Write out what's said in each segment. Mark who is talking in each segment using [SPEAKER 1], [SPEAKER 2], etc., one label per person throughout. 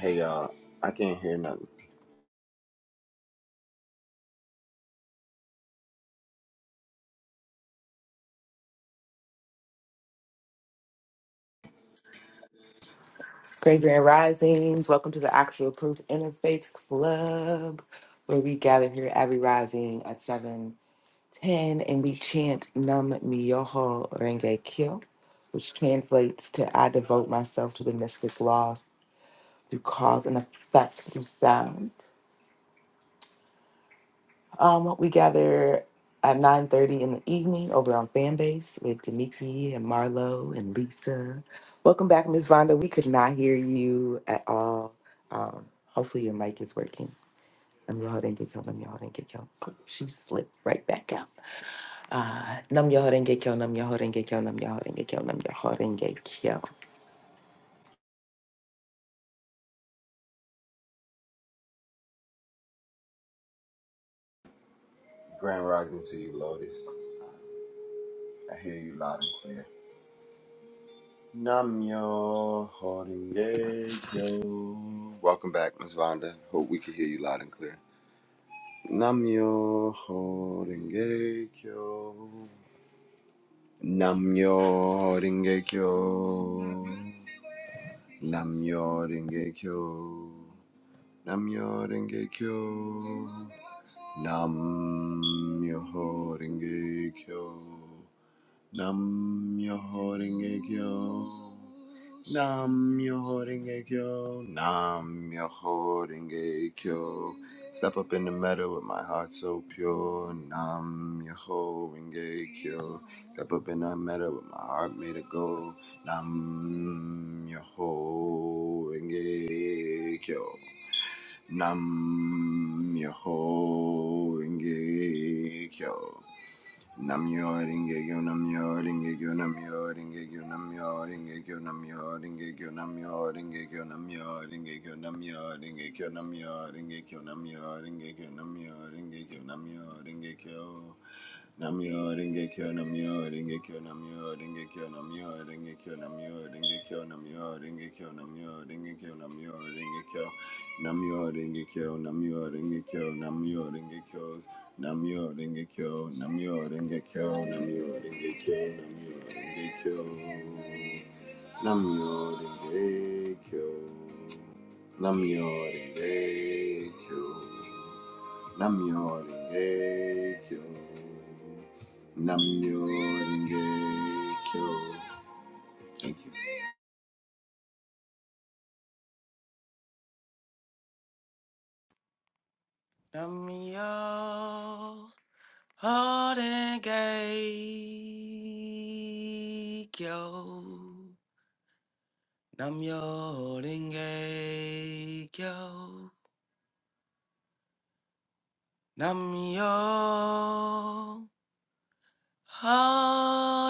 [SPEAKER 1] Hey y'all, I can't hear nothing.
[SPEAKER 2] Graveyard Risings. Welcome to the Actual Proof Interfaith Club, where we gather here every rising at 7:10 and we chant Nam Myoho Renge Kyo, which translates to I devote myself to the mystic laws through cause and effect through sound. Um, we gather at 9.30 in the evening over on Fanbase with Demiki and Marlo and Lisa. Welcome back, Miss Vonda. We could not hear you at all. Um, hopefully your mic is working. Nam yo didn't get killed, nam yo didn't get killed. Oh, she slipped right back out. Uh, nam yo didn't get killed, nam yo didn't get killed, nam yo didn't get killed, nam yo didn't get killed.
[SPEAKER 1] Grand rising to you, Lotus. I hear you loud and clear. Namyo yo Welcome back, Miss Vonda. Hope we can hear you loud and clear. Namyo yo Namyo yo. Namyo yo Namyo yo. Namyo yo Nam Myoho Renge Kyo. Nam Myoho Renge Kyo. Nam Myoho Renge Kyo. Step up in the meadow with my heart so pure. Nam Myoho Renge Kyo. Step up in the meadow with my heart made of gold. Nam Myoho Renge Kyo. Nam Myoho Renge Kyo. Namyo Rengekyo Namyo Rengekyo Namyo Rengekyo Namyo Rengekyo Namyo Rengekyo Namyo Rengekyo Namyo Rengekyo Namyo Rengekyo Namyo Rengekyo Namyo Rengekyo Namyo Rengekyo Namyo Rengekyo Namyo Rengekyo Namyo Rengekyo Namyo Rengekyo Namyo Rengekyo Namyo Rengekyo Namyo Rengekyo Namyo Rengekyo Namyo Rengekyo Namyo Rengekyo Namyo Rengekyo Namyo Rengekyo Namyo Rengekyo Namyo Rengekyo Namyo Rengekyo Namyo Rengekyo Namyo Rengekyo Namyo Rengekyo Namyo Renge Kyo. Namyo Renge Kyo. Thank you.
[SPEAKER 2] Nam yo didn't get killed. Namyo Renge Kyo. Namyo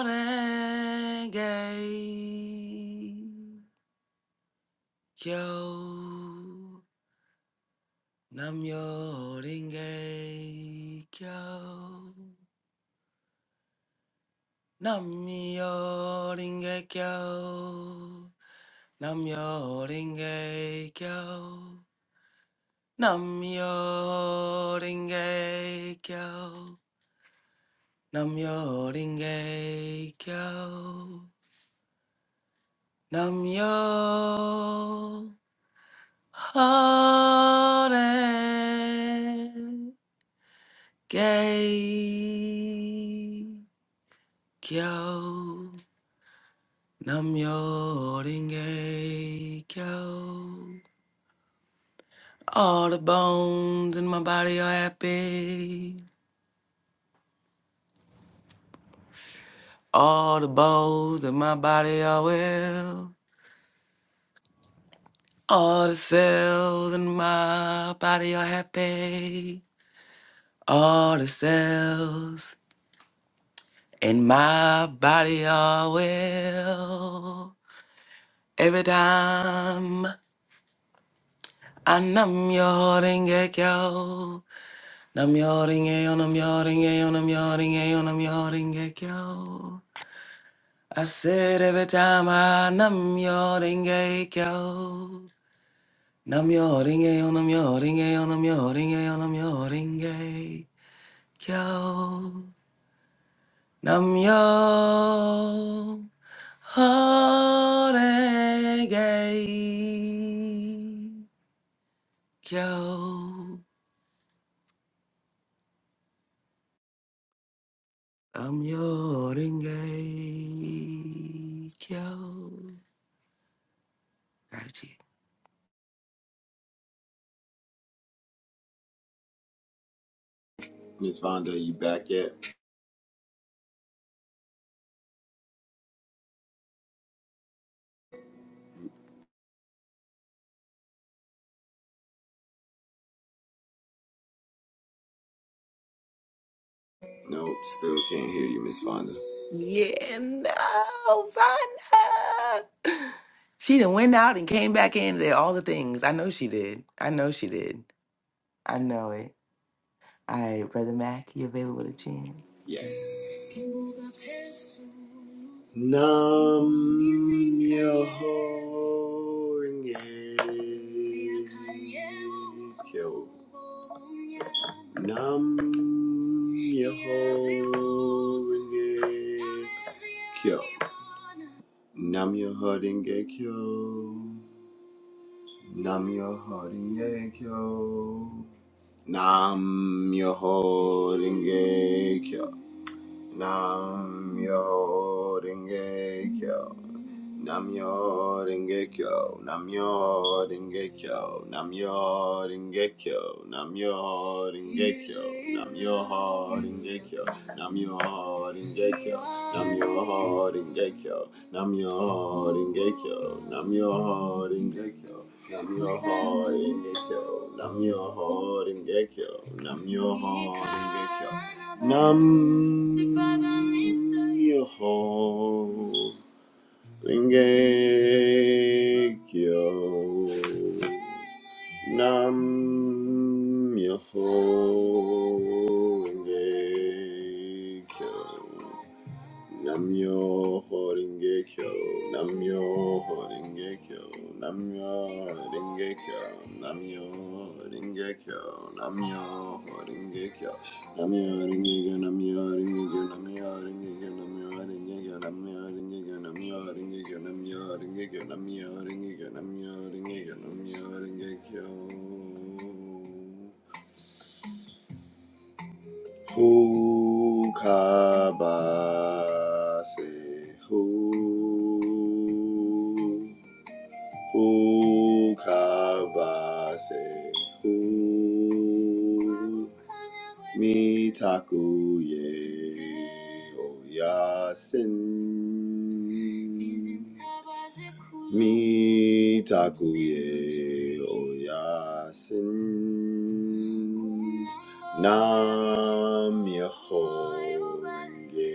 [SPEAKER 2] Renge Kyo. Namyo Renge Kyo. Namyo Renge Kyo. Namyo Renge Kyo. Namyo Renge Kyo. Nam yo ringe kyo. Nam yo hare ge kyo. Nam yo ringe kyo. All the bones in my body are happy. All the bones in my body are well. All the cells in my body are happy. All the cells in my body are well. Every time I numb your ringekyo, numb your ringekyo, numb your ringekyo, numb your ringekyo, numb your ringekyo. I said every time I numb your ringekyo, numb your ringekyo, numb your ringekyo, numb your ringekyo, numb your ringekyo, numb your Horenge kyo. I'm your horenge kyo. Gratitude.
[SPEAKER 1] Miss Vonda, are you back yet? Nope, still can't hear you, Miss Vonda.
[SPEAKER 2] Yeah, no, Vanna. She done went out and came back in there. All the things. I know she did. I know she did. I know it. All right, brother Mac, you available to chant?
[SPEAKER 1] Yes. Nam Myoho Renge Kyo. Nam Myoho Renge Kyo. Nam Myoho Renge Kyo. Nam Myoho Renge Kyo. Nam Myoho Renge Kyo. Nam Myoho Renge Kyo. Namyo Rengekyo, Namyo Rengekyo, Namyo Rengekyo, Namyo Rengekyo, Namyo Rengekyo, Namyo Rengekyo, Namyo Rengekyo, Namyo Rengekyo, Namyo Rengekyo, Namyo Rengekyo, Namyo Rengekyo, Namyo Rengekyo, Nam Myoho Ringekyo Nam Myoho Rengekyo Namyo Horinge Kyo, Namyo Horinge Kyo, Namyo Horinge Kyo, Namyo Horinge Kyo, Namyo Horinge Kyo, Namyo Horinge Kyo, Namyo Horinge Kyo, Namyo Horinge Kyo, Namyo Horinge Kyo, Namyo Horinge Kyo, Namyo Horinge Kyo, Namyo Horinge Kyo, Namyo Horinge Kyo, Namyo Horinge Kyo, Namyo Horinge Kyo. Ukabase. hu who kabase? Who mitaku ye oyasin? Mitaku ye oyasin. Nam Yeho Renge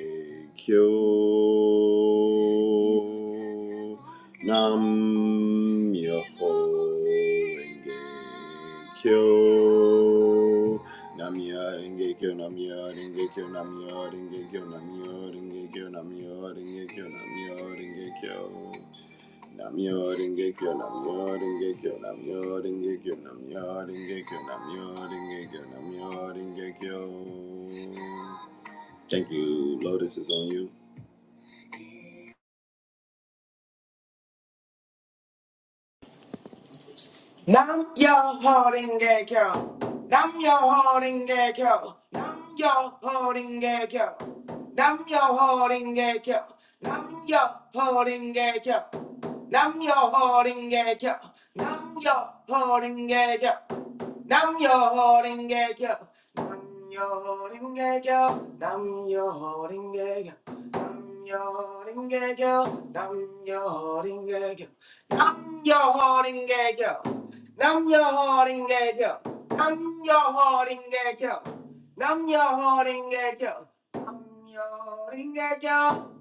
[SPEAKER 1] Kyo Nam Myoho-renge-kyo. Namyo-renge-kyo, namyo-renge-kyo, namyo-renge-kyo, namyo-renge-kyo, namyo-renge-kyo, namyo-renge-kyo. Namyo-renge-kyo, namyo-renge-kyo, namyo-renge-kyo, namyo-renge-kyo, namyo-renge-kyo, namyo-renge-kyo. Thank you. Lotus is on you.
[SPEAKER 2] yo holding gay girl. Nam yo holding gay girl. Nam yo holding gay girl. Nam yo holding gay girl. Nam yo holding gay girl. Nam yo holding gay girl. Nam yo holding gay girl. Nam yo holding gay yo. Nam yo holding gay yo. Nam yo holding gay yo. Nam yo holding gay yo. Nam yo holding gay yo. Nam yo holding gay yo. Nam yo holding gay yo. Nam yo holding gay yo. Nam yo holding gay yo.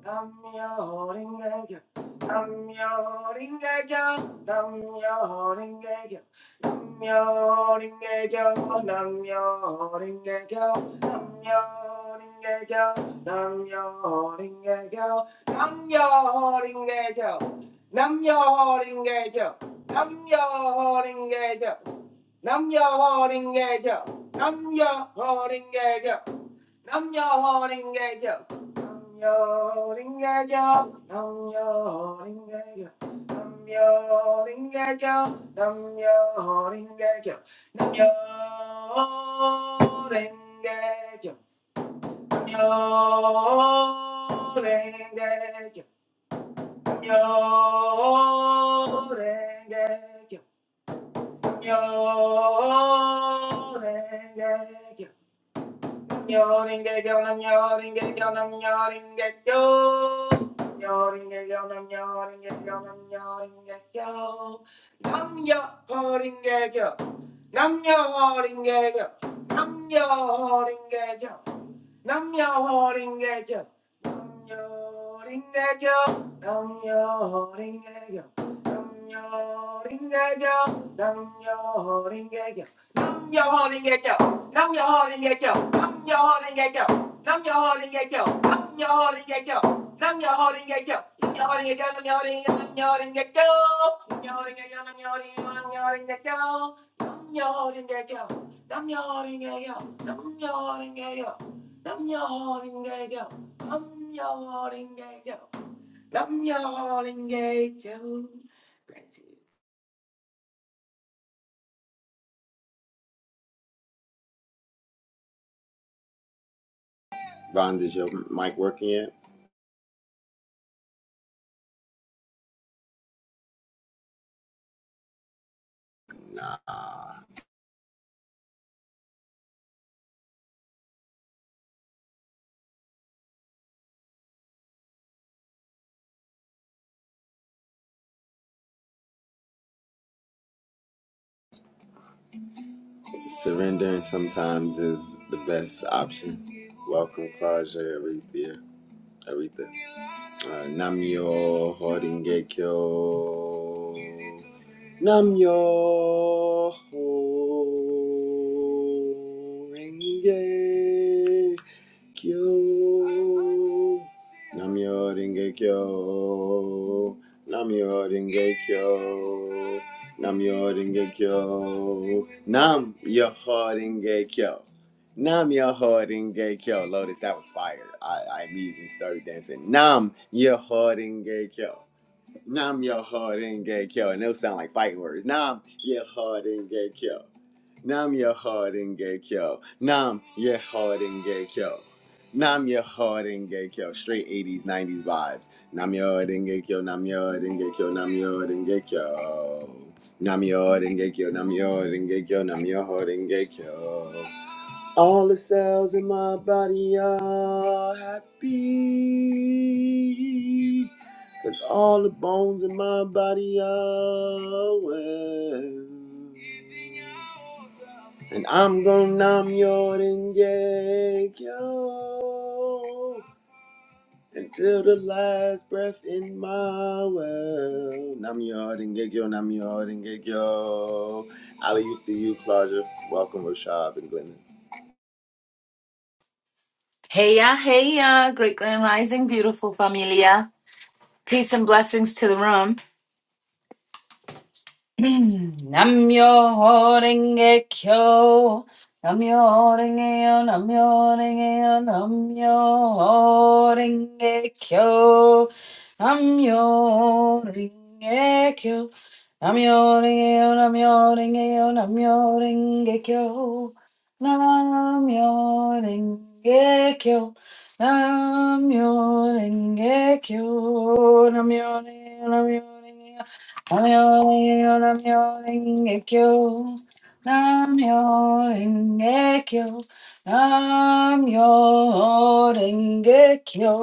[SPEAKER 2] Nam yo holding gay yo. Nam yo holding gay yo. Nam yo holding gay yo. Nam yo holding gay yo. Nam yo, lin ge ge. Nam yo, lin ge ge. Nam yo, lin ge ge. Nam yo, lin ge ge. Nam yo, lin ge ge. Nam yo, lin ge ge. Nam yo, lin ge ge. Nam yo, lin ge ge. Nam yo, lin ge ge. Nam yo holding gay yo. Nam yo holding gay yo. Nam yo holding gay yo. Nam yo holding gay yo. Nam yo holding gay yo. Nam yo holding gay yo. Nam yo holding gay yo. Nam yo holding gay yo. Nam yo holding gay yo. Nam yo holding gay yo, nam yo holding gay yo, Nam yo ho ring a yo. Nam yo ring a yo. Nam yo ho ring a yo. Nam yo ring a yo. Nam yo ho ring a yo. Nam yo ho ring a yo. Nam yo ho ring a yo. Nam yo ho ring a yo. Nam yo ho ring a yo. Nam yo ho ring a yo. Nam yo ho ring a yo. Nam yo ho ring a yo. Nam yo ho ring a yo. Nam yo ho ring a yo. Nam yo ho ring a yo. Nam yo ho ring a yo. Nam yo ho ring a yo. Nam yo ho ring a yo. Nam yo ho ring a yo. Nam yo ho ring a yo. Nam yo holding gay yo. Nam yo holding gay yo. Nam yo holding gay yo. Gratitude.
[SPEAKER 1] Bond, is your mic working yet? Nah. Surrendering sometimes is the best option. Welcome, Claudia, Aretha. Aretha. Uh, Namyo Horingekyo. Namyo Horingekyo. Namyo Rengekyo. Namyo Rengekyo. Namyo Rengekyo. Nam Yoho Rengekyo. Nam Yoho Rengekyo. Lotus, that was fire. I, I immediately started dancing. Nam Yoho Rengekyo. Now I'm your hard and get killed, and it'll sound like fighting words. Now I'm your hard and get killed. Now I'm your hard and get killed. Now I'm your hard and get killed. Nam your hard and get killed. Straight 80s, 90s vibes. Nam your hard and get killed. Nam your hard and get killed. Nam your hard and get killed. Nam your hard and get killed. Now your hard and gay kill. Now your hard and gay kill. All the cells in my body are happy. Cause all the bones in my body are well. And I'm gonna numb your yo until the last breath in my well. Nam your yo, nam your yo. Ali, you, you, Claudia. Welcome, Rashab and Glennon.
[SPEAKER 3] Heya, heya! great grand rising, beautiful familia. Peace and blessings to the room. Namyo Renge Kyo. Namyo Renge Yo. Namyo Renge Yo. Namyo Renge Kyo. Namyo Renge Kyo. Namyo Renge Yo. Namyo Renge Yo. Namyo Renge Kyo. Namyo Renge Kyo. Namyo Renge Kyo. Namyo Renge Yo. Namyo Renge Yo. Namyo Namyo Renge-kyo, Namyo Renge-kyo, Namyo Renge-kyo,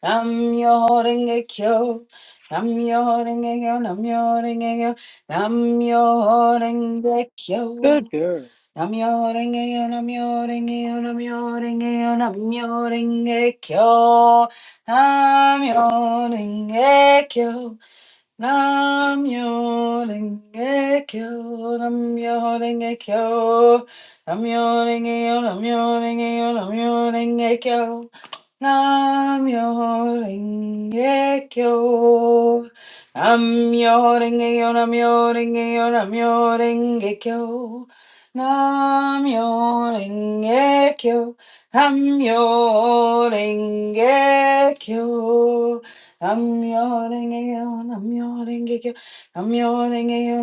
[SPEAKER 3] Namyo Renge-kyo, Namyo Renge-kyo, Namyo Renge-kyo, Namyo Renge-kyo.
[SPEAKER 4] Good girl.
[SPEAKER 3] Namyo Renge-kyo, Namyo Renge-kyo, Namyo Renge-kyo, Namyo renge Namyo renge Nam yo renge kyo, nam yo renge kyo, nam yo renge yo, nam yo renge yo, nam yo renge kyo, nam yo renge kyo, nam yo renge yo, nam yo renge yo, nam yo renge kyo, nam yo renge kyo, nam yo renge kyo. Namyo-renge-kyo, namyo-renge-kyo, namyo-renge-kyo,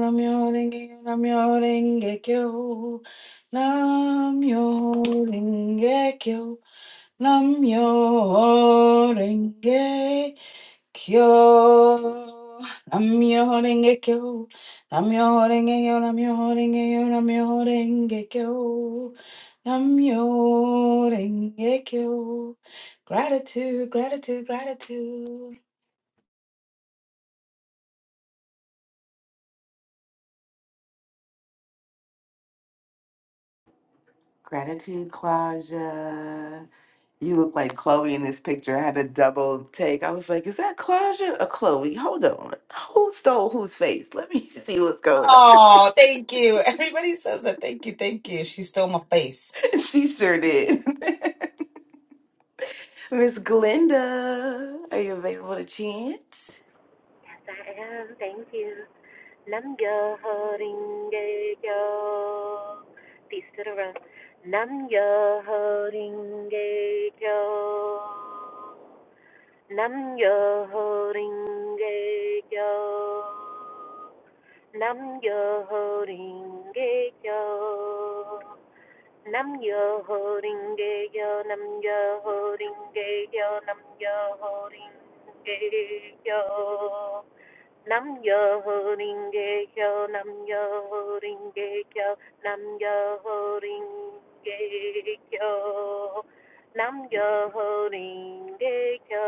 [SPEAKER 3] namyo-renge-kyo, namyo-renge-kyo, namyo-renge-kyo, namyo-renge-kyo, namyo-renge-kyo, namyo-renge-kyo, namyo-renge-kyo, namyo-renge-kyo, namyo-renge-kyo. Gratitude, gratitude, gratitude.
[SPEAKER 2] Gratitude, Claudia. You look like Chloe in this picture. I had a double take. I was like, is that Claudia or Chloe? Hold on. Who stole whose face? Let me see what's going on.
[SPEAKER 3] Oh, thank you. Everybody says that. Thank you. Thank you. She stole my face.
[SPEAKER 2] she sure did. Miss Glenda, are you available to chant?
[SPEAKER 5] Saranam, thank you. Nam yo ho ringe yo. Peace to the room. Nam yo ho ringe yo. Nam yo ho ringe yo. Nam yo ho ringe yo. Nam yo ho ringe yo. Nam yo ho ringe yo. Nam yo ho ringe yo. Nam yo ho ring ge kyo, nam yo ho ring ge kyo, nam yo ho ring ge kyo, nam yo ho ring ge kyo.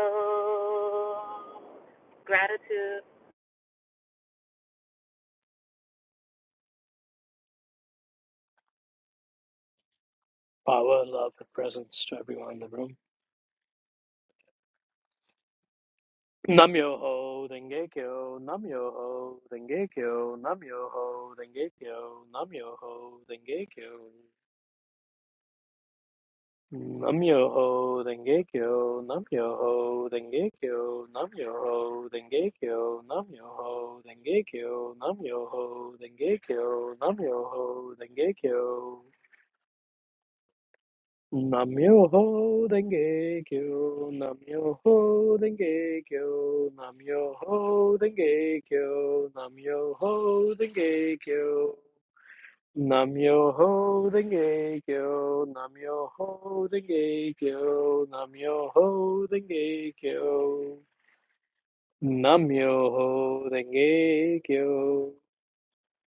[SPEAKER 5] Gratitude.
[SPEAKER 4] Power, love, and presence to everyone in the room. Namyoho Dengekyo, Namyoho Dengekyo, Namyoho Dengekyo, Namyoho Dengekyo. Namyoho Dengekyo, Namyoho Dengekyo, Namyoho Dengekyo, Namyoho Dengekyo, Namyoho Dengekyo, Namyoho Dengekyo. Namyoho Denge Kyo, Namyoho Denge Kyo, Namyoho Denge Kyo, Namyoho Denge Kyo, Namyoho Denge Kyo, Namyoho Denge Kyo, Namyoho Denge Kyo, Namyoho Denge Kyo,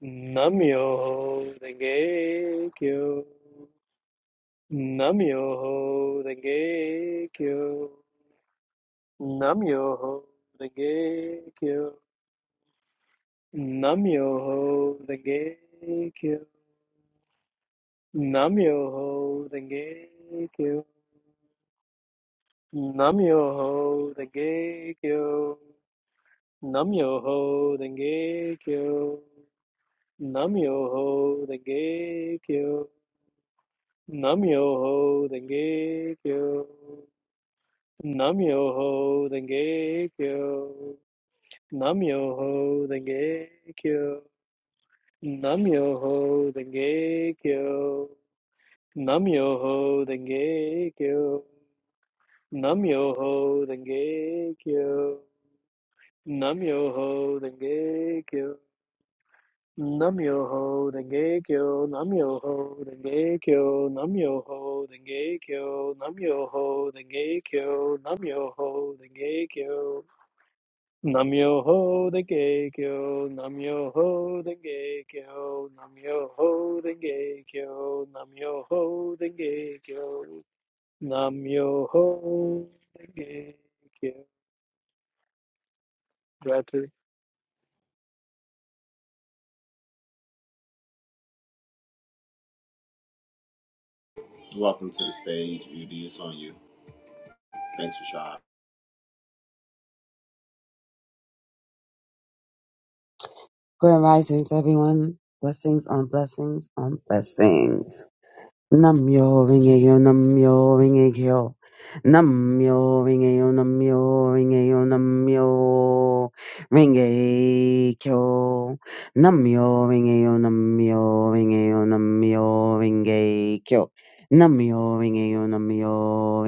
[SPEAKER 4] Namyoho Denge Kyo. Namyoho Renge Kyo. Namyoho Renge Kyo. Namyoho Renge Kyo. Namyoho Renge Kyo. Namyoho Renge Kyo. Namyoho Renge Kyo. Namyoho Renge Kyo. Namyoho Renge Kyo. Namyoho Renge Kyo. Namyoho Denge Kyo. Namyoho Denge Kyo. Namyoho Denge Kyo. Namyoho Denge Kyo. Namyoho Denge Kyo. Namyoho Denge Kyo. Namyoho Denge Kyo. Namyoho Denge Kyo. Namyoho Denge Kyo. Namyoho Denge Kyo. Namyoho the Geikyo, Namyoho the Geikyo, Namyoho the Geikyo, Namyoho the Geikyo, Namyoho the Geikyo. Gratitude.
[SPEAKER 1] Welcome to the stage, Beauty. It's on you. Thanks, Rashad.
[SPEAKER 6] Grand risings, everyone. Blessings on blessings on blessings. Namyo Rinkeyo Namyo Rinkeyo Namyo Rinkeyo Namyo Rinkeyo Namyo Rinkeyo Namyo Rinkeyo Namyo Rinkeyo Namyo Rinkeyo Namyo Rinkeyo Namyo Rinkeyo Namyo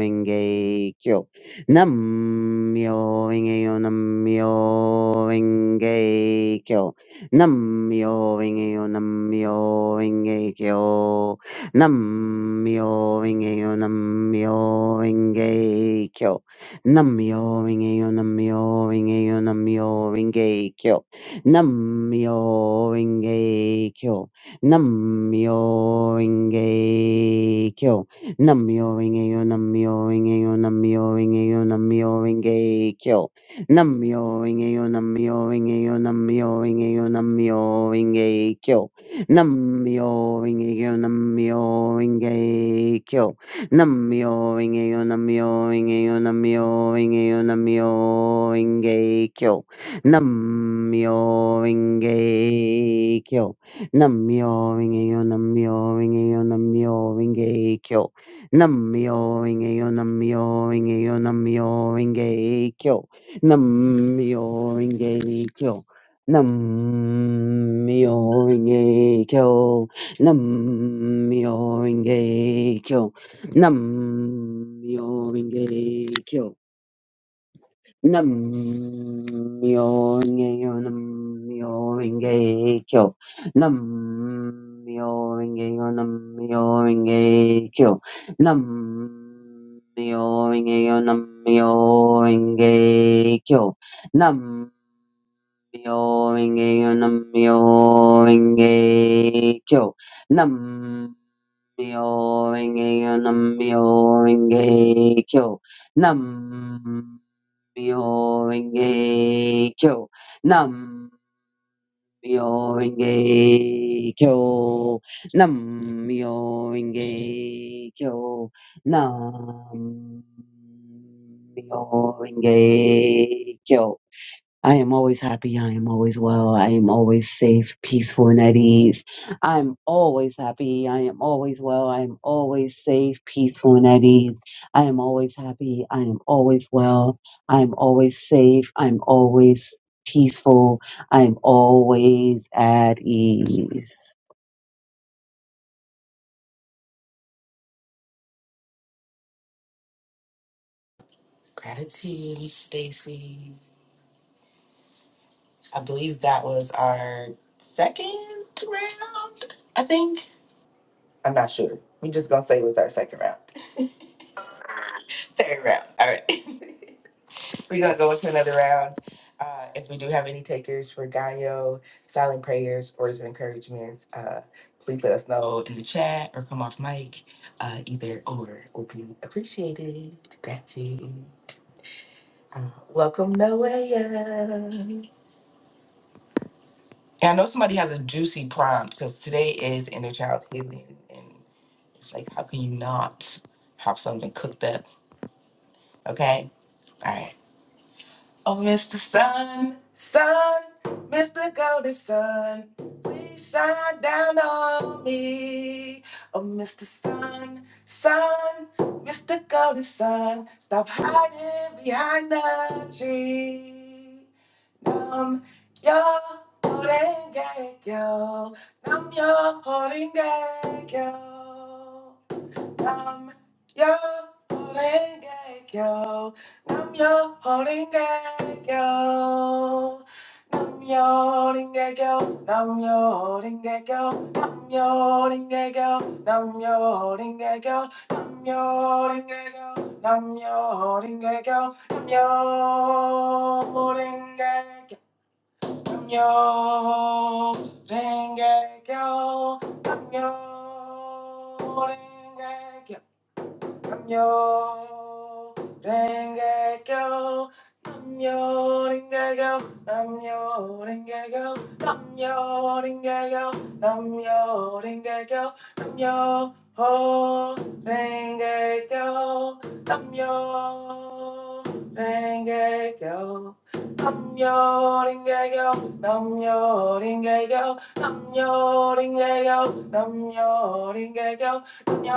[SPEAKER 6] Rinkeyo Namyo Rinkeyo Namyo Rinkeyo Nam-myoho-renge-kyo, Nam-myoho-renge-kyo. Nam-myoho-renge-kyo, Nam-myoho-renge-kyo. Nam-myoho-renge-kyo, Nam-myoho-renge-kyo, Nam-myoho-renge-kyo. Nam-myoho-renge-kyo, Nam-myoho-renge-kyo. Nam-myoho-renge-kyo, Nam-myoho-renge-kyo, Nam-myoho-renge-kyo, Nam-myoho-renge-kyo. Nam Namyo Renge-kyo, Namyo Renge-kyo, Namyo Renge-kyo, Namyo Renge-kyo. Namyo Renge-kyo, Namyo Renge-kyo. Namyo Renge-kyo, Namyo Renge-kyo, Namyo Renge-kyo, Namyo Renge-kyo. Namyo Renge-kyo. Namyo Renge-kyo, Namyo Renge-kyo, Namyo Renge-kyo. Namyo Renge-kyo, Namyo Renge-kyo, Namyo Renge-kyo. Nam-myoho-renge-kyo. Nam-myoho-renge-kyo. Nam-myoho-renge-kyo. Nam-myoho-renge-kyo. Nam-myoho-renge-kyo, Nam-myoho-renge-kyo, Nam-myoho-renge-kyo, Nam-myoho-renge-kyo, Nam-myoho-renge-kyo, Nam-myoho-renge-kyo, Nam-myoho-renge-kyo, Nam-myoho-renge-kyo, Nam-myoho-renge-kyo, Nam-myoho-renge-kyo, Nam Myo Renge Kyo. Nam Myo Renge Kyo. Nam Myo Renge Kyo. Nam Myo Renge Kyo. I am always happy. I am always well. I am always safe, peaceful, and at ease. I am always happy. I am always well. I am always safe, peaceful, and at ease. I am always happy. I am always well. I am always safe. I am always peaceful. I am always at ease.
[SPEAKER 2] Gratitude, Miss Stacy. I believe that was our second round. I think. I'm not sure. we just gonna say it was our second round. Third round. All right. We're gonna go into another round. Uh, if we do have any takers for Gaio, silent prayers, words of encouragement, uh, please let us know in the chat or come off mic. Uh, either or will be appreciated. Gratitude. Uh, welcome, Noah. And I know somebody has a juicy prompt because today is inner child healing, and it's like, how can you not have something cooked up? Okay, all right. Oh, Mr. Sun, Sun, Mr. Golden Sun, please shine down on me. Oh, Mr. Sun, Sun, Mr. Golden Sun, stop hiding behind the tree. Nam yo horenge yo, nam yo horenge yo. Nam yo horenge kyo. Nam yo horenge kyo. Nam yo horenge kyo. Nam yo horenge kyo. Nam yo horenge kyo. Nam yo horenge kyo. Nam yo horenge kyo. Nam yo horenge kyo. Nam yo horenge kyo. Nam yo horenge kyo. Nam yo horenge kyo. Namyo Renge Kyo. Namyo Renge Kyo. Namyo Renge Kyo. Namyo Renge Kyo. Namyo Renge Kyo. Namyo Ho Renge Kyo. Namyo Renge Kyo. Namyo Renge Kyo. Namyo Renge Kyo. Namyo I'm your Renge Kyo. Yo,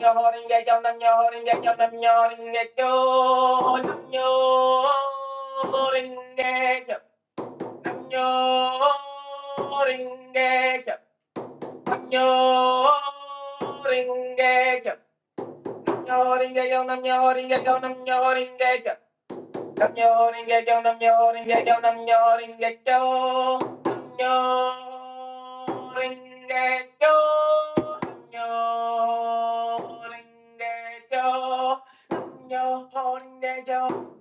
[SPEAKER 2] Yo, holding that yo, nam yo, holding that yo, nam yo, holding that yo, nam yo, holding that yo, nam yo, holding that yo, nam yo, holding that yo, yo, holding that yo, nam yo, holding that yo, nam yo, holding that yo, Nam yo holding gay yo, nam yo holding gay yo, nam yo holding gay yo, nam yo holding gay yo, nam yo holding gay yo,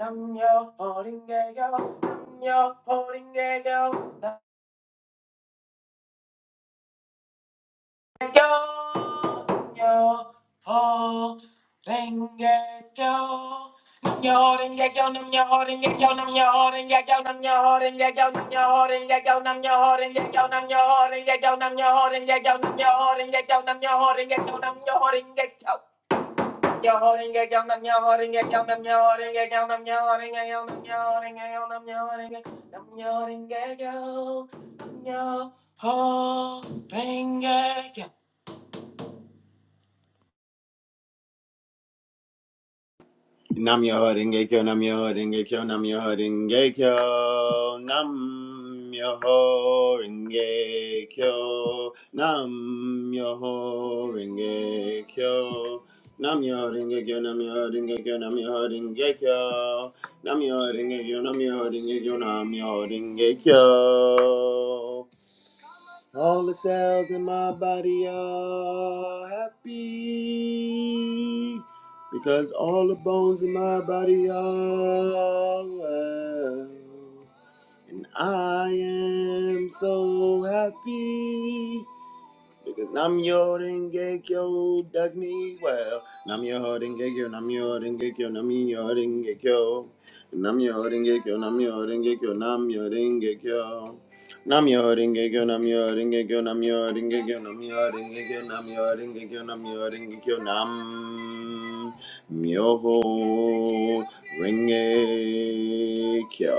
[SPEAKER 2] nam yo holding yo, nam yo holding yo, nam yo holding gay yo, nam Yo, ring, yeah,
[SPEAKER 1] Nam yo denge kyo, nam yo denge kyo, nam yo denge kyo, nam yo denge kyo, nam yo denge kyo, nam yo denge kyo, nam yo denge kyo, nam yo denge kyo, nam yo denge kyo, nam yo denge kyo, nam yo denge kyo. All the cells in my body are happy because all the bones in my body are well, and I am so happy because Namyo Rengekyo does me well. Namyo Rengekyo, Namyo Rengekyo, Namyo Rengekyo. Namyo Rengekyo, Namyo Rengekyo, Namyo Rengekyo. Namyo Rengekyo, Namyo Rengekyo, Namyo Rengekyo, Namyo Rengekyo, Namyo Rengekyo, Namyo Rengekyo, Nam. Myoho Rengekyo.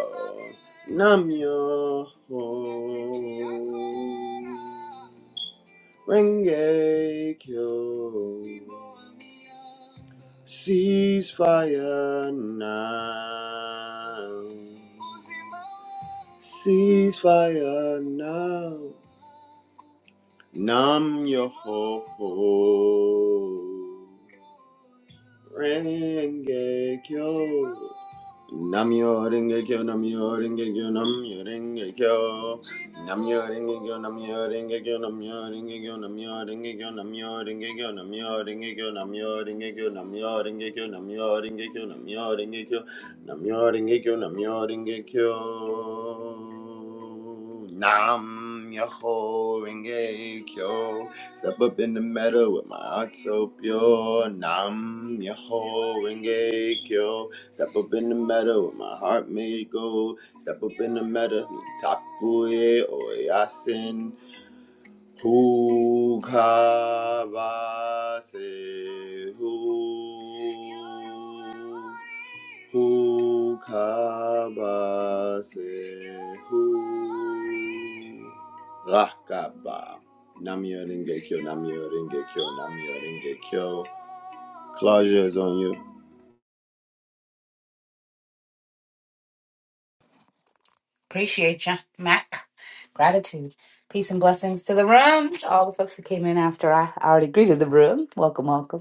[SPEAKER 1] Namyo. Renge Kyo. Ceasefire now. Ceasefire now. Nam yo ho ho. Renge Kyo. Namyo Rengekyo, Namyo Rengekyo, Namyo Rengekyo. Namyo Rengekyo, Namyo Rengekyo, Namyo Rengekyo, Namyo Rengekyo, Namyo Rengekyo, Namyo Rengekyo, Namyo Rengekyo, Namyo Rengekyo, Namyo Rengekyo, Namyo Rengekyo, Namyo Rengekyo, Namyo Rengekyo. Nam Yoho Rengekyo. Step up in the meadow with my heart so pure. Nam Yoho Rengekyo. Step up in the meadow with my heart made gold. Step up in the meadow, takuye oyasin. Hukabase hu. Hukabase hu. Rakaba. Namio Rengekyo, Namio Rengekyo, Namio Rengekyo. Closure is on you.
[SPEAKER 3] Appreciate ya, Mac. Gratitude. Peace and blessings to the room. To all the folks that came in after I already greeted the room. Welcome, welcome.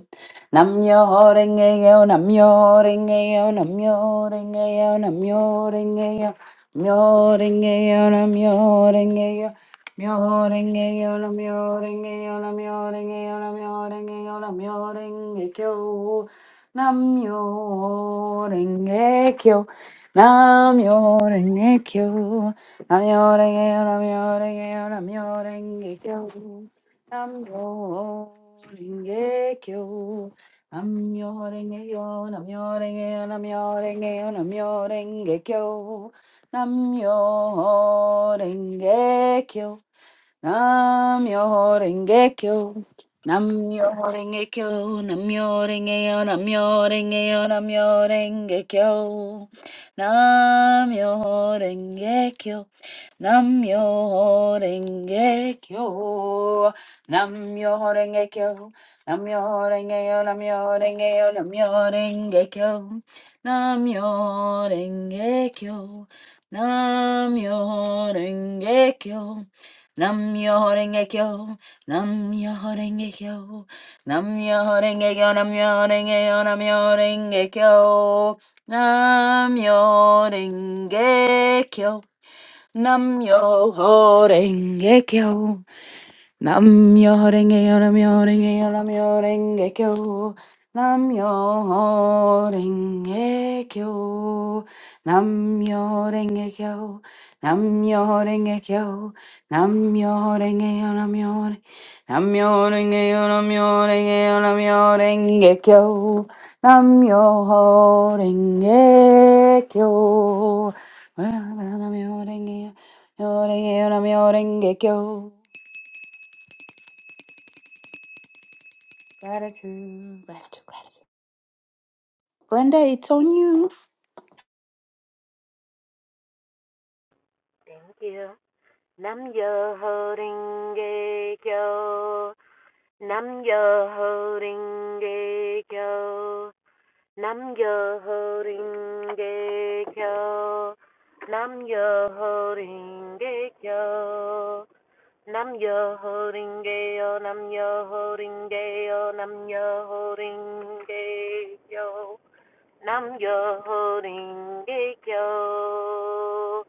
[SPEAKER 3] Namyo Rengeyo, Namyo Rengeyo, Namyo Rengeyo, Namyo Rengeyo, Namyo Rengeyo, Namyo Rengeyo. Namyo Rengeyo, Namyo Rengeyo, Namyo Rengeyo, Namyo Rengeyo, Namyo Rengeyo. Namyo Rengeyo. Nam-myoho-renge-kyo. Nam-myoho-renge-kyo, nam renge kyo nam renge kyo nam renge kyo nam renge kyo nam renge kyo nam renge kyo nam renge kyo nam renge kyo Namyo Renge Kyo. Nam myoho renge kyo. Nam myoho renge kyo. Nam myoho renge yo. Nam myoho renge yo. Nam myoho renge kyo. Nam myoho renge kyo. Nam myoho renge kyo. Nam myoho renge kyo. Nam myoho renge yo. Nam myoho renge yo. Nam myoho renge kyo. Nam myoho renge kyo. Nam myoho renge kyo. Namyo myoho renge kyo, Namyo myoho renge kyo, Namyo myoho renge kyo, Namyo myoho renge kyo, Namyo myoho renge kyo, Namyo myoho renge kyo, nam renge kyo. Namyo renge yo, namyo renge yo, namyo renge kyo. Namyo renge kyo. Namyo renge kyo. Namyo renge kyo. Namyo renge yo, namyo renge Namyo renge yo, namyo renge yo, namyo renge kyo. Namyo renge kyo. Namyo renge yo, namyo renge yo, namyo renge kyo. Gratitude, gratitude, gratitude. Glenda, it's on you.
[SPEAKER 5] Thank you. Nam yo ho ring ge kyo, nam yo ho ring ge kyo, Nam yo ho ring ge kyo. Nam yo ho ring ge kyo. Nam yo ho ring ge yo. Nam yo ho ring ge yo. Nam yo ho ring ge yo. Nam yo holding kyo.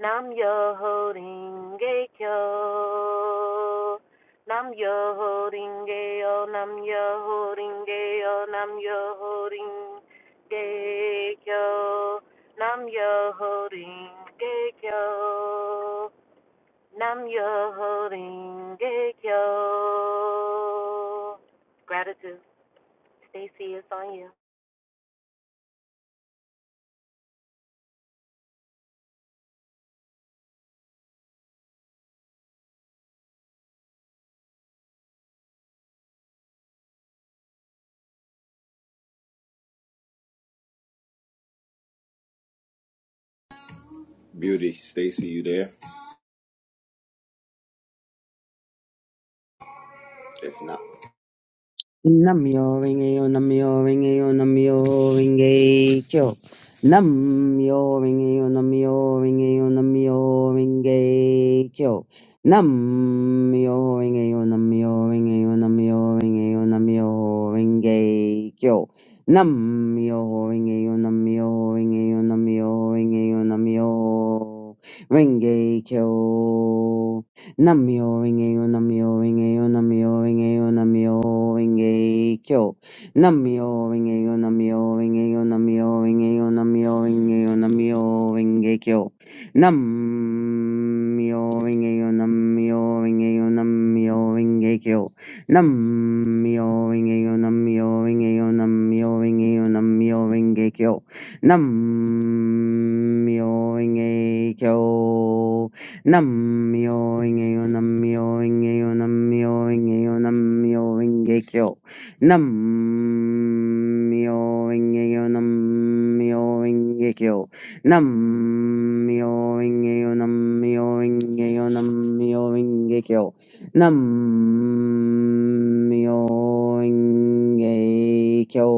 [SPEAKER 5] Nam yo holding kyo. Nam yo holding yo. Nam yo holding yo. Nam yo holding kyo. Nam yo holding kyo. Nam yo holding kyo. Gratitude. Stacey, it's on you.
[SPEAKER 1] Beauty, Stacy, you there? If not.
[SPEAKER 6] Namyo Rengeyo Namyo Rengeyo Namyo Renge Kyo. Namyo Rengeyo Namyo Rengeyo Namyo Renge Kyo. Namyo yo Namyo yo, Namyo Rengeyo Namyo Renge Kyo. Namyo yo Namyo yo, Namyo yo Namyo Renge Kyo. Namyo-renge-kyo, Namyo-renge-kyo, Namyo-renge-kyo, Namyo-renge-kyo. Namyo-renge-kyo, Namyo-renge-kyo, Namyo-renge-kyo, Namyo-renge-kyo, Namyo-renge-kyo. Namyo-renge-kyo, Namyo-renge-kyo, Namyo-renge-kyo. Namyo-renge-kyo, Namyo-renge-kyo, Namyo-renge-kyo, Namyo-renge-kyo. Namyo-renge-kyo. Nam-myoho-renge-kyo, Nam-myoho-renge-kyo, Nam-myoho-renge-kyo, Nam-myoho-renge-kyo. Nam-myoho-renge-kyo, Nam-myoho-renge-kyo. Nam-myoho-renge-kyo, Nam-myoho-renge-kyo, Nam-myoho-renge-kyo. Nam-myoho-renge-kyo.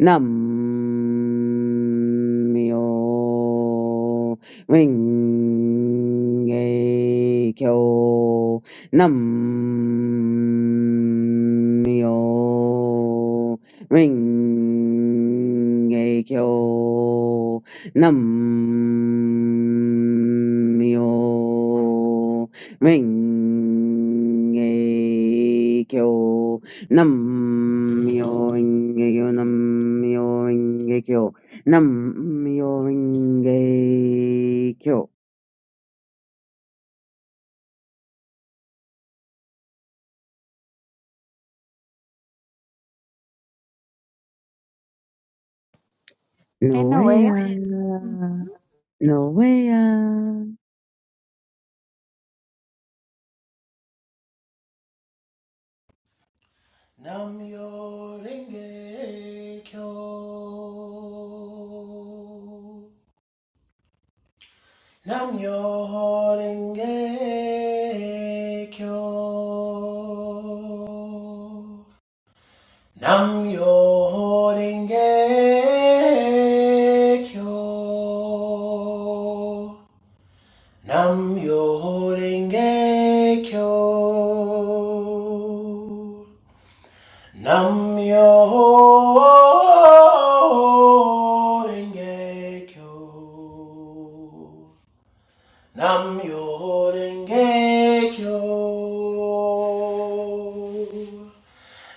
[SPEAKER 6] Nam-myoho- Ringekyo Nam-myo. Ringekyo Nam-myo. Ringekyo Nam-myo. Ringekyo Nam-myo. Ringekyo Nam-myoho-renge-kyo. No
[SPEAKER 3] In a
[SPEAKER 6] way,
[SPEAKER 3] way.
[SPEAKER 6] ah. no way. ah.
[SPEAKER 7] Namyo Renge Kyo. Namyo Renge Kyo. Namyo Renge Kyo. Namyo Renge Kyo. Nam yo renge kyo. Nam yo renge kyo.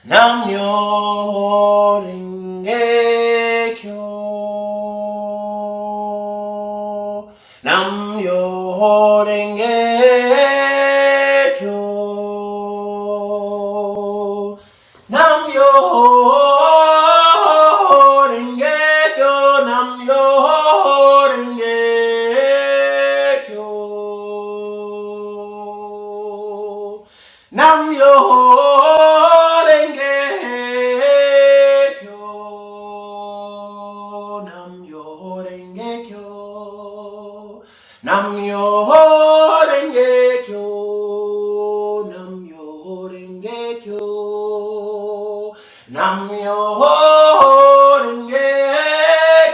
[SPEAKER 7] Namjoon, Engejo, Namjoon, Engejo, Namjoon, Engejo, Namjoon, Engejo. Nam yo renge kyo. Nam yo renge kyo. Nam yo renge kyo. Nam yo renge kyo. Nam yo renge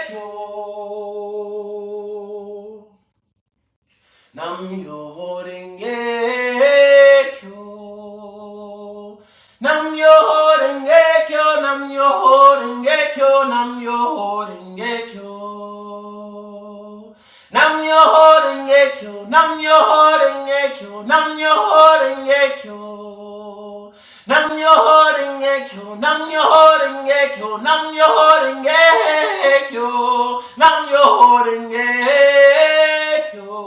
[SPEAKER 7] kyo. Nam-myoho-renge-kyo. Nam-myoho-renge-kyo, Nam-myoho-renge-kyo, Nam-myoho-renge-kyo. Nam yo holding yekyo, nam yo holding yekyo, nam yo holding yekyo. Nam yo holding yekyo, nam yo holding yekyo, nam yo holding yekyo, nam yo holding yekyo,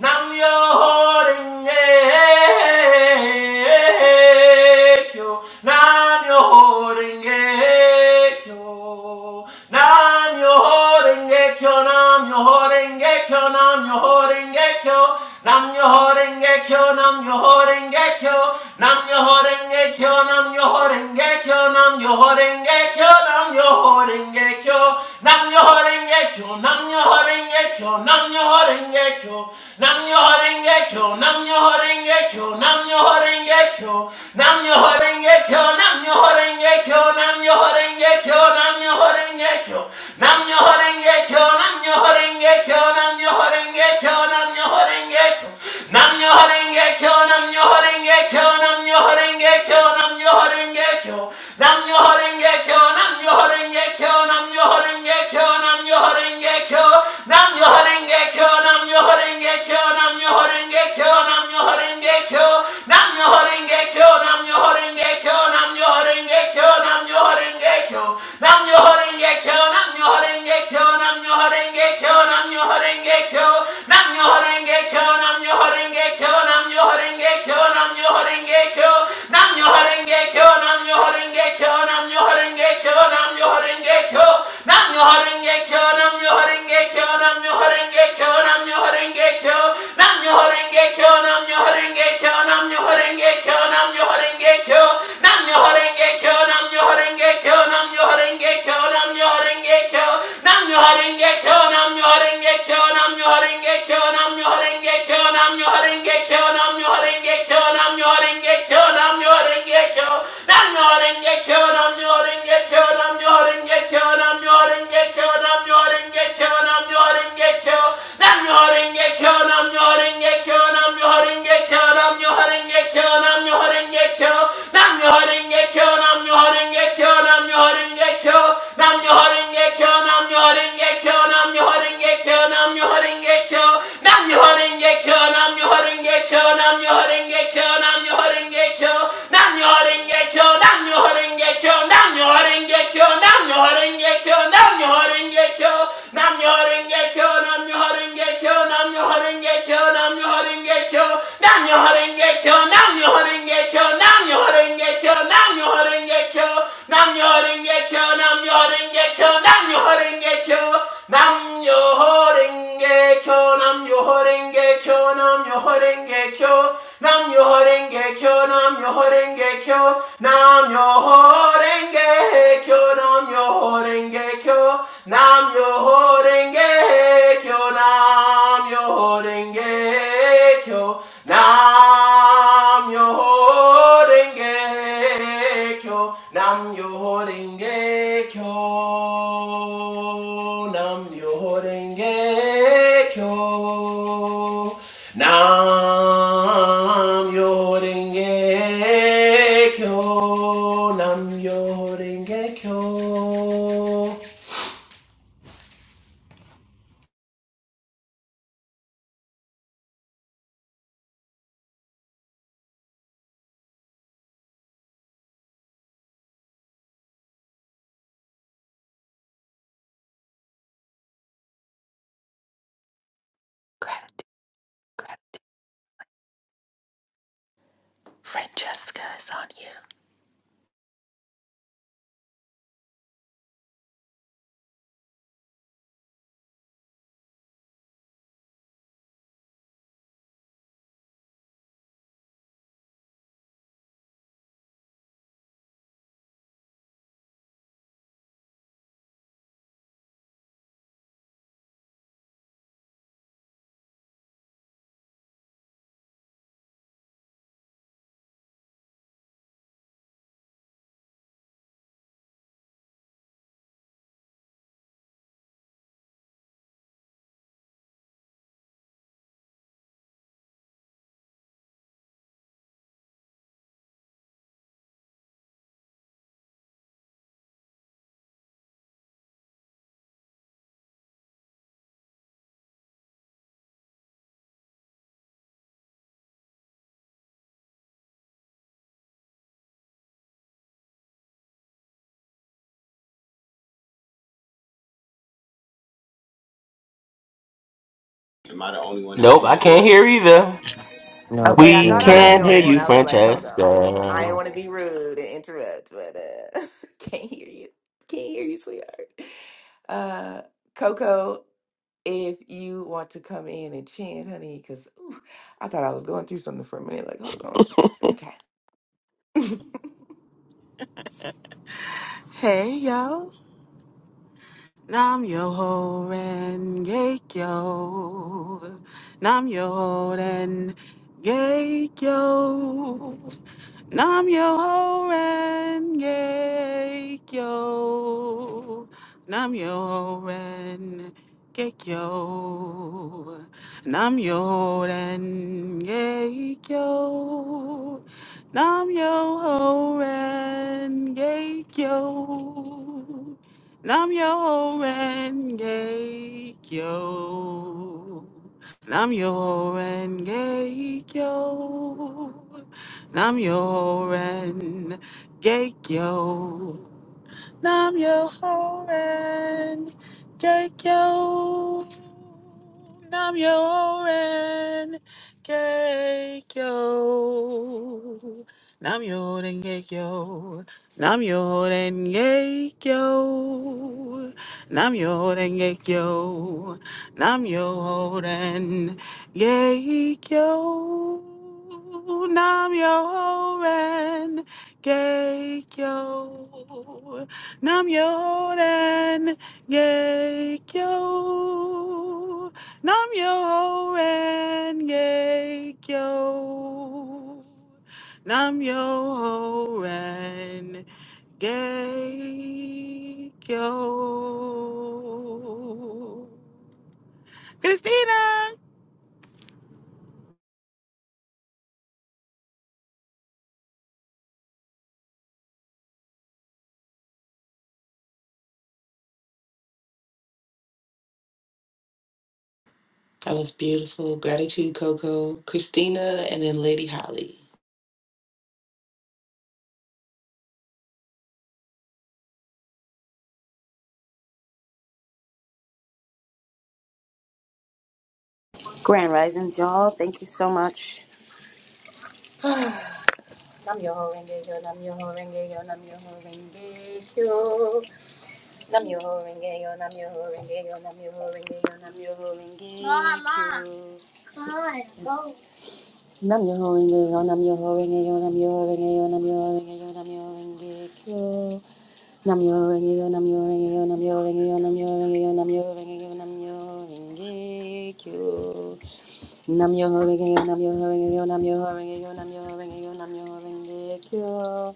[SPEAKER 7] nam yo holding yekyo, nam yo holding yekyo. Nam Yoho Renge Kyo, Nam Yoho Renge Kyo, Nam Yoho Renge Kyo, Nam Yoho Renge Kyo, Nam Yoho Renge Kyo, Nam Yoho Renge Kyo, Nam Yoho Renge Kyo, Nam Yoho Renge Kyo, Nam Yoho Renge Kyo, Nam Yoho Renge Kyo, Nam Yoho Renge Kyo, Nam Yoho Renge Kyo, Nam Yoho Renge Kyo, Nam Yoho Renge Kyo, Nam Yoho Renge Kyo, Nam Yoho Renge Kyo, nam yo renge kyo nam yo renge kyo nam yo renge kyo nam yo renge kyo nam yo renge kyo nam yo renge kyo nam yo renge kyo nam yo renge kyo nam yo renge kyo nam yo renge kyo nam yo renge kyo nam yo renge kyo nam yo renge kyo nam yo renge kyo nam yo renge kyo nam yo renge kyo kyo Kyo, Nam Yo Renge Kyo, Nam Yo Renge Kyo, Nam Yo Renge Kyo, Nam Yo Renge Kyo, Nam Yo Renge Kyo, Nam Yo Renge Kyo, Nam Yo Renge Kyo, Nam Yo Renge Kyo, Nam Yo Renge Kyo, Nam Yo Renge Kyo, Nam Yo Renge Kyo, Nam Yo Renge Kyo, Nam Yo Renge Kyo, Nam Yo Renge Kyo, Nam Yo Renge Kyo, Nam Yo Renge Kyo, Nam Yo Renge Kyo, Nam Yo Renge Kyo, Nam Yo Renge Kyo, Nam Yo Namyo Rengekyo, Namyo Rengekyo, Namyo Rengekyo, Namyo Rengekyo, Namyo Rengekyo, Namyo Rengekyo, Namyo Rengekyo, Namyo Rengekyo, Namyo Rengekyo, Namyo Rengekyo, Namyo Rengekyo, Namyo Rengekyo, Namyo Rengekyo, Namyo Rengekyo, Horengekyo, Namyo Horengekyo, Namyo Horengekyo, Namyo Horengekyo, Namyo Horengekyo, Namyo Horengekyo, Namyo Horengekyo, Namyo Horengekyo, Namyo Horengekyo, Namyo Horengekyo, Namyo Horengekyo, Namyo Horengekyo, Namyo Horengekyo, Namyo Horengekyo, Namyo Horengekyo, Namyo Horengekyo, nam yo renge kyo, nam yo renge kyo, nam yo renge kyo, nam yo renge kyo, nam yo renge kyo, nam yo renge kyo, nam yo renge kyo, nam yo renge kyo, nam yo renge kyo, nam yo renge kyo, nam yo renge kyo, nam yo renge kyo nam yo ho renge kyo nam yo ho renge kyo nam yo ho renge kyo nam yo ho renge kyo nam yo ho renge kyo nam yo ho renge kyo nam yo ho renge kyo
[SPEAKER 2] yeah. Francesca is on you.
[SPEAKER 1] Am I the only one that
[SPEAKER 7] Nope.
[SPEAKER 1] can't hear?
[SPEAKER 7] I,
[SPEAKER 8] No.
[SPEAKER 2] Okay, I
[SPEAKER 7] we
[SPEAKER 2] thought I was the
[SPEAKER 7] can
[SPEAKER 8] Mhm.
[SPEAKER 7] hear
[SPEAKER 2] only one.
[SPEAKER 7] you,
[SPEAKER 2] I was like, hold on. I didn't
[SPEAKER 7] Francesca.
[SPEAKER 2] want to be rude and interrupt, but uh can't hear you. Can't hear you, sweetheart. Uh Coco, if you want to come in and chant, honey, because I thought I was going through something for a minute. Like, hold on. Okay.
[SPEAKER 9] Hey yo, Nam yo ho ren geik yo, Nam yo ho ren geik yo, Nam yo ho ren ye yo. Nam yo ho ren ye yo. Nam yo ho ren ye yo. Nam yo ho ren ye yo. Nam yo ho ren ye yo. Nam yo ho ren ye yo. Nam Yoren Geikyo. Nam yo ho ren cake Nam yo ho ren cake Nam yo ho ren cake Nam yo ho ren cake Nam yo ho ren cake Nam yo ho ren cake Nam yo ren cake Nam Yoden Geikyo. Nam Yoden Geikyo. Nam Yoden Geikyo. Christina!
[SPEAKER 2] That was beautiful. Gratitude, Coco, Christina, and then Lady Holly.
[SPEAKER 10] Grand Risings, y'all. Thank you so much. Nam Yoho Renge Yo, Nam Yoho Renge Yo, Nam Yoho Renge Yo. Nam Yoho Renge Yo, Nam Yoho Renge Yo, Nam Yoho Renge Yo, Nam Yoho Renge Yo. Yes. Nam Yoho Renge Yo, Nam Yoho Renge Yo, Nam Yoho Renge Yo, Nam Yoho Renge Yo, Nam Yoho Renge Yo. Nam Yoho Renge Yo, Nam Yoho Renge Yo, Nam Yoho Renge Yo, Nam Yoho Renge Yo, Nam Yoho Renge Yo, Nam Yoho Renge Yo. Nam yo ho renge yo, nam yo ho renge yo, nam yo ho renge yo, nam yo ho renge yo, nam yo ho renge kyo.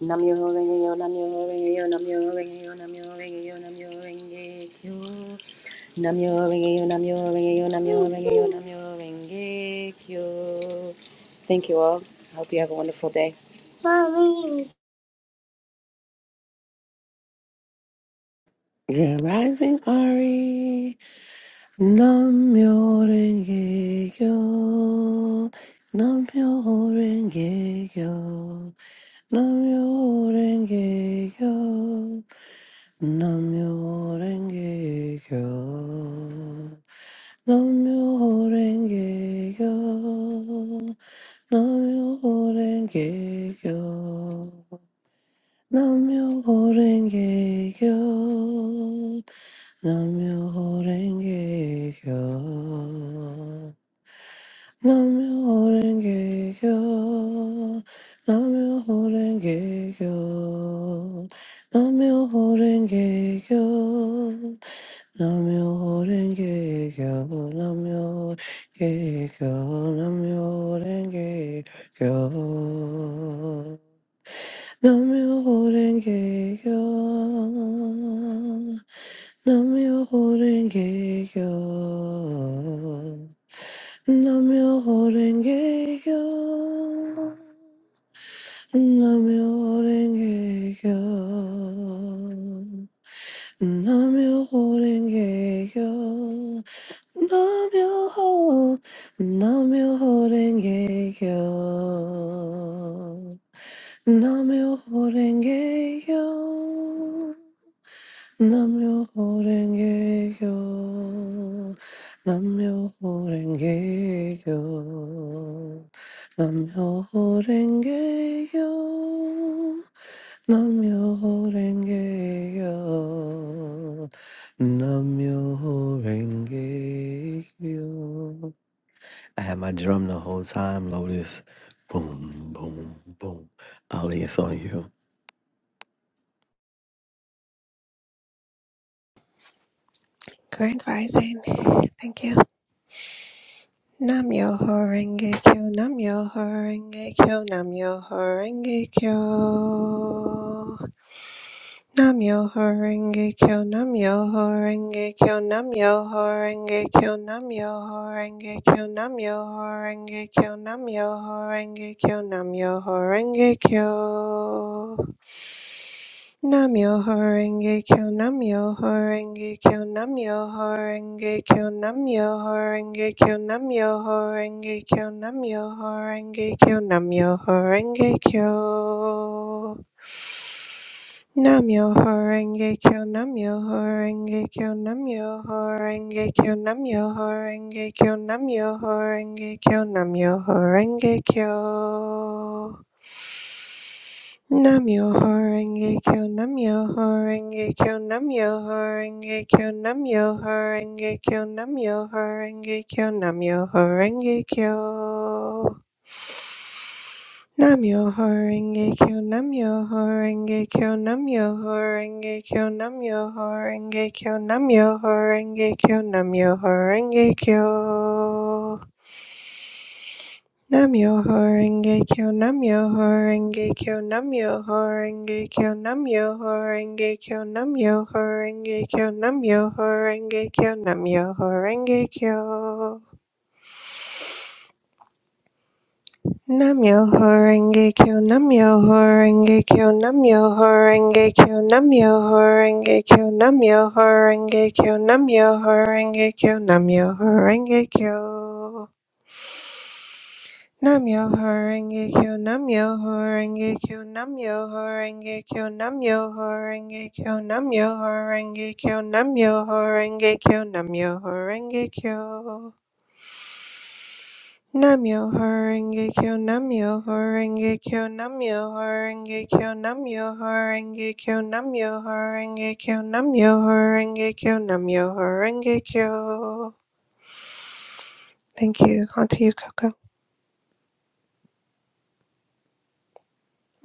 [SPEAKER 10] Nam yo ho renge yo, nam yo ho renge yo, nam yo ho renge yo, nam yo ho renge yo, nam yo ho renge kyo. Nam yo ho renge yo, nam yo ho renge yo, nam yo ho renge yo, nam yo ho renge kyo. Thank you all. I hope you have a wonderful day. Mommy.
[SPEAKER 8] Grand Rising Ari. Nam yo renge kyo. Nam yo renge kyo. Nam yo renge kyo. Nam yo renge kyo. Nam yo renge kyo. Nam yo renge kyo. 남묘호랭개교 남묘호랭개교 남묘호랭개교 남묘호랭개교 남묘호랭개교 남묘호랭개교 남묘호랭개교 남묘호랭개교 Nam-myoho-renge-kyo. Nam-myoho-renge-kyo. Nam-myoho-renge-kyo. Nam-myoho-renge-kyo. Nam-myoho-renge-kyo. Nam-myoho- Nam-myoho-renge-kyo. Nam-myoho-renge-kyo. Nam-myoho-renge-kyo. Nam-myoho-renge-kyo. Nam-myoho-renge-kyo. Nam-myoho-renge-kyo. Nam-myoho-renge-kyo. I had my drum the whole time, Lotus. Boom, boom, boom. Ali, it's on you.
[SPEAKER 11] Grand Rising. Thank you. Nam yo Horenge Kyo, Nam yo Horenge Kyo, Nam yo Horenge Kyo. Nam yo Horenge Kyo, Nam yo Horenge Kyo, Nam yo Horenge Kyo, Nam yo Horenge Kyo, Nam yo Horenge Kyo, Nam yo Horenge Kyo, Nam yo Horenge Kyo. Namyo Horenge Kyo Namyo Horenge Kyo Namyo Horenge Kyo Namyo Horenge Kyo Namyo Horenge Kyo Namyo Horenge Kyo Namyo Horenge Kyo Namyo Horenge Kyo Namyo Horenge Kyo Namyo Horenge Kyo Namyo Horenge Kyo Namyo Horenge Kyo Namyo Horenge Kyo Namyoho Renge Kyo, Namyoho Renge Kyo, Namyoho Renge Kyo, Namyoho Renge Kyo, Namyoho Renge Kyo, Namyoho Renge Kyo. Namyoho Renge Kyo, Namyoho Renge Kyo, Namyoho Renge Kyo, Namyoho Renge Kyo, Namyoho Renge Kyo, Namyoho Renge Kyo. Namyoho Renge Kyo Namyoho Renge Kyo Namyoho Renge Kyo Namyoho Renge Kyo Namyoho Renge Kyo Namyoho Renge Kyo Namyoho Renge Kyo Namyoho Renge Kyo Namyoho Renge Kyo Namyoho Renge Kyo Namyoho Renge Kyo Namyoho Renge Kyo Namyoho Renge Kyo Namyoho Renge Kyo Namyo Horenge Kyo, Namyo Horenge Kyo, Namyo Horenge Kyo, Namyo Horenge Kyo, Namyo Horenge Kyo, Namyo Horenge Kyo, Namyo Horenge Kyo. Namyo Horenge Kyo, Namyo Horenge Kyo, Namyo Horenge Kyo, Namyo Horenge Kyo, Namyo Horenge Kyo, Namyo Horenge Kyo, Namyo Horenge Kyo. Thank you. Onto you, Coco.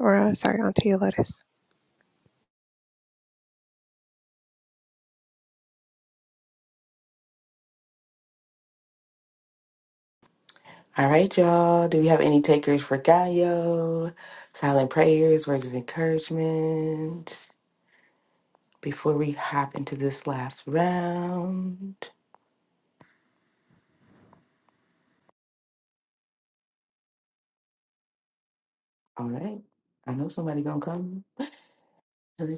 [SPEAKER 11] Or, uh, sorry, onto you, Lotus.
[SPEAKER 2] All right, y'all. Do we have any takers for Gaio? Silent prayers, words of encouragement before we hop into this last round. All right. I know somebody gonna come.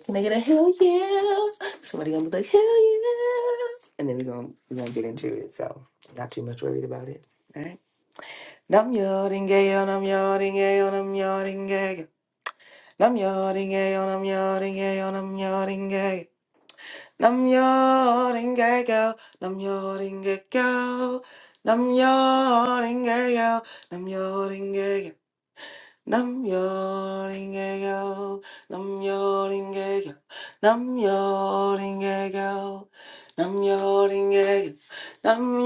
[SPEAKER 2] Can I get a hell yeah? Somebody gonna be like, hell yeah. And then we're gonna we're gonna get into it. So not too much worried about it. All right. Nam yodding gay on I'm yodding gay on I'm yodding gay. Nam yodding gay on I'm yodding gay on I'm yodding Nam yo ringe yo, nam yo ringe yo, nam yo ringe yo, nam yo ringe yo, nam yo ringe yo, nam yo ringe yo, nam yo ringe yo, nam yo ringe yo, nam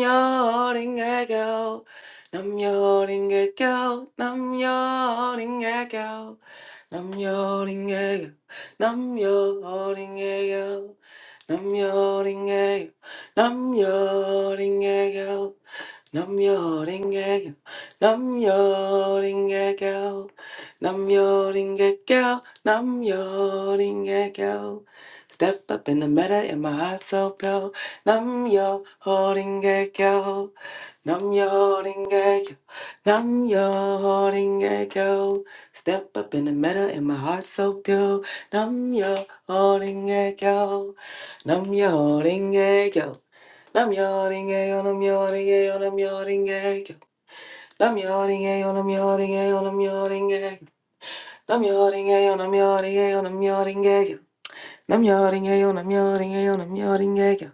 [SPEAKER 2] Numb your heart, in it, you. Numb your heart, in it, you. Numb your heart, in it, you. Numb your heart, in it, you. Numb your heart, in it, you. Numb your heart, in it, you. Numb your heart, in it, you. Step up in the middle, and my heart's so cold. Numb your heart, in it, you. Numb your heart, in it, you. Numb your heart, in it, you. Step up in the meadow and my heart so pure. Nam yo holding a yo. Nam yo holding a yo. Nam yo holding a yo. Nam yo holding a yo. Nam yo holding a yo. Nam yo holding a yo. Nam yo holding a yo. Nam yo holding a yo. Nam yo holding a yo. Nam yo holding a yo. Nam yo holding a yo. Nam yo holding a yo. Nam yo holding a yo. Nam yo holding a yo.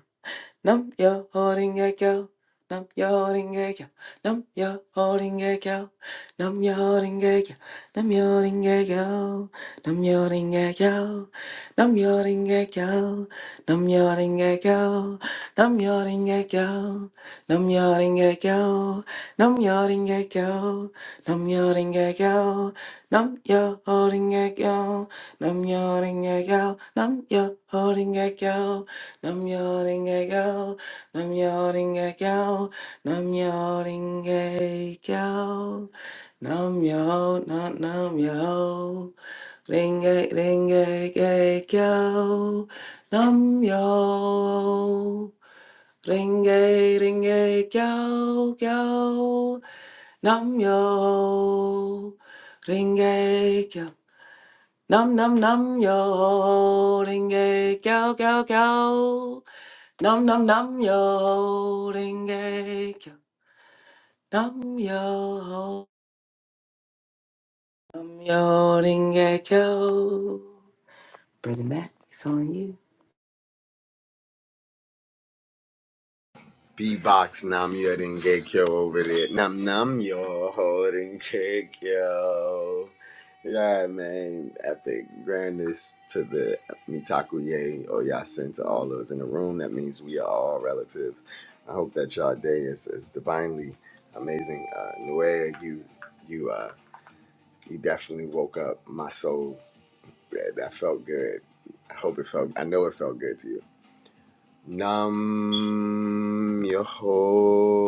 [SPEAKER 2] Nam yo holding a cow. Nam yo holding a cow. Nam yo holding a cow. Nam yo holding a cow. Nam yo holding a cow. Nam yo holding a cow. Nam yo holding a cow. Nam yo holding a cow. Nam yo holding a cow. Nam yo holding a cow. Nam yo holding a cow. Nam yo holding a cow. Nam yo holding a cow. Nam yo holding a cow. Nam yo holding a cow. Nam yoring a yo, nam yoring a yo, nam yoring a yo, nam yo, nam nam yo, ring a ring a a yo, nam yo, ring a ring a yo yo, nam yo, ring a yo, nam nam nam yo, ring a yo yo yo. Nam nam nam yo ringe kyo. Nam yo nam yo ringe kyo. Brother Matt, it's on you.
[SPEAKER 1] B box, nam yo didn't get yo over there. Nam nam yo holding kick yo. Yeah man, epic grandness to the Mitaku Ye or Yasin to all those in the room. That means we are all relatives. I hope that y'all day is, is divinely amazing. Uh Nuea, you you uh you definitely woke up my soul. That, that felt good. I hope it felt I know it felt good to you. Nam Yoho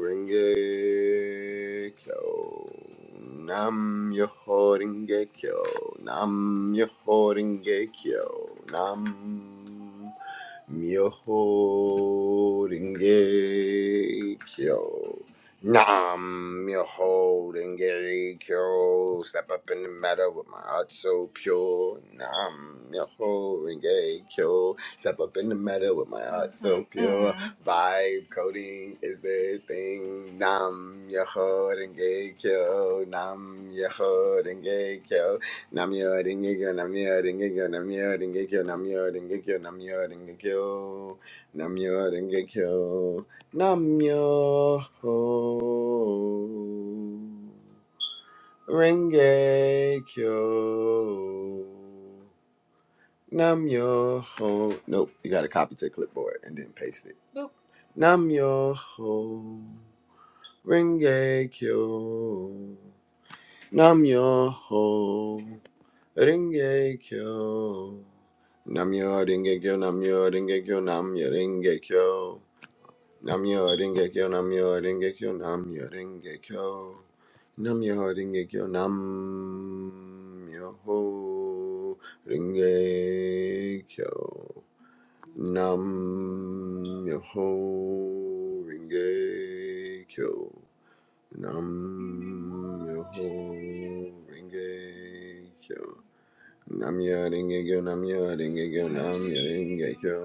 [SPEAKER 1] Renge Kyo. Nam Yoho Renge Kyo. Nam Yoho Renge Kyo. Nam Myoho Renge Kyo. Nam Myoho Renge Kyo. Step up in the matter with my heart so pure. Nam Myoho Renge Kyo. Step up in the matter with my heart so pure. Vibe coding is the thing. Nam Myoho Renge Kyo. Nam Myoho Renge Kyo. Namyo Rengekyo, Namyo Rengekyo, Namyo Rengekyo, Namyo Rengekyo, Namyo Rengekyo, Namyo Rengekyo, Namyo Rengekyo, Namyo Nope, you gotta copy to clipboard and then paste it. Namyo Rengekyo. Namyoho Rengekyo. Namyo kyo. Namyo Rengekyo, Namyo kyo. Namyo Rengekyo, Namyo kyo. Namyo Rengekyo. Namyo kyo. Namyo Rengekyo. Namyo kyo. Nam Myoho Renge Kyo. Nam Myoho Renge Kyo, Nam Myoho Renge Kyo, Nam Myoho Renge Kyo.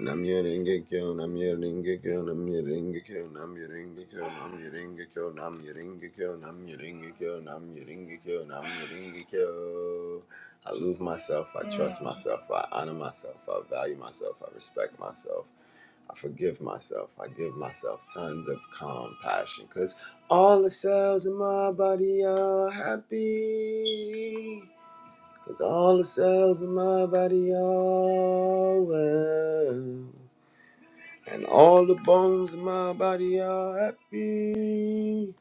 [SPEAKER 1] Nam Myoho Renge Kyo, Nam Myoho Renge Kyo, Nam Myoho Renge Kyo, Nam Myoho Renge Kyo, Nam Myoho Renge Kyo, Nam Myoho Renge Kyo, Nam Myoho Renge Kyo, Nam Myoho Renge Kyo, Nam Myoho Renge Kyo. I love myself, I trust myself, I honor myself, I value myself, I respect myself. I forgive myself. I give myself tons of compassion because all the cells in my body are happy. Because all the cells in my body are well. And all the bones in my body are happy.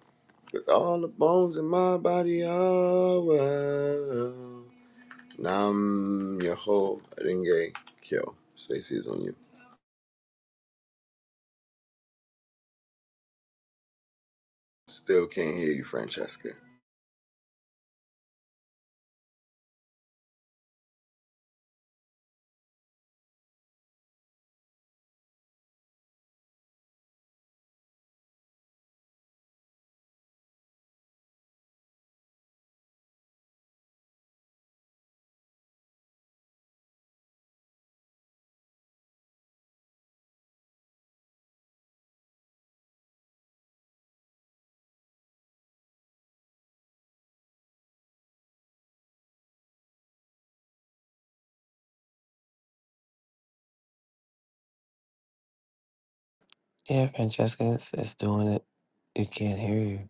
[SPEAKER 1] Because all the bones in my body are well. Nam Yoho Renge Kyo. Stacey is on you. Still can't hear you, Francesca.
[SPEAKER 8] Yeah, Francesca, is it's doing it. You can't hear you.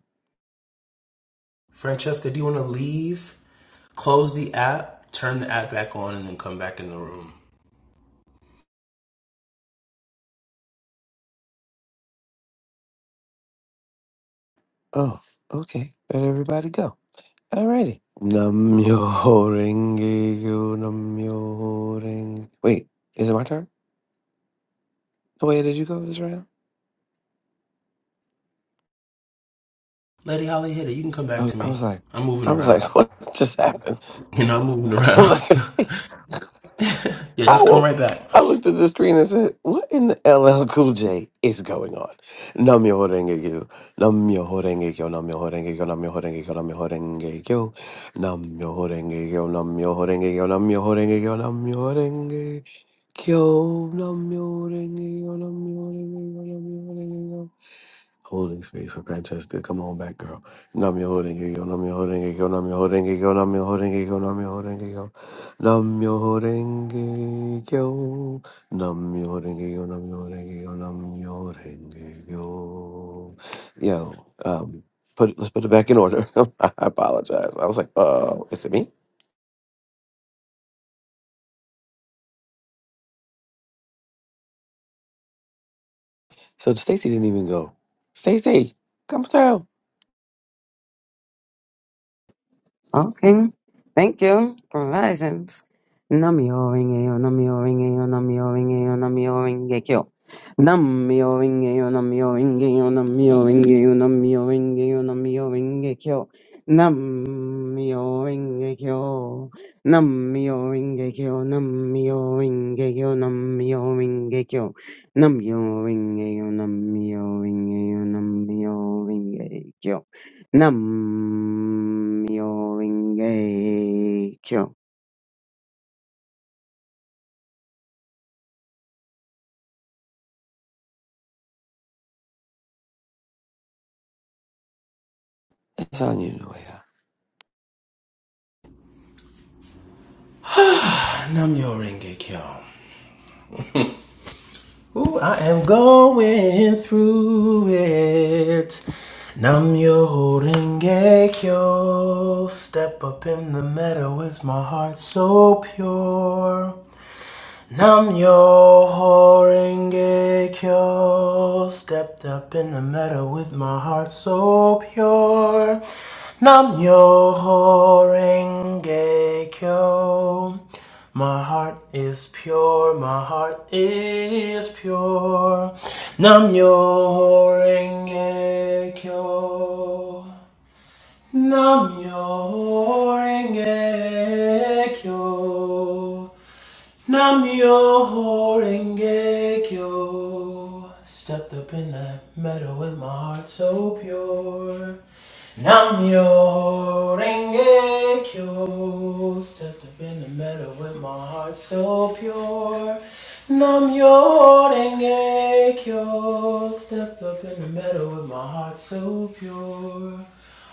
[SPEAKER 8] Oh, okay. Let everybody go. Alrighty. Namyo renge yo, namyo renge. Wait, is it my turn? No, wait, did you go this round?
[SPEAKER 7] Lady Holly hit it. You can come back
[SPEAKER 8] I,
[SPEAKER 7] to
[SPEAKER 8] I
[SPEAKER 7] me.
[SPEAKER 8] was like,
[SPEAKER 7] I'm moving
[SPEAKER 8] I was
[SPEAKER 7] around.
[SPEAKER 8] like, what just happened?
[SPEAKER 7] You know, I'm moving
[SPEAKER 8] I'm
[SPEAKER 7] around.
[SPEAKER 8] like,
[SPEAKER 7] yeah,
[SPEAKER 8] I
[SPEAKER 7] just come
[SPEAKER 8] will.
[SPEAKER 7] right back.
[SPEAKER 8] I looked at the screen and said, "What in the LL Cool J is going on?" Nam yo horenge kyo, nam yo horenge kyo, nam yo horenge kyo, nam yo horenge kyo, nam yo horenge kyo, nam yo horenge kyo, nam yo horenge kyo, nam yo horenge kyo, nam yo horenge kyo, nam yo horenge kyo, nam yo horenge kyo, nam yo horenge kyo holding space for Francesca. Come on back, girl. Nam yo holding yo, nam yo holding yo, nam yo holding yo, nam yo holding yo, nam yo holding yo, nam yo holding yo, nam yo holding yo, nam yo holding yo, nam yo holding yo. Yo, um, put let's put it back in order. I apologize. I was like, oh, is it me? So Stacy didn't even go. Stacy, come through.
[SPEAKER 6] Okay. Thank you for risings. Namio ringeo, namio ringeo, namio ringeo, namio ringekyo. Namio ringeo, namio ringeo, namio ringeo, namio ringeo, namio ringekyo. Namio ringekyo. Namio ringekyo, namio ringekyo, namio ringekyo. Namio ringeo, namio ringeo, namio ringekyo. Nam-myoho-renge-kyo.
[SPEAKER 8] It's on you, Noah.
[SPEAKER 7] Namyo Renge Kyo. Ooh, I am going through it. Namyo Renge Kyo. Step up in the meadow with my heart so pure. Nam yo horenge kyo. Stepped up in the meadow with my heart so pure. Nam yo horenge kyo. My heart is pure, my heart is pure. Nam yo horenge kyo. Nam yo horenge kyo. Namyo Renge Kyo. Stepped up in that meadow with my heart so pure. Namyo Renge Kyo. Stepped up in the meadow with my heart so pure. Namyo Renge Kyo. Stepped up in the meadow with my heart so pure.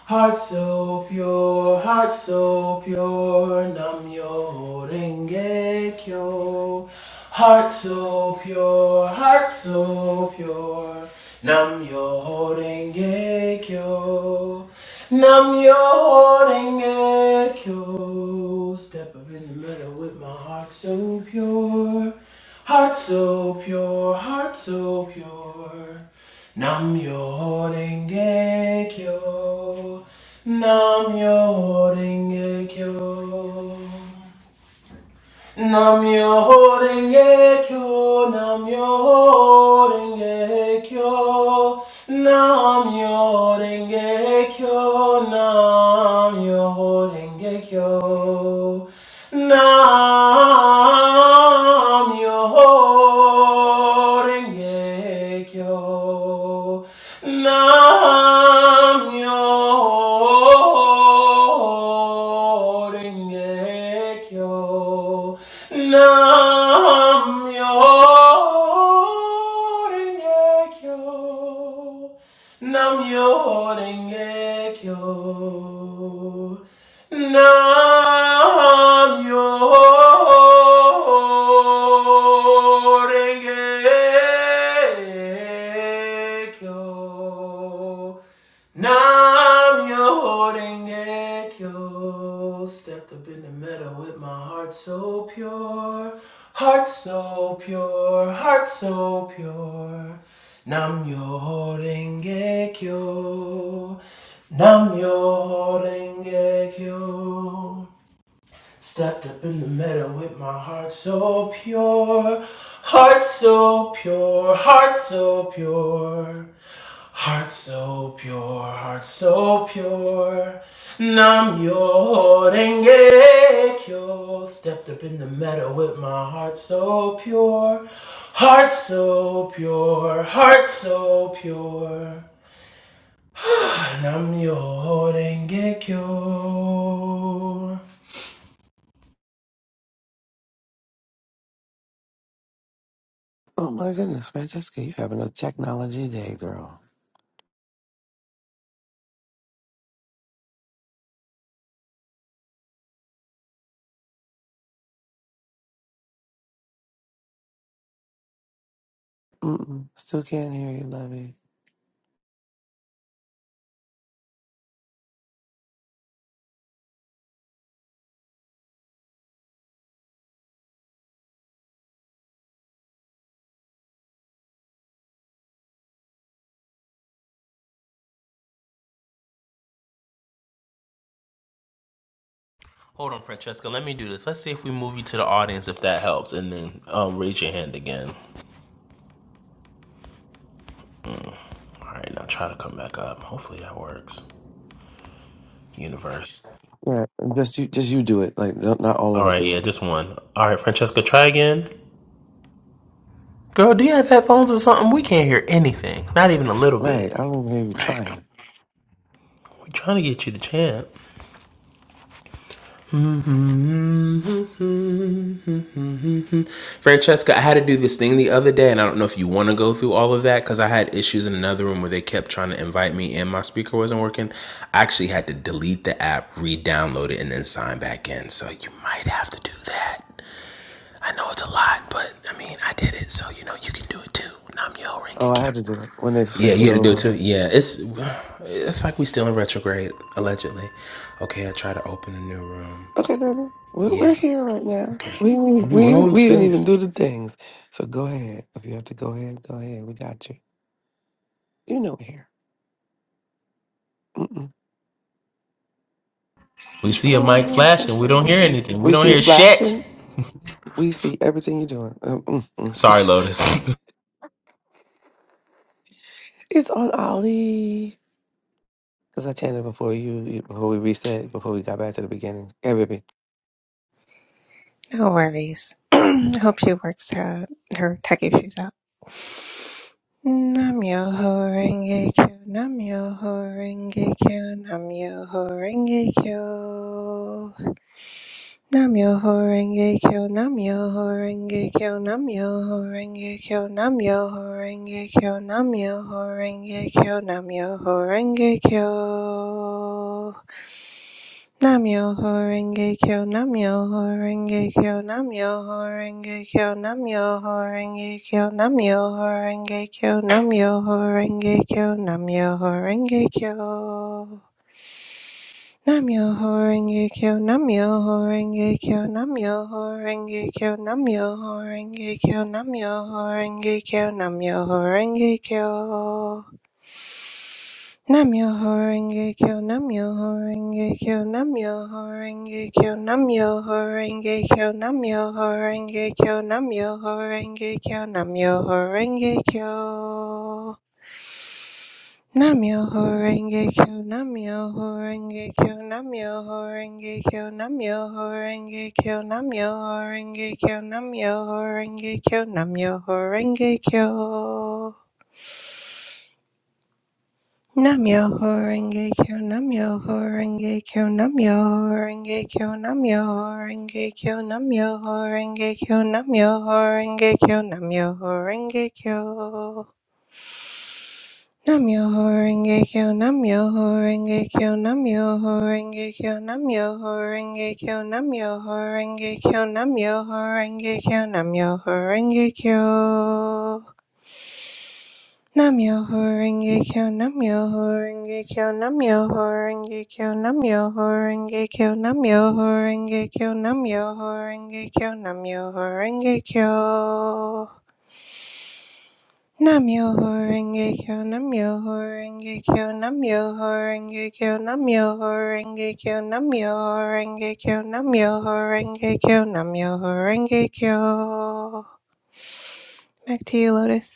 [SPEAKER 7] Heart so pure, heart so pure, nam yo renge kyo. Heart so pure, heart so pure, nam yo renge kyo. Nam yo renge kyo. Step up in the middle with my heart so pure, heart so pure, heart so pure. Nam yo renge kyo. Nam renge kyo. Namyo Renge Kyo, Namyo Renge Kyo, Namyo Renge Kyo, Namyo Renge Kyo, Namyo Renge Kyo, Namyo Rengekyo. Namyo Rengekyo. Namyo Rengekyo. Namyo Rengekyo. Nam yo holding yo. Stepped up in the meadow with my heart so pure. Heart so pure, heart so pure. Nam yo holding yo. Nam yo holding yo. Stepped up in the meadow with my heart so pure, heart so pure, heart so pure, heart so pure, heart so pure. Nam yo renge kyo. Stepped up in the meadow with my heart so pure, heart so pure, heart so pure. Nam yo renge kyo.
[SPEAKER 8] Oh my goodness, Francesca, you're having a technology day, girl. Mm-mm. Still can't hear you, Lovey.
[SPEAKER 7] Hold on, Francesca. Let me do this. Let's see if we move you to the audience if that helps, and then um, raise your hand again. All right, now try to come back up. Hopefully that works. Universe.
[SPEAKER 8] Right. Just you just you do it. Like no, not all
[SPEAKER 7] All
[SPEAKER 8] of us
[SPEAKER 7] right,
[SPEAKER 8] do
[SPEAKER 7] yeah,
[SPEAKER 8] it.
[SPEAKER 7] just one. All right, Francesca, try again. Girl, do you have headphones or something? We can't hear anything. Not even a little
[SPEAKER 8] Right.
[SPEAKER 7] bit.
[SPEAKER 8] I don't even hear you trying.
[SPEAKER 7] We're trying to get you to chant. Mm-hmm. Francesca, I had to do this thing the other day, and I don't know if you want to go through all of that because I had issues in another room where they kept trying to invite me and my speaker wasn't working. I actually had to delete the app, re download it, and then sign back in. So you might have to do that. I know it's a lot, but I mean, I did it, so you know, you can do it too. Nam yo renge
[SPEAKER 8] Oh, I had to do it when they
[SPEAKER 7] Yeah, you
[SPEAKER 8] switched
[SPEAKER 7] had to do it
[SPEAKER 8] over.
[SPEAKER 7] too. Yeah, it's it's like we still in retrograde, allegedly. Okay, I try to open a new room.
[SPEAKER 8] Okay, baby. We're,
[SPEAKER 7] Yeah,
[SPEAKER 8] we're here right now. We didn't even- we
[SPEAKER 7] We're all
[SPEAKER 8] even-
[SPEAKER 7] in
[SPEAKER 8] we didn't even
[SPEAKER 7] space.
[SPEAKER 8] do the things. So go ahead. If you have to go ahead, go ahead. We got you. You know we're here. Mm-mm.
[SPEAKER 7] We see a
[SPEAKER 8] Oh, I
[SPEAKER 7] mic
[SPEAKER 8] know it's
[SPEAKER 7] flash and we don't hear
[SPEAKER 8] frustrating.
[SPEAKER 7] anything. We
[SPEAKER 8] We
[SPEAKER 7] don't
[SPEAKER 8] see
[SPEAKER 7] hear
[SPEAKER 8] it
[SPEAKER 7] shit.
[SPEAKER 8] flashing. We see everything you're doing. Um, mm, mm.
[SPEAKER 7] Sorry, Lotus.
[SPEAKER 8] It's on Ollie. Because I chanted before you, you- before we reset, before we got back to the beginning.
[SPEAKER 11] No worries. I hope she works her, her tech issues out. Nam yo ho renge kyo, nam yo ho renge kyo, nam yo ho renge kyo. Nam yo ho renge kyo, nam yo ho renge kyo, nam yo ho renge kyo, nam yo ho renge kyo, nam yo ho renge kyo, nam yo ho renge kyo. Namyoho Renge Kyo, Namyoho Renge Kyo, Namyoho Renge Kyo, Namyoho Renge Kyo, Namyoho Renge Kyo, Namyoho Renge Kyo, Namyoho Renge Kyo. Namyoho Renge Kyo, Namyoho Renge Kyo, Namyoho Renge Kyo, Namyoho Renge Kyo, Namyoho Renge Kyo, Namyoho Renge Kyo. Namyoho Renge Kyo, Namyoho Renge Kyo, Namyoho Renge Kyo, Namyoho Renge Kyo, Namyoho Renge Kyo, Namyoho Renge Kyo, Namyoho Renge Kyo. Namyoho Renge Kyo, Namyoho Renge Kyo, Namyoho Renge Kyo, Namyoho Renge Kyo, Namyoho Renge Kyo, Namyoho Renge Kyo, Namyoho Renge Kyo. Namyo Horenge Kyo, Namyo Horenge Kyo, Namyo Horenge Kyo, Namyo Horenge Kyo, Namyo Horenge Kyo, Namyo Horenge Kyo, Namyo Horenge Kyo. Namyo Horenge Kyo, Namyo Horenge Kyo, Namyo Horenge Kyo, Namyo Horenge Kyo, Namyo Horenge Kyo, Namyo Horenge Kyo, Namyo Horenge Kyo. Namyo Horenge Kyo, Namyo Horenge Kyo, Namyo Horenge Kyo, Namyo Horenge Kyo, Namyo Horenge Kyo, Namyo Horenge Kyo, Namyo Horenge Kyo. Namyo Horenge Kyo, Namyo Horenge Kyo, Namyo Horenge Kyo, Namyo Horenge Kyo, Namyo Horenge Kyo, Namyo Horenge Kyo, Namyo Horenge Kyo. Back to you, Lotus.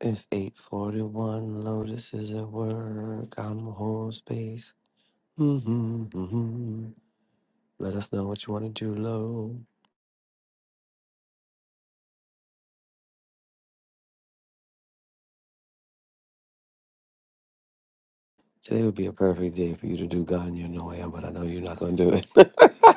[SPEAKER 8] It's 841. Lotus is at work. I'm a whole space. Mm-hmm, mm-hmm. Let us know what you want to do, Lo. Today would be a perfect day for you to do God You Know I Am, but I know you're not going to do it.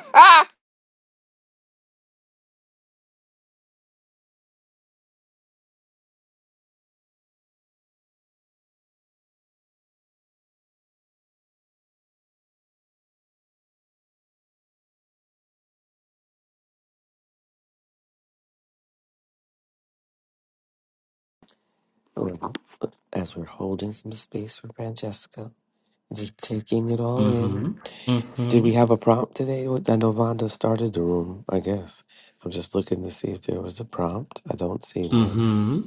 [SPEAKER 8] Well, As we're holding some space for Francesca, just taking it all
[SPEAKER 7] Mm-hmm.
[SPEAKER 8] in.
[SPEAKER 7] hmm
[SPEAKER 8] Did we
[SPEAKER 7] Mm
[SPEAKER 8] have a prompt today? What- I know Vonda started the room, I guess. I'm just looking to see if there was a prompt. I don't see one.
[SPEAKER 7] Mm-hmm.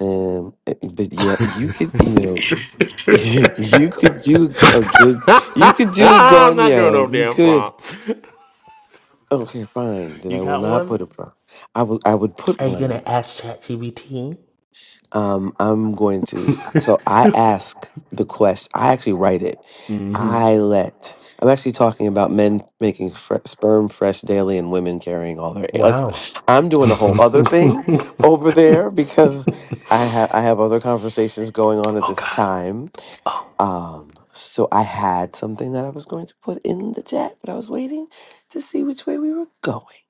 [SPEAKER 8] Um, eh, but yeah, you could, you know. you could do g- a good. You could do a
[SPEAKER 7] Ah, I'm not doing no
[SPEAKER 8] Ganyo. You
[SPEAKER 7] damn
[SPEAKER 8] could.
[SPEAKER 7] prompt.
[SPEAKER 8] Okay, fine. Then
[SPEAKER 7] You
[SPEAKER 8] I will
[SPEAKER 7] got
[SPEAKER 8] not
[SPEAKER 7] one?
[SPEAKER 8] put a pro. I will. I would put
[SPEAKER 7] Are you gonna
[SPEAKER 8] one.
[SPEAKER 7] ask ChatGPT?
[SPEAKER 8] Um, I'm going to. So I ask the quest. I actually write it. I let. I'm actually talking about men making fre- sperm fresh daily and women carrying all their. egg- Like, I'm doing a whole other thing over there because I have I have other conversations going on at this time Um, so I had something that I was going to put in the chat, but I was waiting to see which way we were going.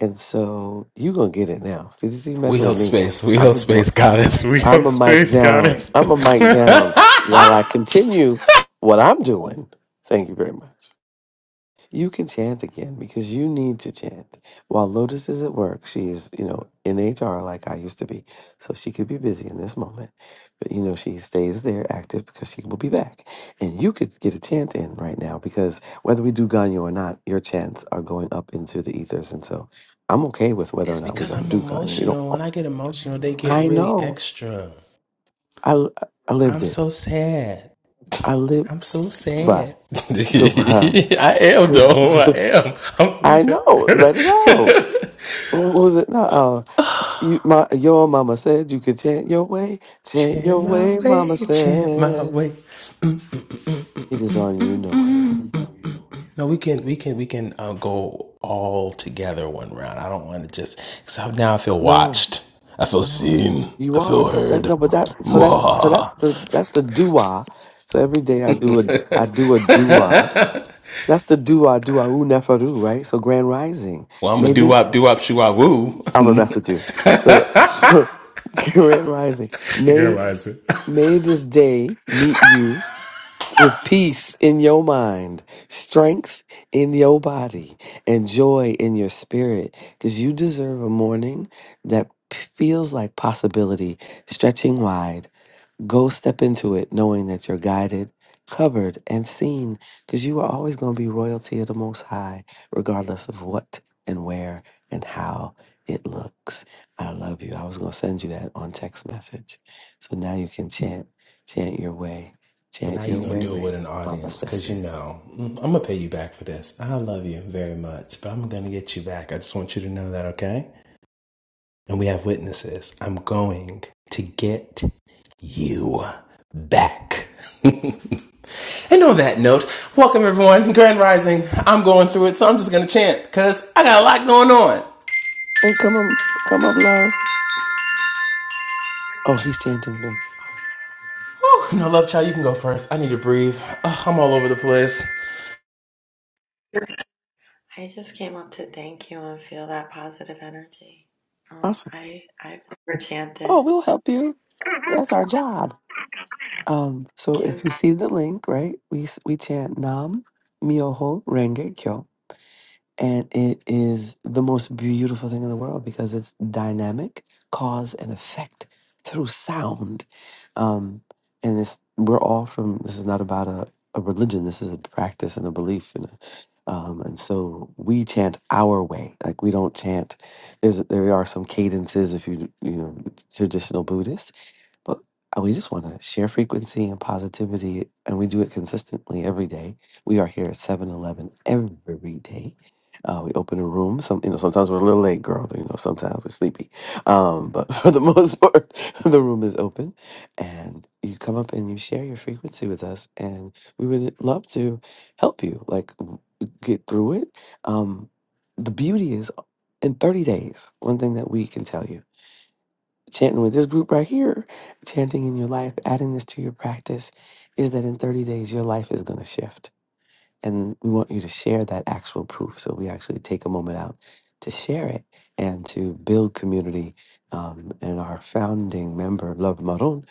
[SPEAKER 8] And so you gonna get it now. See, this is
[SPEAKER 7] We
[SPEAKER 8] messing with
[SPEAKER 7] held
[SPEAKER 8] me.
[SPEAKER 7] space. We
[SPEAKER 8] I'm
[SPEAKER 7] held
[SPEAKER 8] a
[SPEAKER 7] space,
[SPEAKER 8] mi-
[SPEAKER 7] goddess. We
[SPEAKER 8] I'm
[SPEAKER 7] held
[SPEAKER 8] a mic
[SPEAKER 7] space,
[SPEAKER 8] down.
[SPEAKER 7] goddess.
[SPEAKER 8] I'm a mic down while I continue what I'm doing. Thank you very much. You can chant again because you need to chant. While Lotus is at work, she is, you know, in HR like I used to be. So she could be busy in this moment. But, you know, she stays there active because she will be back. And you could get a chant in right now because whether we do Ganyo or not, your chants are going up into the ethers. And so I'm okay with whether
[SPEAKER 7] it's
[SPEAKER 8] or not we
[SPEAKER 7] because
[SPEAKER 8] don't
[SPEAKER 7] I'm
[SPEAKER 8] do Ganyo. We don't.
[SPEAKER 7] emotional. When I get emotional, they get
[SPEAKER 8] I
[SPEAKER 7] really
[SPEAKER 8] know.
[SPEAKER 7] extra.
[SPEAKER 8] I, I lived
[SPEAKER 7] I'm
[SPEAKER 8] it.
[SPEAKER 7] so sad.
[SPEAKER 8] I lived.
[SPEAKER 7] I'm so
[SPEAKER 8] Goodbye.
[SPEAKER 7] sad.
[SPEAKER 8] Goodbye.
[SPEAKER 7] I am though. I
[SPEAKER 8] Goodbye.
[SPEAKER 7] am. I'm really
[SPEAKER 8] I
[SPEAKER 7] sad.
[SPEAKER 8] know. Let it out. What was it? No. You, my, your mama said you could chant your way, chant
[SPEAKER 7] Chant
[SPEAKER 8] your
[SPEAKER 7] my
[SPEAKER 8] way.
[SPEAKER 7] way,
[SPEAKER 8] Mama
[SPEAKER 7] chant my
[SPEAKER 8] said
[SPEAKER 7] way.
[SPEAKER 8] it is on you, Noah.
[SPEAKER 7] No, we can, we can, we can uh, go all together one round. I don't want to just because now I feel
[SPEAKER 8] No,
[SPEAKER 7] watched. I feel seen.
[SPEAKER 8] you
[SPEAKER 7] I
[SPEAKER 8] are.
[SPEAKER 7] feel heard.
[SPEAKER 8] That no, but that so that's so that's
[SPEAKER 7] Mwah.
[SPEAKER 8] the that's the dua. So every day I do a I do a dua. That's the dua dua u neferu, right? So grand rising.
[SPEAKER 7] Well, I'm a
[SPEAKER 8] May
[SPEAKER 7] doo
[SPEAKER 8] this
[SPEAKER 7] wop, doo wop, shoo wop, woo.
[SPEAKER 8] I'm gonna mess with you. So so grand rising.
[SPEAKER 7] Girl,
[SPEAKER 8] May
[SPEAKER 7] why is it?
[SPEAKER 8] may this day meet you with peace in your mind, strength in your body, and joy in your spirit, because you deserve a morning that p- feels like possibility stretching wide Go step into it knowing that you're guided, covered, and seen because you are always going to be royalty of the Most High, regardless of what and where and how it looks. I love you. I was going to send you that on text message. So now you can chant, chant your way,
[SPEAKER 7] But
[SPEAKER 8] chant
[SPEAKER 7] now you're
[SPEAKER 8] your
[SPEAKER 7] gonna
[SPEAKER 8] way,
[SPEAKER 7] do it with an
[SPEAKER 8] Mama
[SPEAKER 7] audience,
[SPEAKER 8] says.
[SPEAKER 7] cause you know mm, I'm gonna pay you back for this. I love you very much, but I'm gonna get you back. I just want you to know that, okay? And we have witnesses. I'm going to get you back. and on that note, welcome everyone. Grand Rising. I'm going through it, so I'm just gonna chant, cause I got a lot going on.
[SPEAKER 8] And come up, come up, love. Oh, he's chanting then.
[SPEAKER 7] Whew, no love, child. You can go first. I need to breathe. Ugh, I'm all over the place.
[SPEAKER 12] I just came up to thank you and feel that positive energy. Um,
[SPEAKER 8] Awesome.
[SPEAKER 12] I I've never
[SPEAKER 8] Oh,
[SPEAKER 12] chanted.
[SPEAKER 8] we'll help you. That's our job. Um, so
[SPEAKER 12] Thank
[SPEAKER 8] if
[SPEAKER 12] you.
[SPEAKER 8] you see the link, right, we s- we chant Nam Myoho Renge Kyo, and it is the most beautiful thing in the world because it's dynamic, cause and effect through sound, um, and it's we're all from. This is not about a, a religion. This is a practice and a belief, and a, um, and so we chant our way. Like we don't chant. There's there are some cadences if you you know traditional Buddhist but uh, we just want to share frequency and positivity, and we do it consistently every day. We are here at seven eleven every day. Uh, we open a room. Some, you know, sometimes we're a little late, girl. You know, sometimes we're sleepy. Um, but for the most part, the room is open, and you come up and you share your frequency with us, and we would love to help you, like w- get through it. Um, the beauty is, in 30 days, one thing that we can tell you chanting with this group right here, chanting in your life, adding this to your practice, is that in 30 days, your life is going to shift. And we want you to share that actual proof. So we actually take a moment out to share it and to build community. Um, and our founding member, Love Maroon,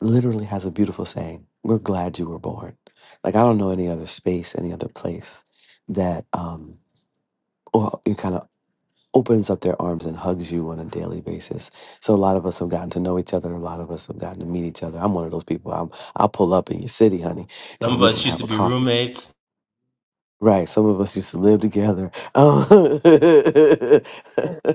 [SPEAKER 8] literally has a beautiful saying We're glad you were born. Like, I don't know any other space, any other place that, um, or you kind of opens up their arms and hugs you on a daily basis. So a lot of us have gotten to know each other. A lot of us have gotten to meet each other. I'm one of those people. I'm, I'll pull up in your city, honey,
[SPEAKER 7] Some
[SPEAKER 8] and
[SPEAKER 7] of
[SPEAKER 8] we will
[SPEAKER 7] us used
[SPEAKER 8] have
[SPEAKER 7] to
[SPEAKER 8] a
[SPEAKER 7] be
[SPEAKER 8] coffee.
[SPEAKER 7] roommates.
[SPEAKER 8] Right. Some of us used to live together. Oh.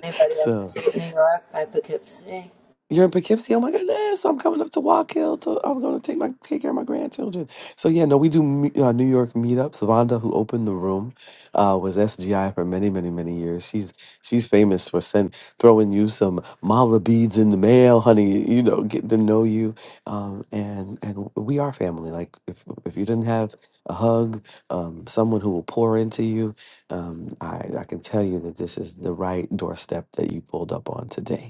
[SPEAKER 12] Anybody
[SPEAKER 8] so
[SPEAKER 12] up in New York by Poughkeepsie?
[SPEAKER 8] You're in Poughkeepsie. Oh my goodness! I'm coming up to Walk Hill. To, I'm going to take my take care of my grandchildren. So yeah, no, we do me- uh, New York meetups. Vonda, who opened the room, uh, was SGI for many, many, many years. She's she's famous for send throwing you some mala beads in the mail, honey. You know, getting to know you. Um, and and we are family. Like if if you didn't have a hug, um, someone who will pour into you, um, I I can tell you that this is the right doorstep that you pulled up on today.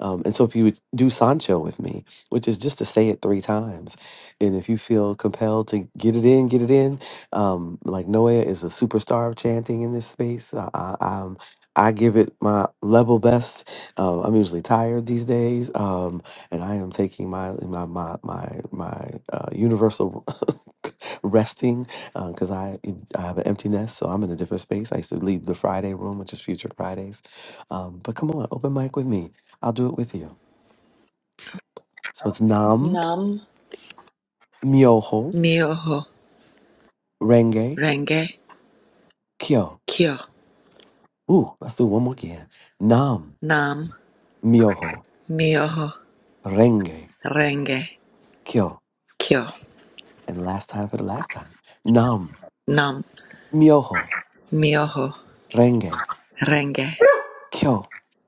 [SPEAKER 8] Um, and so if you would do Sancho with me, which is just to say it three times, and if you feel compelled to get it in, get it in, um, like Noah is a superstar of chanting in this space. I, I, um, I give it my level best. Um, I'm usually tired these days, um, and I am taking my my my my, my uh, universal resting because I I have an empty nest, so I'm in a different space. I used to lead the Friday room, which is Future Fridays. Um, but come on, open mic with me I'll do it with you. So it's Nam
[SPEAKER 12] Num.
[SPEAKER 8] Myoho
[SPEAKER 12] Myoho
[SPEAKER 8] Renge
[SPEAKER 12] Renge
[SPEAKER 8] Kyo.
[SPEAKER 12] Kyo
[SPEAKER 8] Ooh, let's do one more again. Nam
[SPEAKER 12] Nam
[SPEAKER 8] Myoho
[SPEAKER 12] Myoho
[SPEAKER 8] Renge
[SPEAKER 12] Renge
[SPEAKER 8] Kyo.
[SPEAKER 12] Kyo
[SPEAKER 8] And last time for the last time. Nam
[SPEAKER 12] Nam
[SPEAKER 8] Myoho
[SPEAKER 12] Myoho
[SPEAKER 8] Renge
[SPEAKER 12] Renge
[SPEAKER 8] Kyo.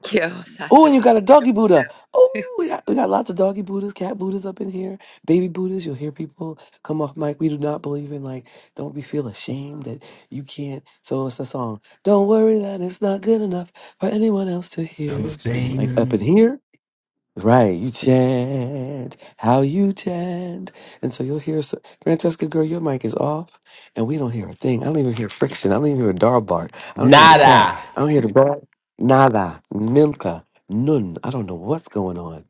[SPEAKER 12] Kyo.
[SPEAKER 8] Oh,
[SPEAKER 12] Sasha,
[SPEAKER 8] and you
[SPEAKER 12] what
[SPEAKER 8] got a doggy Buddha. Oh, we got, we got lots of doggy Buddhas, cat Buddhas up in here, baby Buddhas. You'll hear people come off mic. We do not believe in, like, don't be feel ashamed that you can't. So it's the song, Don't Worry That It's Not Good Enough for Anyone Else to
[SPEAKER 7] Feel the
[SPEAKER 8] Hear. Like, up in
[SPEAKER 7] same.
[SPEAKER 8] here. Right, you chant how you chant, and so you'll hear so, Francesca, girl, your mic is off, and we don't hear a thing. I don't even hear friction. I don't even hear a dog bark. I don't hear the cat.
[SPEAKER 7] Nada.
[SPEAKER 8] I don't hear the dog. Nada, milka, nun. I don't know what's going on.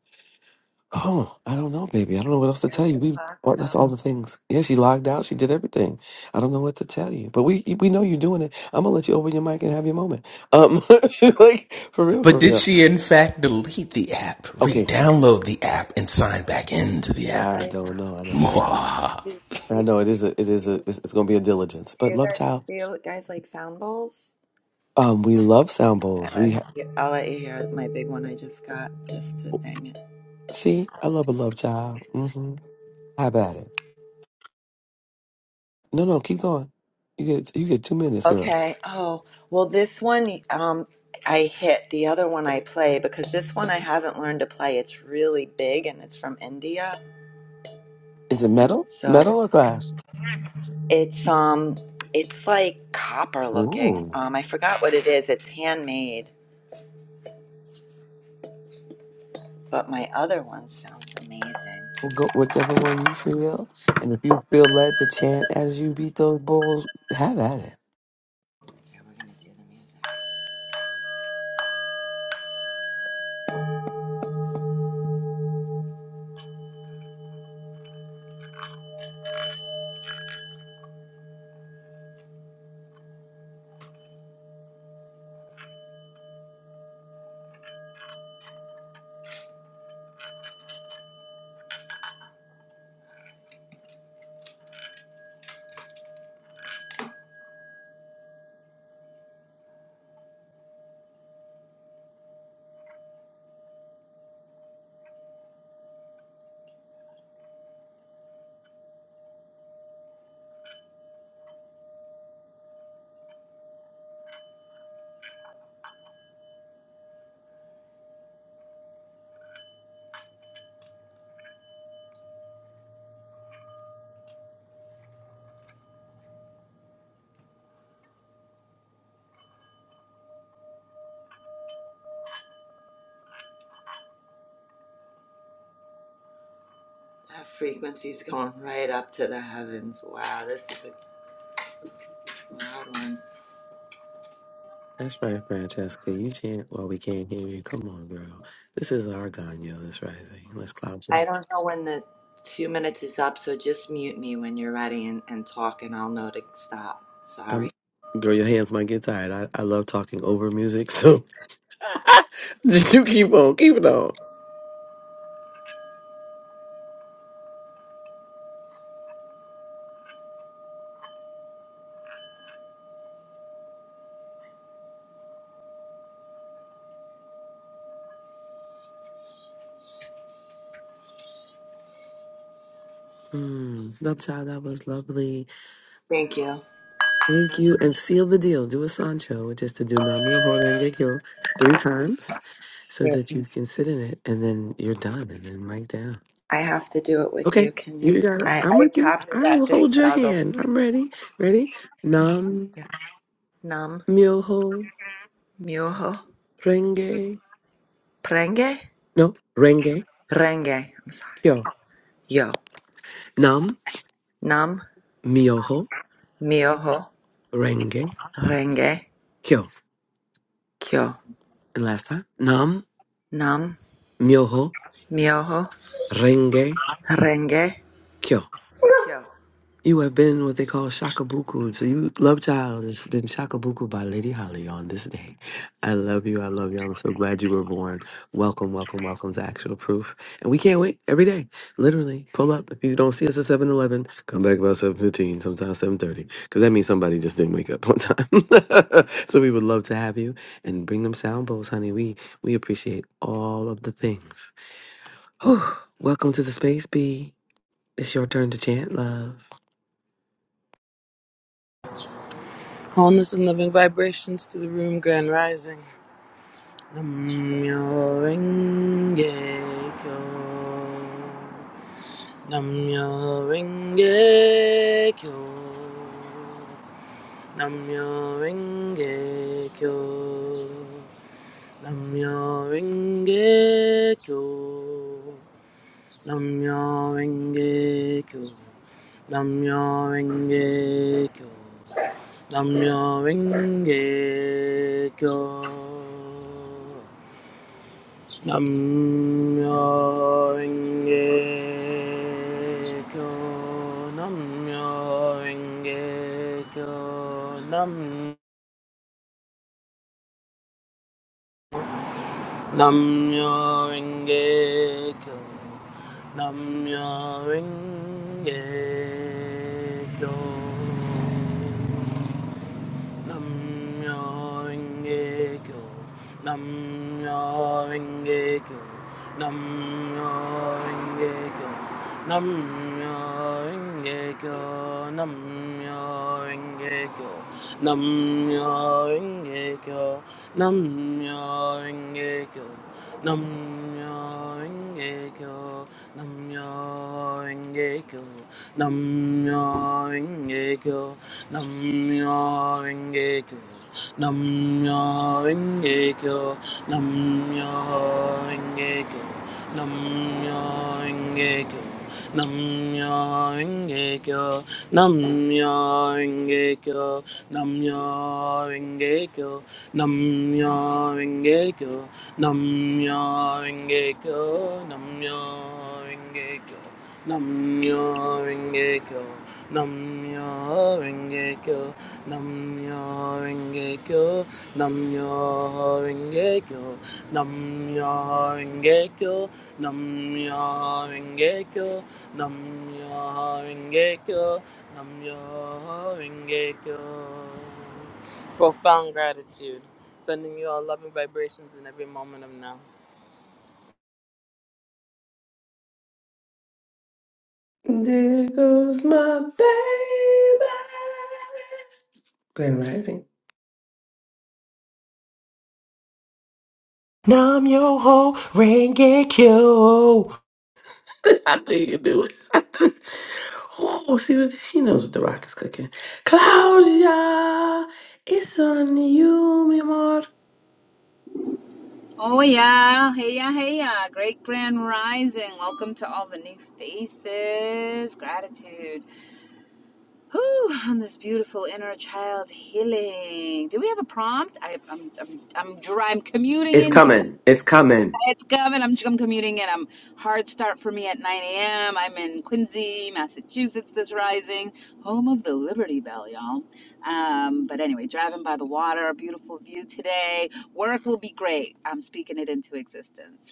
[SPEAKER 8] Oh, I don't know, baby. I don't know what else to
[SPEAKER 12] is
[SPEAKER 8] tell you.
[SPEAKER 12] the
[SPEAKER 8] We
[SPEAKER 12] black
[SPEAKER 8] well, that's all the things. Yeah, she logged out. She did everything. I don't know what to tell you, but we we know you're doing it. I'm gonna let you open your mic and have your moment. Um, like for real,
[SPEAKER 7] But
[SPEAKER 8] for
[SPEAKER 7] did
[SPEAKER 8] real.
[SPEAKER 7] she in fact delete the app,
[SPEAKER 8] Okay,
[SPEAKER 7] re-download the app, and sign back into
[SPEAKER 12] Do
[SPEAKER 7] the
[SPEAKER 12] you
[SPEAKER 8] I
[SPEAKER 7] app?
[SPEAKER 12] like
[SPEAKER 8] don't know. I know she.
[SPEAKER 7] Mwah.
[SPEAKER 12] do
[SPEAKER 8] I
[SPEAKER 12] you,
[SPEAKER 8] know it is a, it is a,
[SPEAKER 12] do
[SPEAKER 8] it's, it's going to be a diligence. But
[SPEAKER 12] you
[SPEAKER 8] love
[SPEAKER 12] guys
[SPEAKER 8] child,
[SPEAKER 12] feel guys like sound bowls?
[SPEAKER 8] um, we love sound
[SPEAKER 12] I'll
[SPEAKER 8] bowls.
[SPEAKER 12] let
[SPEAKER 8] We ha-
[SPEAKER 12] you I'll let you hear my big one I just got just to bang it.
[SPEAKER 8] see, I love a love child. hmm How about it? No, no, keep going. You get, you get two minutes, girl.
[SPEAKER 12] Okay. Oh, well, this one um, I hit. The other one I play because this one I haven't learned to play. It's really big and it's from India.
[SPEAKER 8] Is it metal,
[SPEAKER 12] So
[SPEAKER 8] metal or glass?
[SPEAKER 12] it's um it's like copper looking.
[SPEAKER 8] Ooh,
[SPEAKER 12] Um, I forgot what it is. It's handmade, but my other one sounds amazing.
[SPEAKER 8] we'll go whichever one you feel. And if you feel led to chant as you beat those bowls, have at it.
[SPEAKER 12] Okay, we're gonna do the music. That frequency's going right up to the heavens. Wow, this is a loud one.
[SPEAKER 8] That's right, Francesca. You chant while we can't hear you. Come on, girl. This is our Ganyo this rising. Let's clown.
[SPEAKER 12] I don't know when the two minutes is up, so just mute me when you're ready and, and talk, and I'll know to stop. Sorry.
[SPEAKER 8] I'm, girl, your hands might get tired. I, I love talking over music, so you keep on, keep it on. Mm, love child, that was lovely.
[SPEAKER 12] Thank you.
[SPEAKER 8] Thank you. And seal the deal. Do a Sancho, which is to do Namyo Horengekyo three times so
[SPEAKER 12] Wait,
[SPEAKER 8] that you can sit in it and then you're done and then mic down.
[SPEAKER 12] I have to do it with
[SPEAKER 8] Okay.
[SPEAKER 12] you. Can
[SPEAKER 8] You
[SPEAKER 12] you?
[SPEAKER 8] got it.
[SPEAKER 12] I,
[SPEAKER 8] I'm
[SPEAKER 12] I
[SPEAKER 8] with you.
[SPEAKER 12] copied
[SPEAKER 8] I'll
[SPEAKER 12] that thing,
[SPEAKER 8] hold
[SPEAKER 12] but
[SPEAKER 8] your
[SPEAKER 12] I'll go.
[SPEAKER 8] hand. I'm ready. Ready? Nam
[SPEAKER 12] Yeah. Nam
[SPEAKER 8] Myoho
[SPEAKER 12] myoho
[SPEAKER 8] Renge.
[SPEAKER 12] prenge
[SPEAKER 8] No, Renge
[SPEAKER 12] renge. I'm sorry.
[SPEAKER 8] Kyo.
[SPEAKER 12] Yo.
[SPEAKER 8] Nam
[SPEAKER 12] Nam
[SPEAKER 8] Myoho
[SPEAKER 12] myoho
[SPEAKER 8] Renge
[SPEAKER 12] renge
[SPEAKER 8] Kyo.
[SPEAKER 12] kyo.
[SPEAKER 8] And last time, Nam
[SPEAKER 12] Nam
[SPEAKER 8] Myoho
[SPEAKER 12] myoho
[SPEAKER 8] Renge
[SPEAKER 12] renge
[SPEAKER 8] Kyo.
[SPEAKER 12] kyo.
[SPEAKER 8] You have been what they call shakabuku. So you, love child, has been shakabuku by Lady Holly on this day. I love you. I love you. I'm so glad you were born. Welcome, welcome, welcome to Actual Proof. And we can't wait every day. Literally, pull up. If you don't see us at 7:11. come back about 7.15, sometimes 7.30, because that means somebody just didn't wake up on time. so we would love to have you and bring them sound bowls, honey. We, we appreciate all of the things. Whew. Welcome to the space, B. It's your turn to chant, love.
[SPEAKER 13] Wholeness and loving vibrations to the room, Grand Rising. Namyo Renge Kyo. Namyo Renge Kyo. Namyo Renge Kyo. Namyo Renge Kyo. Namyo Renge Kyo. Namyo Renge Kyo. Namyo Renge Kyo. Namyo Renge Kyo. Namyo Renge Kyo. Nam Namyo Renge Kyo. Namyo Renge Kyo. Namyo Renge kyo Namyo Rengekyo. Namyo Renge kyo Namyo Rengekyo. Namyo Renge kyo Namyo Rengekyo. Namyo Renge kyo Nam-myoho-renge-kyo, Nam-myoho-renge-kyo, Nam-myoho-renge-kyo, Nam-myoho-renge-kyo, Nam-myoho-renge-kyo, Nam-myoho-renge-kyo, Nam-myoho-renge-kyo. Nam-myoho-renge-kyo. Nam-myoho-renge-kyo. Nam-myoho-renge-kyo. Nam-myoho-renge-kyo. Nam-myoho-renge-kyo. Nam-myoho-renge-kyo. Nam-myoho-renge-kyo. Nam-myoho-renge-kyo. Nam-myoho-renge-kyo. Nam-myoho-renge-kyo. Namya Rengekyo, Namya Rengekyo, Namya Rengekyo, Namya Rengekyo. Profound gratitude. Sending you all loving vibrations in every moment of now.
[SPEAKER 8] There goes my baby. Glenn Rising.
[SPEAKER 7] Nam yo ho, Renge Kyo.
[SPEAKER 8] I knew you do it. oh, see what she knows what the rock is cooking. Claudia, it's on you, mi amor.
[SPEAKER 3] Oh yeah, hey yeah, hey yeah. Great Grand Rising. Welcome to all the new faces. Gratitude. Whew, on this beautiful inner child healing. Do we have a prompt? I, I'm, I'm, I'm, dri- I'm
[SPEAKER 8] It's
[SPEAKER 3] commuting
[SPEAKER 8] coming. It's coming.
[SPEAKER 3] It's coming. I'm, I'm commuting in. I'm hard start for me at 9 a.m. I'm in Quincy, Massachusetts this rising, home of the Liberty Bell, y'all. Um, but anyway, driving by the water, beautiful view today. Work will be great. I'm speaking it into existence.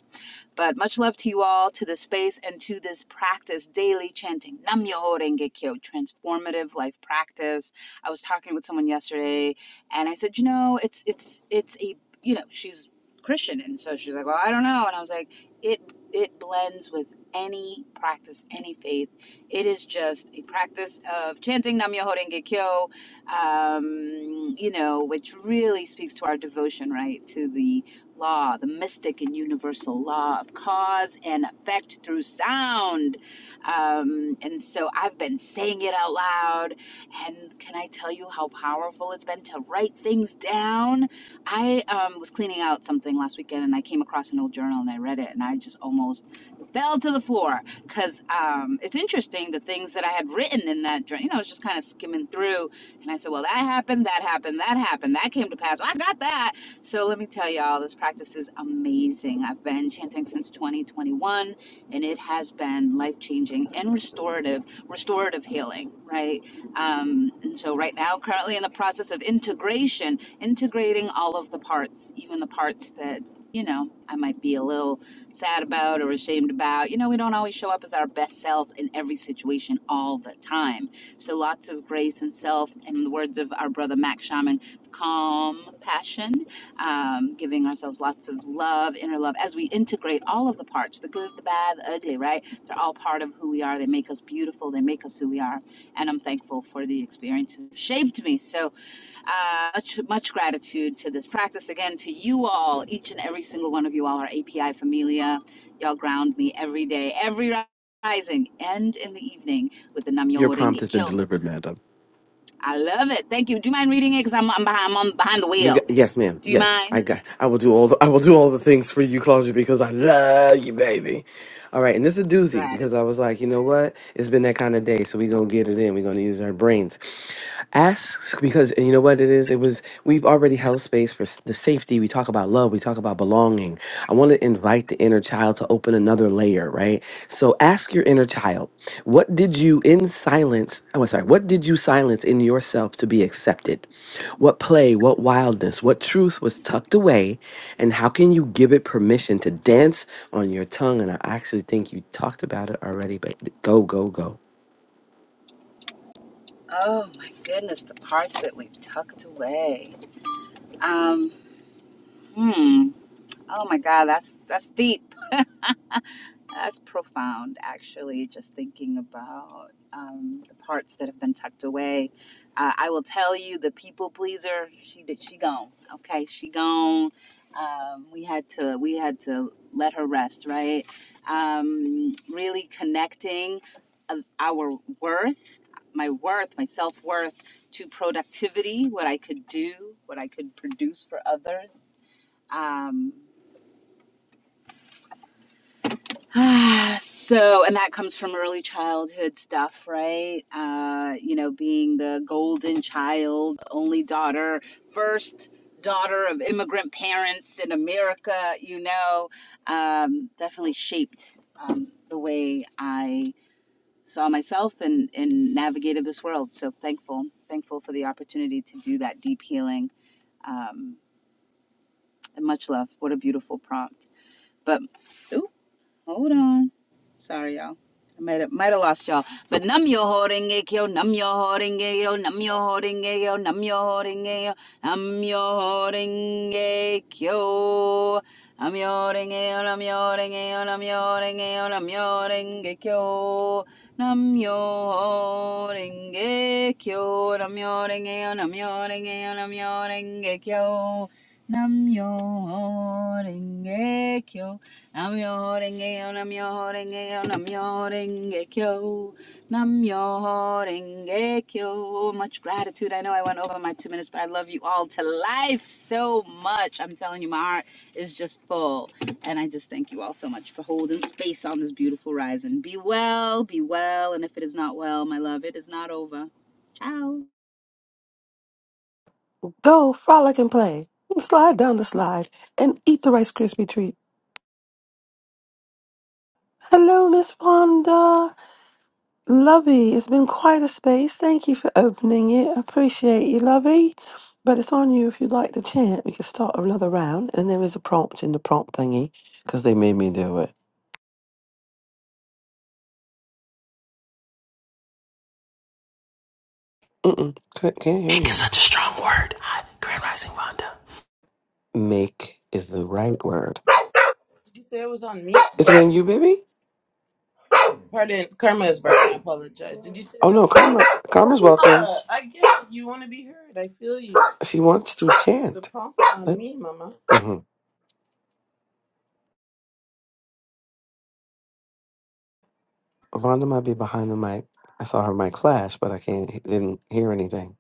[SPEAKER 3] But much love to you all, to the space, and to this practice daily chanting Nam Myoho Renge Kyo, transformative life practice. I was talking with someone yesterday, and I said, you know, it's it's it's a you know she's Christian, and so she's like, well, I don't know, and I was like, it it blends with any practice, any faith. It is just a practice of chanting Nam Myoho Renge Kyo, um, you know, which really speaks to our devotion, right, to the law, the mystic and universal law of cause and effect through sound. Um, and so I've been saying it out loud. And can I tell you how powerful it's been to write things down? I um, was cleaning out something last weekend and I came across an old journal and I read it and I just almost fell to the floor because um, it's interesting the things that I had written in that journal. You know, I was just kind of skimming through and I said, well, that happened, that happened, that happened, that came to pass. Well, I got that. So let me tell y'all, this practice is amazing. I've been chanting since 2021, and it has been life changing and restorative, restorative healing, right? Um, and so right now, currently in the process of integration, integrating all of the parts, even the parts that you know I might be a little sad about or ashamed about. You know, we don't always show up as our best self in every situation all the time. So lots of grace and self, and in the words of our brother Mac Shaman, calm passion um, giving ourselves lots of love, inner love, as we integrate all of the parts the good, the bad, the ugly, right? They're all part of who we are. They make us beautiful, they make us who we are. And I'm thankful for the experiences that shaped me. So uh, much, much gratitude to this practice. Again, to you all, each and every single one of you all, our API familia. Y'all ground me every day, every rising and in the evening with the Namyo
[SPEAKER 8] Your prompt
[SPEAKER 3] Renge
[SPEAKER 8] has been
[SPEAKER 3] Kyos.
[SPEAKER 8] delivered, madam.
[SPEAKER 3] I love it. Thank you. Do you mind reading it? Because I'm, I'm, behind, I'm behind the
[SPEAKER 8] You
[SPEAKER 3] wheel.
[SPEAKER 8] got, yes, ma'am.
[SPEAKER 3] Do you
[SPEAKER 8] Yes, I
[SPEAKER 3] mind?
[SPEAKER 8] got. I will do all. The, I will do all the things for you, Claudia, because I love you, baby. All right, and this is a doozy
[SPEAKER 3] Gratitude.
[SPEAKER 8] because I was like, you know what? It's been that kind of day, so we gonna get it in. We are gonna use our brains. Ask because and you know what it is. It was we've already held space for s- the safety. We talk about love. We talk about belonging. I want to invite the inner child to open another layer, right? So ask your inner child, what did you in silence? Oh, sorry. What did you silence in yourself to be accepted? What play, what wildness, what truth was tucked away, and how can you give it permission to dance on your tongue? And I actually think you talked about it already, but go, go, go.
[SPEAKER 3] Oh my goodness, the parts that we've tucked away. Um, hmm. Oh my God, that's that's deep. That's profound, actually, just thinking about um, the parts that have been tucked away. Uh, I will tell you, the people pleaser, she did, she gone. Okay, she gone. Um, we had to, we had to let her rest, right? Um, really connecting of our worth, my worth, my self worth, to productivity, what I could do, what I could produce for others. Um, Ah, so and that comes from early childhood stuff right uh you know being the golden child only daughter first daughter of immigrant parents in america you know um definitely shaped um the way i saw myself and and navigated this world so thankful thankful for the opportunity to do that deep healing um and much love what a beautiful prompt but ooh, Hold on. Sorry, y'all. I might have, might have lost y'all. But num yo holding it, yo, num yo holding it, yo, num yo holding it, yo, num yo holding it, yo, num yo holding it, yo. I'm yoring it, I'm yoring it, I'm yoring it, I'm yoring it, yo. ho renge kyo, Nam yo holding it, yo, ho renge kyo, nam yoring it, nam yoring it, nam yoring it, yo. ho renge kyo. Nam yo holding it, Namyo renge yo, namyo renge yo, namyo renge kyo, namyo renge kyo. Much gratitude. I know I went over my two minutes, but I love you all to life so much. I'm telling you, my heart is just full. And I just thank you all so much for holding space on this beautiful rising. Be well, be well, and if it is not well, my love, it is not over. Ciao.
[SPEAKER 8] Go, frolic and play. Slide down the slide and eat the Rice Krispie treat. Hello, Miss Fonda. Lovey, it's been quite a space. Thank you for opening it. Appreciate you, Lovey. But it's on you if you'd like to chant. We can start another round, and there is a prompt in the prompt thingy because they made me do it. Mm-mm, can't can't hear
[SPEAKER 7] Renge is
[SPEAKER 8] you.
[SPEAKER 7] such a strong word. Hi, Grand Rising Vonda.
[SPEAKER 8] Make is the right word.
[SPEAKER 13] Did you say it was on me?
[SPEAKER 8] Is it on you, baby?
[SPEAKER 13] Pardon, Karma is barking. I apologize. Did you say
[SPEAKER 8] Oh
[SPEAKER 13] that?
[SPEAKER 8] no, Karma. Karma's welcome.
[SPEAKER 13] Uh, I get it. You want to be heard. I feel you.
[SPEAKER 8] She wants to
[SPEAKER 13] The
[SPEAKER 8] chant.
[SPEAKER 13] prompt is on
[SPEAKER 8] Let,
[SPEAKER 13] me, Mama.
[SPEAKER 8] hmm Rhonda might be behind the mic. I saw her mic flash, but I can't didn't hear anything.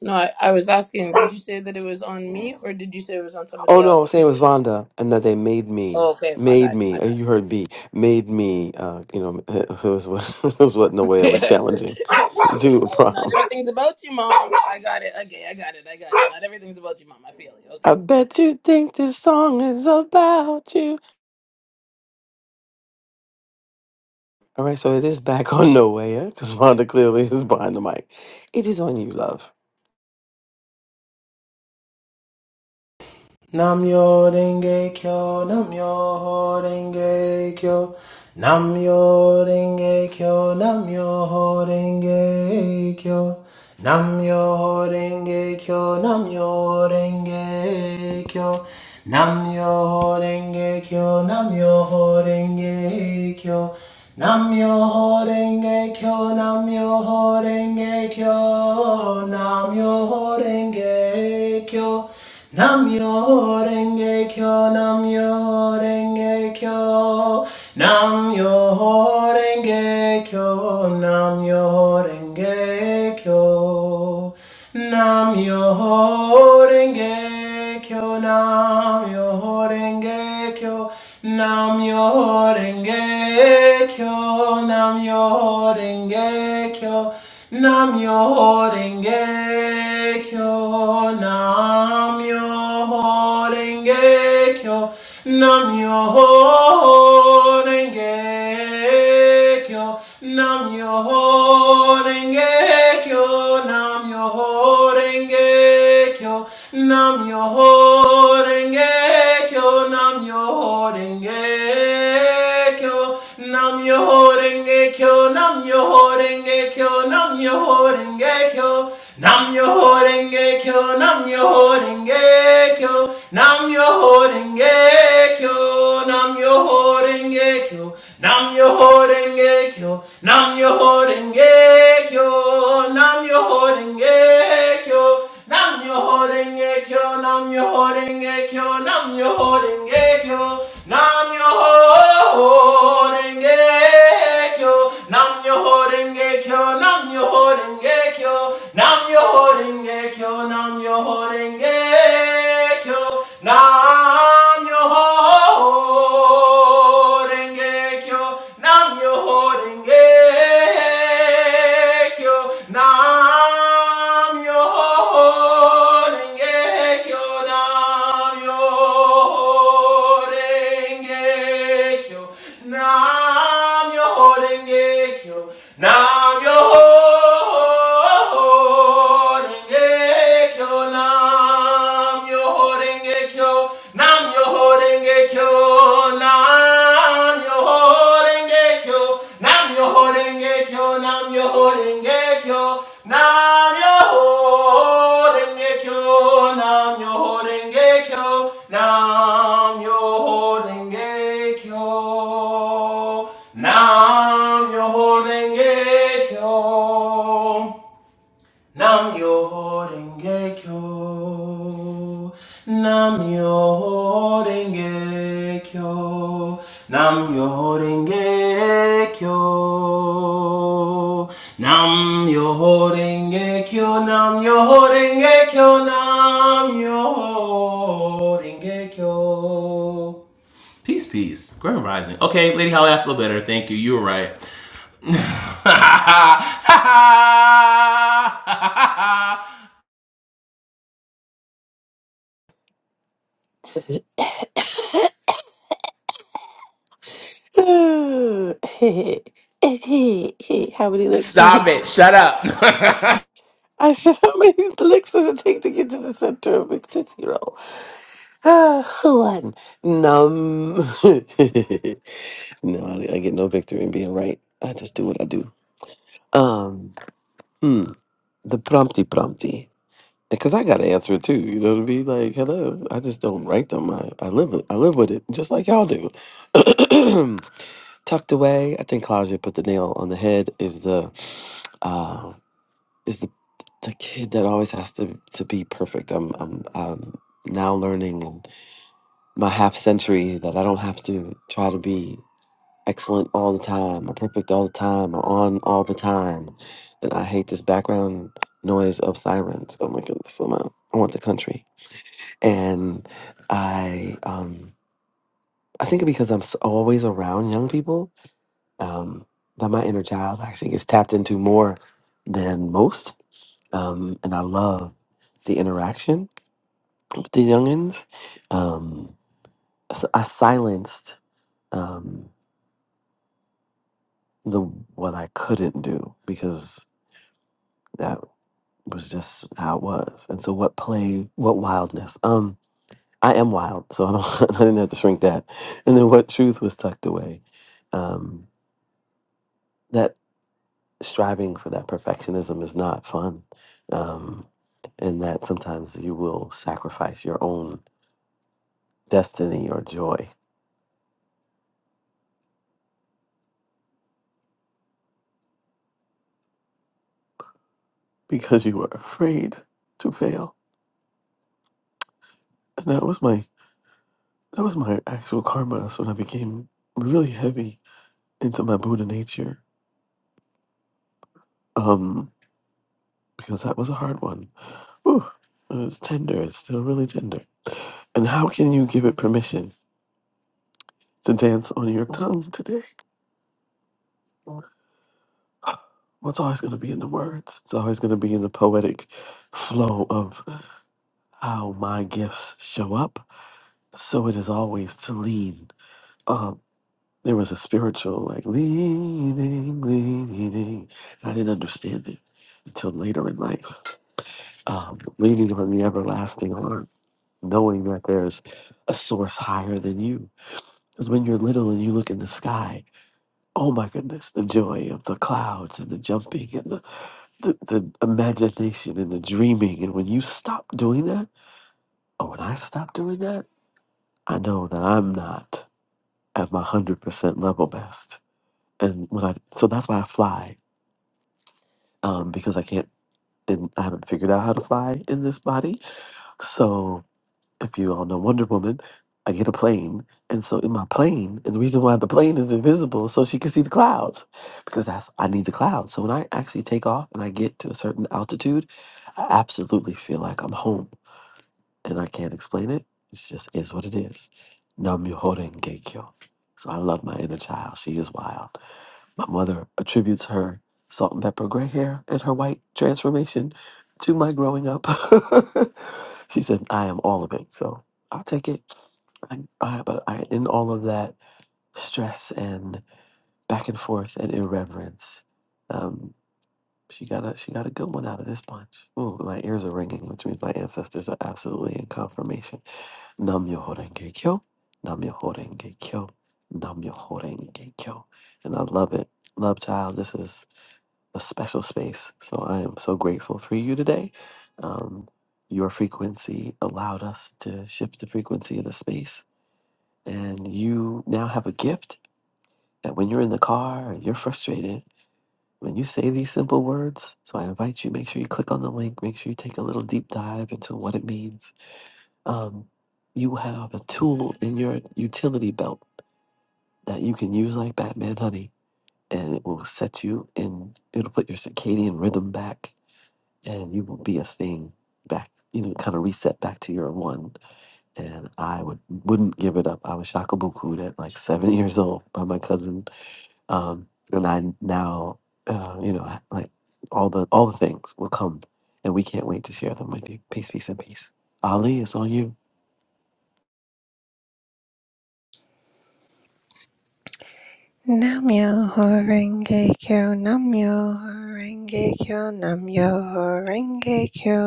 [SPEAKER 13] No, I, I was asking, did you say that it was on me or did you say it was on somebody
[SPEAKER 8] Oh
[SPEAKER 13] else?
[SPEAKER 8] no,
[SPEAKER 13] I
[SPEAKER 8] same
[SPEAKER 13] couldn't
[SPEAKER 8] as
[SPEAKER 13] hear.
[SPEAKER 8] Vonda, and that they made
[SPEAKER 13] Oh,
[SPEAKER 8] me,
[SPEAKER 13] okay, my
[SPEAKER 8] made
[SPEAKER 13] bad, my
[SPEAKER 8] me. Oh,
[SPEAKER 13] bad.
[SPEAKER 8] you heard B, made me. Uh, you know, it was what it was what in a way I was
[SPEAKER 13] it's
[SPEAKER 8] challenging.
[SPEAKER 13] all,
[SPEAKER 8] Do a
[SPEAKER 13] not
[SPEAKER 8] prompt.
[SPEAKER 13] everything's about you, mom. I got it. Okay, I got it. I got it. Not everything's about you, mom. I feel you.
[SPEAKER 8] I
[SPEAKER 13] Okay, okay.
[SPEAKER 8] bet you think this song is about you. All right, so it is back on nowhere Because Wanda clearly is behind the mic. It is on you, love.
[SPEAKER 7] Namyo Renge Kyo, Namyo Renge Kyo, Namyo Renge Kyo, Namyo Renge Kyo, Namyo Renge Kyo, Namyo Renge Kyo, Namyo Renge Kyo, Namyo Renge Kyo, Namyo Renge Kyo, Namyo Renge Kyo, Namyo Renge Kyo kyo, nam yo renge kyo, nam yo renge kyo, nam yo renge kyo, nam yo renge kyo, nam yo renge kyo, nam yo renge kyo, nam yo renge Kyo, Nam Yo Renge Kyo, Nam Yo Renge Kyo, Nam Yo Renge Kyo, Nam Yo Renge Kyo, Nam Yo Renge Kyo, Nam Yo Renge Kyo, Nam Yo renge kyo, nam yo renge kyo, nam yo renge kyo, nam yo renge kyo, nam yo renge kyo, nam yo renge kyo, nam yo renge kyo, nam yo renge kyo, nam yo renge kyo, nam yo renge kyo, nam yo renge kyo, nam yo renge kyo Nam myoho renge kyo Nam yo myoho renge kyo Nam yo myoho renge kyo Nam yo myoho renge kyo Nam yo myoho renge kyo Nam yo myoho renge kyo Nam myoho renge kyo Nam myoho renge kyo Nam myoho renge kyo Nam nam yo holding kyo, nam yo holding kyo, nam yo holding kyo, nam yo holding kyo, nam yo holding kyo, nam yo holding kyo, nam yo ho denge kyo, nam yo ho denge kyo, nam yo ho denge kyo, nam yo ho denge kyo, nam yo ho denge kyo, nam yo ho denge kyo, nam yo ho denge kyo, nam yo ho denge kyo. Nam yo denge kyo. Nam yo denge kyo. Nam yo denge kyo. Nam yo denge kyo. Nam yo denge kyo. Nam yo denge kyo. Peace, peace. Grand rising. Okay, Lady Holly, I feel better. Thank you. You were right. Ha ha ha ha ha ha.
[SPEAKER 8] how many licks in
[SPEAKER 7] Stop
[SPEAKER 8] the
[SPEAKER 7] it. Shut up.
[SPEAKER 8] I said, how many licks does it take to get to the center of a tootsie roll? Uh, one. Num. no, I, I get no victory in being right. I just do what I do. Um, hmm, the prompty prompty. Because I got to answer it too, you know, to be like, hello, I just don't write them. I, I live it. I live with it, just like y'all do. Tucked away, I think Claudia put the nail on the head. Is the, uh, is the, the kid that always has to to be perfect. I'm I'm, I'm now learning in my half century that I don't have to try to be excellent all the time, or perfect all the time, or on all the time, then I hate this background noise of sirens. Oh my goodness, I'm out. I want the country. And I, um, I think because I'm s- always around young people, um, that my inner child actually gets tapped into more than most. Um, and I love the interaction with the youngins. Um, so I silenced um, the what I couldn't do because. It was just how it was. And so what play, what wildness. Um, I am wild, so I don't I didn't have to shrink that. And then what truth was tucked away. Um, that striving for that perfectionism is not fun. Um, and that sometimes you will sacrifice your own destiny or joy because you were afraid to fail. And that was my that was my actual karma. So when I became really heavy into my Buddha nature, um, because that was a hard one Whew, Uh, it's tender. It's still really tender. And how can you give it permission to dance on your tongue today? Well, it's always going to be in the words. It's always going to be in the poetic flow of how my gifts show up. So it is always to lean. Um, there was a spiritual like leaning, leaning, and I didn't understand it until later in life. Um, leaning on the everlasting arm, knowing that there's a source higher than you Because when you're little and you look in the sky, oh my goodness, the joy of the clouds and the jumping and the, the, the imagination and the dreaming. And when you stop doing that, or when I stop doing that, I know that I'm not at my 100% level best. And when I, so that's why I fly, um, because I can't, and I haven't figured out how to fly in this body. So. if you all know Wonder Woman, I get a plane. And so in my plane, and the reason why the plane is invisible is so she can see the clouds because that's I need the clouds. So when I actually take off and I get to a certain altitude, I absolutely feel like I'm home and I can't explain it. It's just is what it is. Nam myoho renge kyo. So I love my inner child. She is wild. My mother attributes her salt and pepper gray hair and her white transformation to my growing up. she said, I am all of it. So I'll take it. I, I, but I, in all of that stress and back and forth and irreverence, um, she got a she got a good one out of this bunch. Ooh, my ears are ringing, which means my ancestors are absolutely in confirmation. Nam myoho renge kyo, nam myoho renge kyo, nam myoho renge kyo, and I love it. Love child, this is a special space. So I am so grateful for you today. Um, your frequency allowed us to shift the frequency of the space. And you now have a gift that when you're in the car and you're frustrated, when you say these simple words, so I invite you, make sure you click on the link, make sure you take a little deep dive into what it means. Um, you will have a tool in your utility belt that you can use like Batman Honey, and it will set you in, it'll put your circadian rhythm back and you will be a thing back you know kind of reset back to your one and i would wouldn't give it up i was shakabuku at like seven years old by my cousin um and i now uh you know ha- like all the all the things will come and we can't wait to share them with you peace peace and peace ali it's on you
[SPEAKER 11] Namyo Horenge Kyo, Namyo Horenge Kyo, Namyo Horenge Kyo.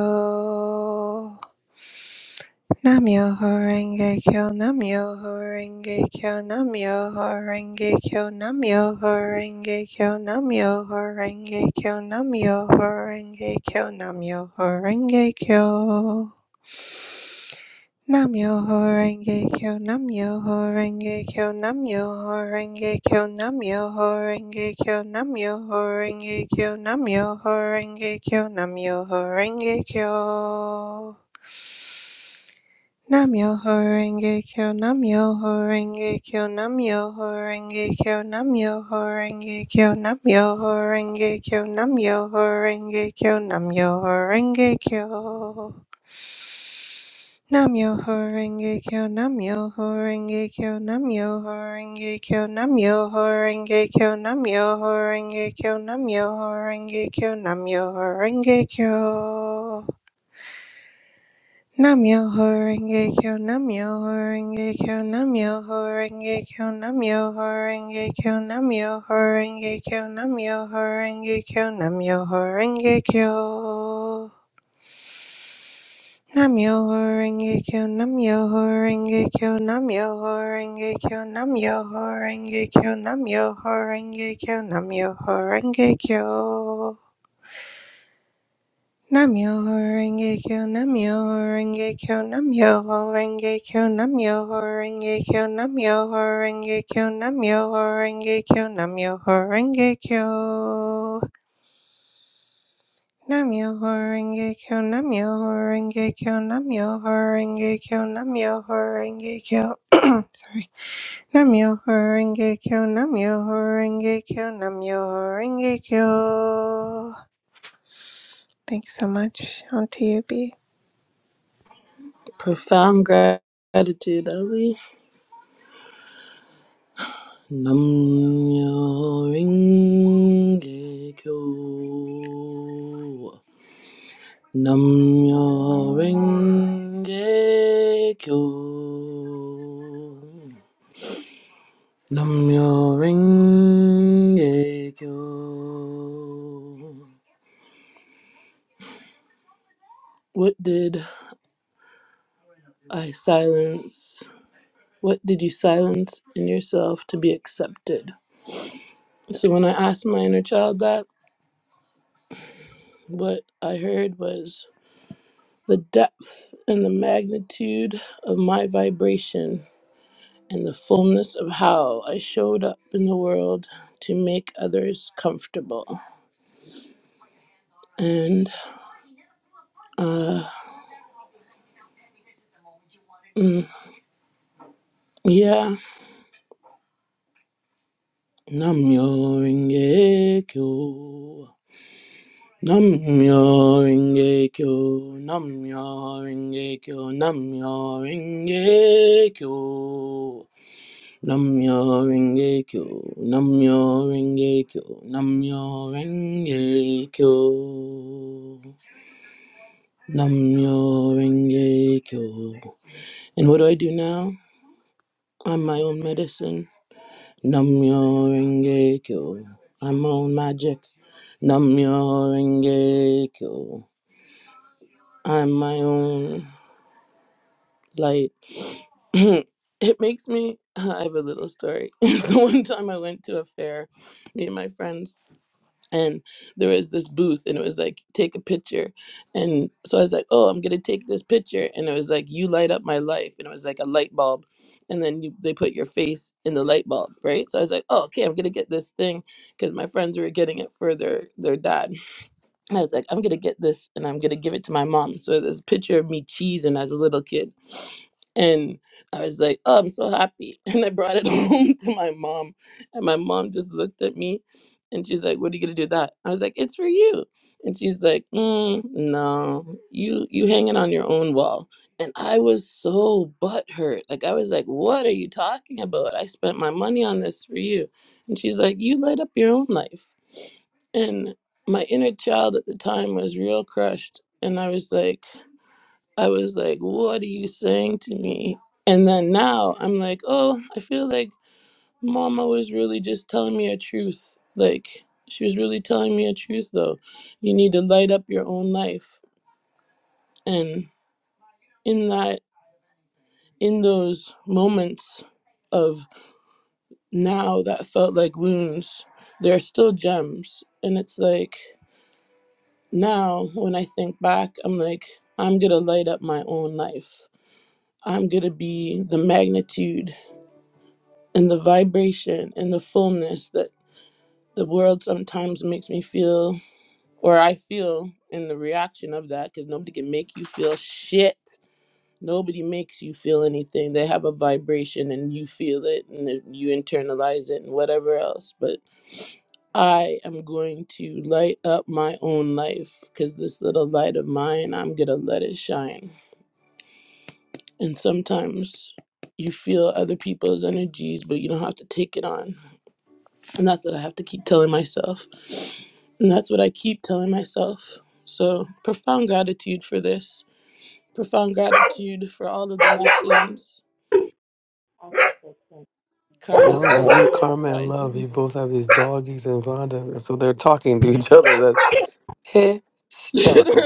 [SPEAKER 11] Namyo Horenge Kyo, Namyo Horenge Kyo, Namyo Horenge Kyo, Namyo Horenge Kyo, Namyo Horenge Kyo, Namyo Horenge Kyo, Namyo Horenge Kyo. Namyoho Renge Kyo, Namyoho Renge Kyo, Namyoho Renge Kyo, Namyoho Renge Kyo, Namyoho Renge Kyo, Namyoho Renge Kyo, Namyoho Renge Kyo. Namyoho Renge Kyo, Namyoho Renge Kyo, Namyoho Renge Kyo, Namyoho Renge Kyo, Namyoho Renge Kyo, Namyoho Renge Kyo, Namyoho Renge Kyo. Namyo Horenge Kyo Namyo Horenge Kyo Namyo Horenge Kyo Namyo Horenge Kyo Namyo Horenge Kyo Namyo Horenge Kyo Namyo Horenge Kyo Namyo Horenge Kyo Namyo Horenge Kyo Namyo Horenge Kyo Namyo Horenge Kyo Namyo Horenge Kyo Namyo Horenge Kyo Namyo Horenge Kyo Nam-myoho-renge-kyo, Nam-myoho-renge-kyo, Nam-myoho-renge-kyo, Nam-myoho-renge-kyo, Nam-myoho-renge-kyo, Nam-myoho-renge-kyo. Nam-myoho-renge-kyo, Nam-myoho-renge-kyo, Nam-myoho-renge-kyo, Nam-myoho-renge-kyo, Nam-myoho-renge-kyo, Nam-myoho-renge-kyo, Nam-myoho-renge-kyo. Namyo Horenge Kyo, Namyo Horenge Kyo, Namyo Horenge Kyo, Namyo Horenge Kyo. Namyo Horenge Kyo, Namyo Horenge Kyo, Namyo Horenge Kyo. Thanks so much, Auntie Yubi.
[SPEAKER 13] Profound gra- gratitude, Ali. Nam myo renge kyo. Nam myo renge kyo. Nam myo renge kyo. What did I silence? What did you silence in yourself to be accepted? So when I asked my inner child that, what I heard was the depth and the magnitude of my vibration and the fullness of how I showed up in the world to make others comfortable. And uh mm, yeah, Namyo Renge Kyo. Namyo Renge Kyo, Namyo Renge Kyo, Namyo Renge Kyo. Namyo Renge Kyo, Namyo Renge Kyo, Namyo Renge Kyo. Namyo Renge Kyo. And what do I do now? I'm my own medicine. Namyo Renge Kyo. I'm my own magic. Namyo Renge Kyo. I'm my own. Like, it makes me. I have a little story. the one time I went to a fair, me and my friends, and there was this booth, and it was like, take a picture. And so I was like, oh, I'm going to take this picture. And it was like, you light up my life. And it was like a light bulb. And then you, they put your face in the light bulb, right? So I was like, oh, okay, I'm going to get this thing because my friends were getting it for their, their dad. And I was like, I'm gonna get this and I'm gonna give it to my mom. So there's a picture of me cheesing as a little kid. And I was like, Oh, I'm so happy. And I brought it home to my mom. And my mom just looked at me and she's like, What are you gonna do with that? I was like, It's for you. And she's like, mm, no, you you hang it on your own wall. And I was so butthurt. Like I was like, What are you talking about? I spent my money on this for you. And she's like, You light up your own life my inner child at the time was real crushed and i was like i was like what are you saying to me and then now i'm like oh i feel like mama was really just telling me a truth like she was really telling me a truth though you need to light up your own life and in that in those moments of now that felt like wounds they're still gems and it's like Now, when I think back, I'm like, I'm going to light up my own life. I'm going to be the magnitude and the vibration and the fullness that the world sometimes makes me feel, or I feel in the reaction of that, because nobody can make you feel shit. Nobody makes you feel anything. They have a vibration and you feel it and then you internalize it and whatever else. But I am going to light up my own life because this little light of mine, I'm going to let it shine. And sometimes you feel other people's energies, but you don't have to take it on. And that's what I have to keep telling myself. And that's what I keep telling myself. So profound gratitude for this. Profound gratitude for all of the blessings. Karma's
[SPEAKER 8] No, you,
[SPEAKER 13] sister and
[SPEAKER 8] Karma, and Love, you
[SPEAKER 13] rising.
[SPEAKER 8] both have these doggies and Vonda, so they're talking to each other. That's hysterical.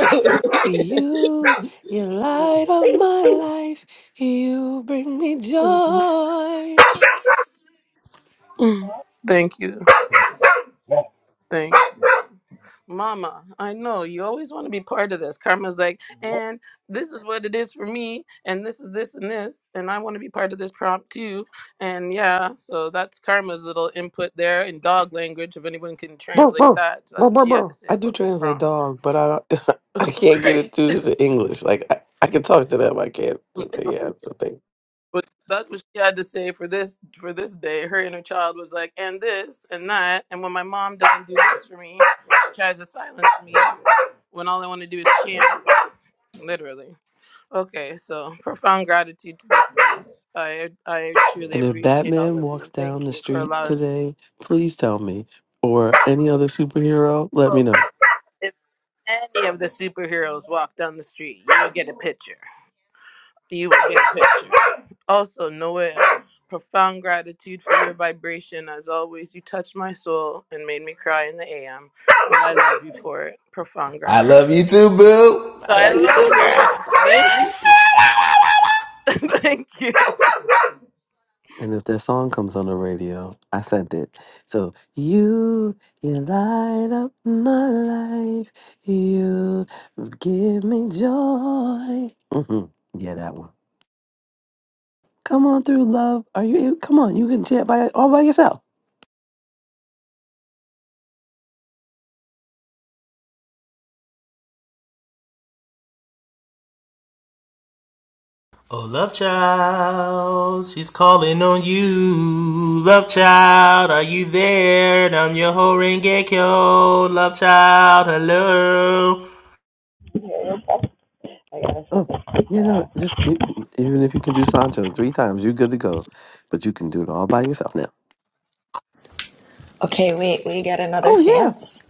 [SPEAKER 8] You, you light of my life. You bring me joy.
[SPEAKER 13] Thank you. Thank Mama. I know you always want to be part of this. Karma's like, and this is what it is for me, and this is this and this, and I want to be part of this prompt too. And yeah, so that's Karma's little input there in dog language. If anyone can
[SPEAKER 8] Bro,
[SPEAKER 13] translate
[SPEAKER 8] bro,
[SPEAKER 13] that, that's
[SPEAKER 8] bro,
[SPEAKER 13] what
[SPEAKER 8] bro,
[SPEAKER 13] she had to
[SPEAKER 8] bro.
[SPEAKER 13] say
[SPEAKER 8] I do
[SPEAKER 13] about this
[SPEAKER 8] translate
[SPEAKER 13] prompt.
[SPEAKER 8] dog, but I don't, I can't get it through to the English. Like I, I can talk to them. I can't.
[SPEAKER 13] Right?
[SPEAKER 8] Yeah, it's a thing.
[SPEAKER 13] But that's what she had to say for this for this day. Her inner child was like, and this and that. And when my mom doesn't do this for me, she tries to silence me. When all I want to do is chant, literally. Okay, so profound gratitude to this space. I I truly
[SPEAKER 8] And if
[SPEAKER 13] appreciate all
[SPEAKER 8] Batman
[SPEAKER 13] of
[SPEAKER 8] walks
[SPEAKER 13] you.
[SPEAKER 8] down
[SPEAKER 13] Thank
[SPEAKER 8] the
[SPEAKER 13] you for
[SPEAKER 8] street
[SPEAKER 13] allowing. me.
[SPEAKER 8] today, please tell me. Or any other superhero, let
[SPEAKER 13] Oh,
[SPEAKER 8] me know.
[SPEAKER 13] if any of the superheroes walk down the street, you will get a picture. You will get a picture. Also, Noel, profound gratitude for your vibration. As always, you touched my soul and made me cry in the AM. And I love you for it. Profound
[SPEAKER 7] I
[SPEAKER 13] gratitude.
[SPEAKER 7] love you too, boo. I
[SPEAKER 13] I
[SPEAKER 7] love you
[SPEAKER 13] love
[SPEAKER 7] too,
[SPEAKER 13] you for it.
[SPEAKER 7] girl.
[SPEAKER 13] Thank, thank you.
[SPEAKER 8] And if that song comes on the radio, I sent it. So you, you light up my life. You give me joy. hmm Yeah, that one. Come on through, love. Are you? Come on, you can chant by all by yourself.
[SPEAKER 7] Oh, love child, she's calling on you. Love child, are you there? I'm your whole Rengekyo. Love child, hello.
[SPEAKER 8] Oh, you know, just e- even if you can do Sancho three times, you're good to go. But you can do it all by yourself now.
[SPEAKER 12] Okay, wait. We get another
[SPEAKER 8] Oh yeah.
[SPEAKER 12] chance.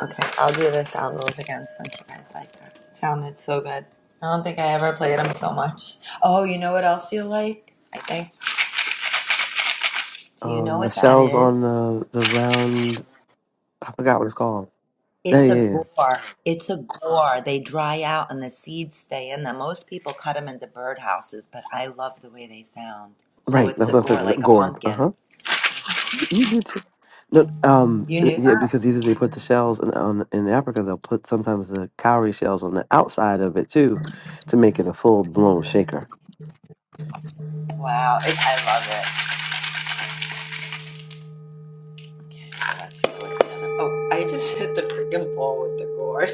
[SPEAKER 12] Okay, I'll do the sound rules again since you guys like that. Sounded so good. I don't think I ever played them so much. Oh, you know what else you like? I think. Do you know
[SPEAKER 8] Um, the
[SPEAKER 12] what that
[SPEAKER 8] shells on
[SPEAKER 12] is?
[SPEAKER 8] the the round. I forgot what it's called. Yeah,
[SPEAKER 12] It's
[SPEAKER 8] yeah,
[SPEAKER 12] a
[SPEAKER 8] yeah.
[SPEAKER 12] gore. It's a gore. They dry out and the seeds stay in them. Most people cut them into birdhouses, but I love the way they sound. So
[SPEAKER 8] Right.
[SPEAKER 12] it's
[SPEAKER 8] That's,
[SPEAKER 12] a
[SPEAKER 8] that's,
[SPEAKER 12] gore,
[SPEAKER 8] that's
[SPEAKER 12] like a
[SPEAKER 8] gourd. Uh huh.
[SPEAKER 12] pumpkin.
[SPEAKER 8] You, you get to no um,
[SPEAKER 12] You
[SPEAKER 8] uh,
[SPEAKER 12] knew
[SPEAKER 8] yeah,
[SPEAKER 12] that?
[SPEAKER 8] because either they put the shells in, on in Africa, they'll put sometimes the cowrie shells on the outside of it too, to make it a full blown shaker.
[SPEAKER 12] Wow, it, I love it. Let's do it. Oh, I just hit the freaking ball with the gore.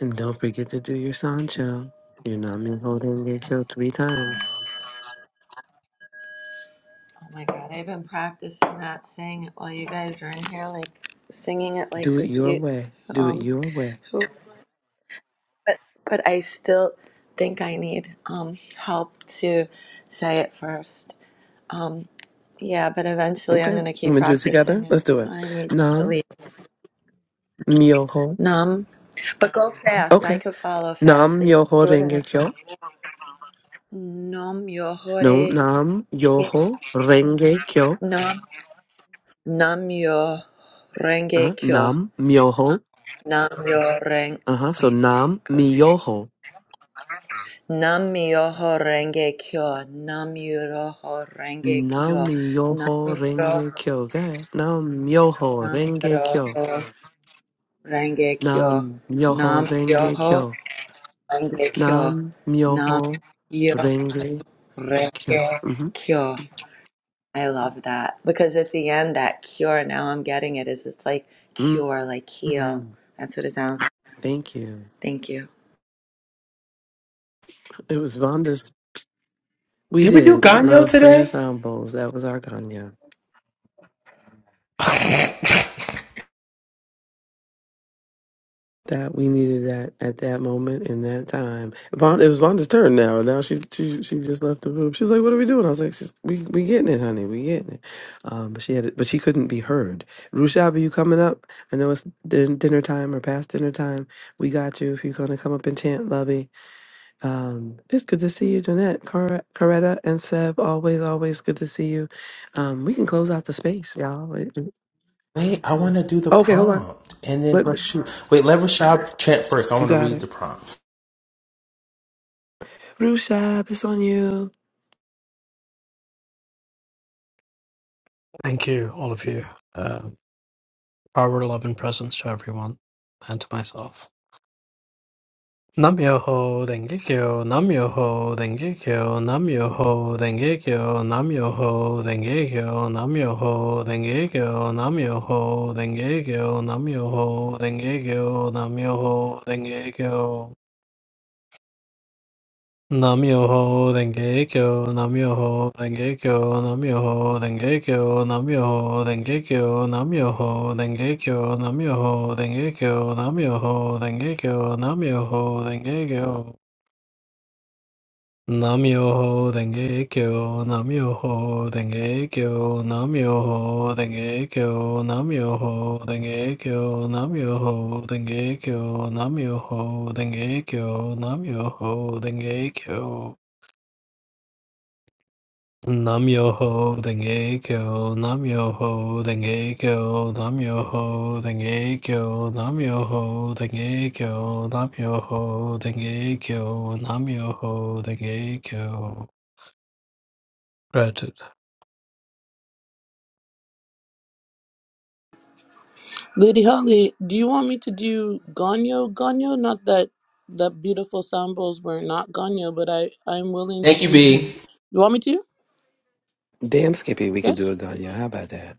[SPEAKER 8] And don't forget to do your sancho. You know, I mean, hold in get three times.
[SPEAKER 12] Oh my god, I've been practicing that saying it while you guys are in here, like singing it like
[SPEAKER 8] Do it
[SPEAKER 12] that
[SPEAKER 8] your
[SPEAKER 12] you
[SPEAKER 8] way. Do it
[SPEAKER 12] um
[SPEAKER 8] your way.
[SPEAKER 12] who but but I still think I need um help to say it first. Um yeah, but eventually I'm
[SPEAKER 8] Okay, we
[SPEAKER 12] gonna
[SPEAKER 8] gonna
[SPEAKER 12] keep
[SPEAKER 8] do it
[SPEAKER 12] practicing
[SPEAKER 8] together.
[SPEAKER 12] it.
[SPEAKER 8] Let's do it.
[SPEAKER 12] So I need to
[SPEAKER 8] Nam
[SPEAKER 12] leave.
[SPEAKER 8] myoho.
[SPEAKER 12] Num but go fast. I
[SPEAKER 8] Okay.
[SPEAKER 12] could follow fast.
[SPEAKER 8] Nam
[SPEAKER 12] They
[SPEAKER 8] myoho
[SPEAKER 12] do it in a
[SPEAKER 8] renge
[SPEAKER 12] song.
[SPEAKER 8] kyo.
[SPEAKER 12] Num yo
[SPEAKER 8] No,
[SPEAKER 12] hore.
[SPEAKER 8] nam yoho renge kyo.
[SPEAKER 12] Num num yo,
[SPEAKER 8] Uh,
[SPEAKER 12] renge kyo.
[SPEAKER 8] nam myoho.
[SPEAKER 12] Nam Namyoreng,
[SPEAKER 8] Uh-huh. So
[SPEAKER 12] wait,
[SPEAKER 8] Nam
[SPEAKER 12] go again.
[SPEAKER 8] Miyoho.
[SPEAKER 12] Namyoho Renge Kyo, Nam Namyoho Renge
[SPEAKER 8] Nam
[SPEAKER 12] Kyo, Nam
[SPEAKER 8] Miyoho
[SPEAKER 12] Namyoho,
[SPEAKER 8] Renge Kyo. Go ahead. Nam Miyoho Renge Kyo.
[SPEAKER 12] Namyoho Renge Kyo,
[SPEAKER 8] Nam Miyoho
[SPEAKER 12] Nam
[SPEAKER 8] Renge
[SPEAKER 12] Namyoho
[SPEAKER 8] Kyo.
[SPEAKER 12] Renge Kyo,
[SPEAKER 8] Nam
[SPEAKER 12] Nam
[SPEAKER 8] Miyoho
[SPEAKER 12] Namyoho
[SPEAKER 8] Renge Kyo.
[SPEAKER 12] Renge
[SPEAKER 8] Mm-hmm.
[SPEAKER 12] Kyo. I love that because at the end, that cure, now I'm getting it, is it's like cure, like
[SPEAKER 8] hmm
[SPEAKER 12] heal. That's what it sounds like.
[SPEAKER 8] Thank you.
[SPEAKER 12] Thank you.
[SPEAKER 8] It was Vonda's. We
[SPEAKER 7] Did we do
[SPEAKER 8] did.
[SPEAKER 7] Ganyo
[SPEAKER 8] Love played her
[SPEAKER 7] today?
[SPEAKER 8] sound bowls. That was our Ganya. that we needed that at that moment in that time. Von, it was Vonda's turn now. Now she she she just left the room. She was like, "What are we doing?" I was like, She's, "We we getting it, honey. We getting it." Um, but she had it, but she couldn't be heard. Rushab, are you coming up? I know it's din- dinner time or past dinner time. We got you if you're gonna come up and chant, lovey. Um, it's good to see you, Donette, Coretta, Coretta, and Seb. Always, always good to see you. Um, we can close out the space, y'all. Wait.
[SPEAKER 7] Wait, I want to do the
[SPEAKER 8] Okay, hold on.
[SPEAKER 7] prompt. And then,
[SPEAKER 8] Let-
[SPEAKER 7] but shoot. Wait, let Rashad chant first. I
[SPEAKER 8] You
[SPEAKER 7] want to
[SPEAKER 8] got
[SPEAKER 7] read
[SPEAKER 8] it.
[SPEAKER 7] the prompt.
[SPEAKER 8] Rushab, it's on you.
[SPEAKER 4] Thank you, uh, Parvan. Nam-myoho Renge-kyo, Nam-myoho Renge-kyo, Nam-myoho Renge-kyo, Nam-myoho Renge-kyo, Nam-myoho Renge-kyo, Nam-myoho Renge-kyo, Nam-myoho Renge-kyo, Nam-myoho Renge-kyo. Nam-myoho Renge-kyo, Nam-myoho Renge-kyo, Nam-myoho Renge-kyo, Nam-myoho Renge-kyo, Nam-myoho Renge-kyo, Nam-myoho Renge-kyo, Nam-myoho Renge-kyo, Nam-myoho Renge-kyo. Namyoho Denge Kyo, Namyoho Denge Kyo, Namyoho Denge Kyo, Namyoho Denge Kyo, Namyoho Denge Kyo, Namyoho Denge Kyo, Namyoho Denge Kyo. Namyoho Denge Kyo, Namyoho Denge Kyo, Namyoho Denge Kyo, Namyoho Denge Kyo, Namyoho Denge Kyo, Namyoho Denge Kyo. Gratitude.
[SPEAKER 13] Lady Holly, do you want me to do Ganyo? Ganyo? Not that that beautiful sambos were not Ganyo, but I I'm willing to
[SPEAKER 7] Thank you,
[SPEAKER 13] do.
[SPEAKER 7] B.
[SPEAKER 13] You want me to?
[SPEAKER 8] Damn, Skippy, we could do
[SPEAKER 13] Yes.
[SPEAKER 8] a gun, yo. How about that?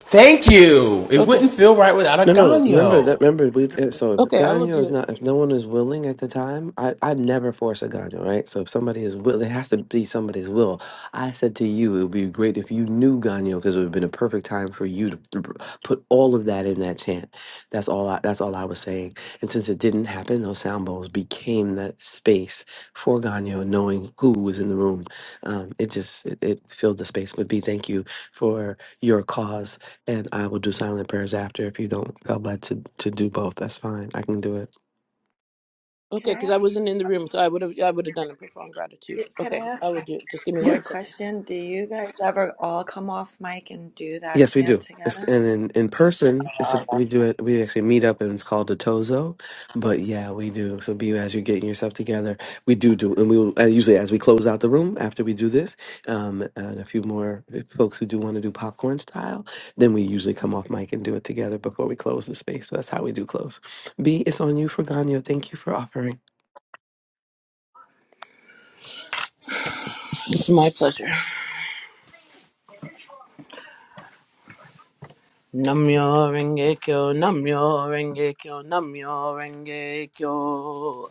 [SPEAKER 7] Thank you. It
[SPEAKER 13] Okay.
[SPEAKER 7] wouldn't feel right without a
[SPEAKER 8] No, no. Remember that.
[SPEAKER 7] Ganyo.
[SPEAKER 8] Remember we. If, so if
[SPEAKER 13] Okay. I will
[SPEAKER 8] Ganyo
[SPEAKER 13] do it.
[SPEAKER 8] is not. If no one is willing at the time, I I never force a Ganyo, right? So if somebody is will, it has to be somebody's will. I said to you, it would be great if you knew Ganyo because it would have been a perfect time for you to p- p- put all of that in that chant. That's all. I, that's all I was saying. And since it didn't happen, those sound bowls became that space for Ganyo, knowing who was in the room. Um, it just it, it filled the space. But B, thank you for your cause and I will do silent prayers after. If you don't feel led to to do both, that's fine. I can do it.
[SPEAKER 12] Can
[SPEAKER 13] Okay,
[SPEAKER 12] I
[SPEAKER 13] because I
[SPEAKER 12] ask?
[SPEAKER 13] wasn't in the room, so I would have I would have done a profound gratitude.
[SPEAKER 12] Can I
[SPEAKER 13] Okay, I
[SPEAKER 12] ask?
[SPEAKER 13] will do it. Just give me
[SPEAKER 8] Yeah.
[SPEAKER 13] one
[SPEAKER 12] Quick
[SPEAKER 13] second.
[SPEAKER 12] question. Do you guys ever all come off mic and do that
[SPEAKER 8] Yes, we
[SPEAKER 12] chant
[SPEAKER 8] do. It's,
[SPEAKER 12] together?
[SPEAKER 8] and in, in person, it's a,
[SPEAKER 12] I'm
[SPEAKER 8] we do it. We actually meet up, and it's called a tozo. But yeah, we do. So be as you're getting yourself together. We do do, and we will, uh, usually as we close out the room after we do this, um, and a few more folks who do want to do popcorn style, then we usually come off mic and do it together before we close the space. So that's how we do close. B, it's on you for Ganyo. Thank you for offering.
[SPEAKER 13] It's my pleasure. Namyo renge kyo, namyo renge kyo, namyo renge kyo.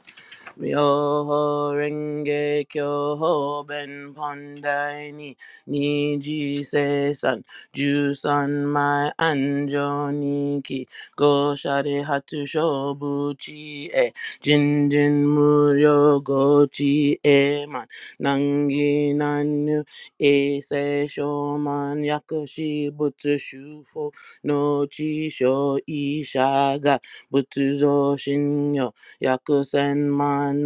[SPEAKER 13] Ryoho Renge Kyoho Ben Pandai Ni Niji Sesan Jusan Mai Anjo Niki Go Shari Hatu Shobuchi E Jin Jin Muryo Gochi E Man Nangi Nanu E Se Shoman Yakushi Butsu Shufo No Chi Sho Ishaga Butsu Zo Shinyo Yakusen man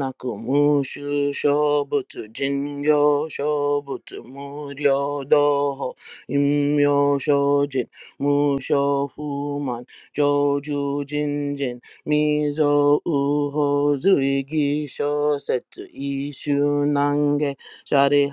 [SPEAKER 13] shobutu jinyo shobutu muryo doho imyo shojin musho fuman joju jinjin mizo uho zuigi shosetu ishu nange shari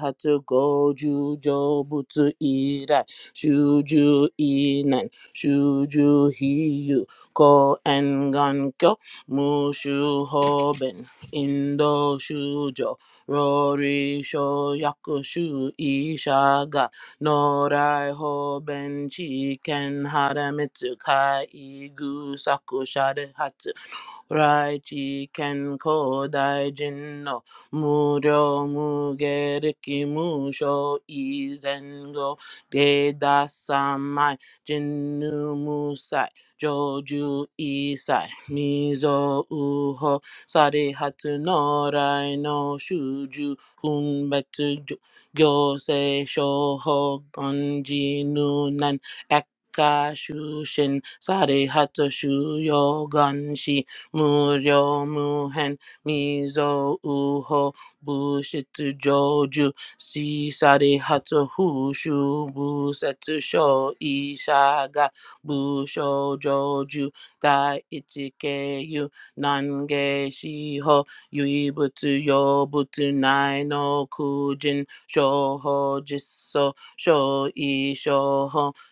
[SPEAKER 13] goju jobutu irai shuju inan shuju hiyu ko Engan Kyo Mushu Hoben, Indo Shujo, Rory Sho Yakushu Ishaga, Norai Hoben, Chiken Haramitsu Kai Igu Saku Shade Hatsu, Raichi Ken Kodai Jinno Muryo Muge Riki Musho Izengo Geda Samai Jinnu Musai Joju Isai Mizo Uho Sari Norai no Shuju Hunbetsu Ju- Gyosei Shoho Gonji Nunan Eka Shushin Sari Hatu Ganshi Muryo Muhen Mizo Uho Bushitsu Joju Shisari Hatsu Hushu Busetsu Sho Ishaga Busho Joju Dai Ichikeyu Nange Shiho Yuibutsu Yobutsu Nai no Kujin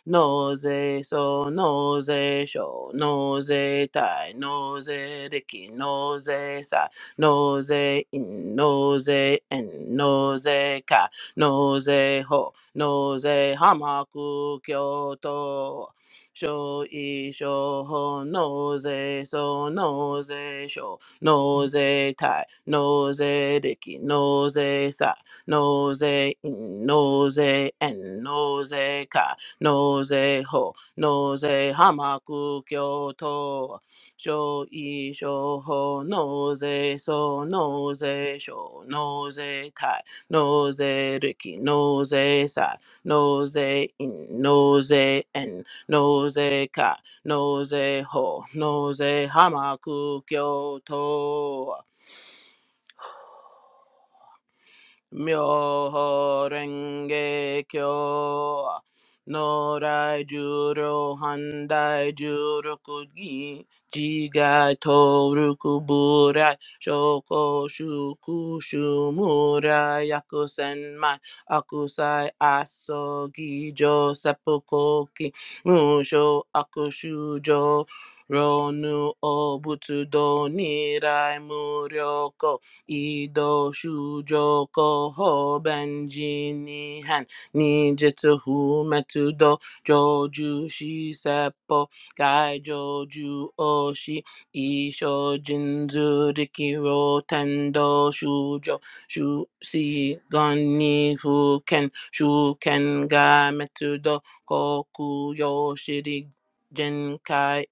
[SPEAKER 13] Nose so nose show nose tai nose riki nose sai nose in nose en nose ka nose ho nose hamaku kyoto show i show ho nose so nose show nose tai nose riki nose sai nose in nose en nose ka Noze ho, noze hamaku kyoto, sho i sho ho, noze so, noze sho, noze tai, noze riki, noze sai, noze in, noze en, noze ka, noze ho, noze hamaku kyoto. Myoho Renge Kyo. Norai Juro Handai Jurokugi. Jigai Toruku Burai. Shoko Shuku Shumurai. Yakusen Akusai Asogi Jo Seppukoki. Musho Akushujo. Ronu Obutsudo Nirai Muryoko ido shujo koho benji ni han ni jitsu hu metu do joju shi seppo gai joju oshi isho jinzu riki ro tendo shujo shu si gon ni fu ken shu ken ga metu do koku yo shiri Jinkai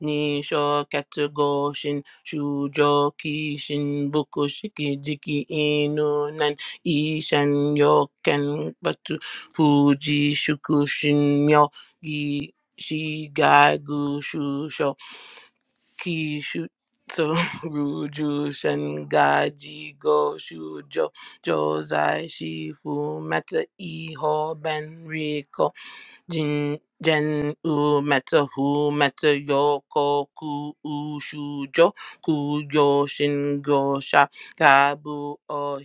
[SPEAKER 13] Nisho Katsugo Shin Shujo Kishin Buku Shiki Jiki Inu Nan Ishan Yoken Batu Fuji Shukushin Myo Gi Shigagu Shusho Kishu so Ruju Shengaji Go Shujo Josai Shifu Meta Iho Ben Riko Jin Jen U Meta Hu Meta Yoko Ku U Shu Jo Ku Yo Shin Go Sha Gabu O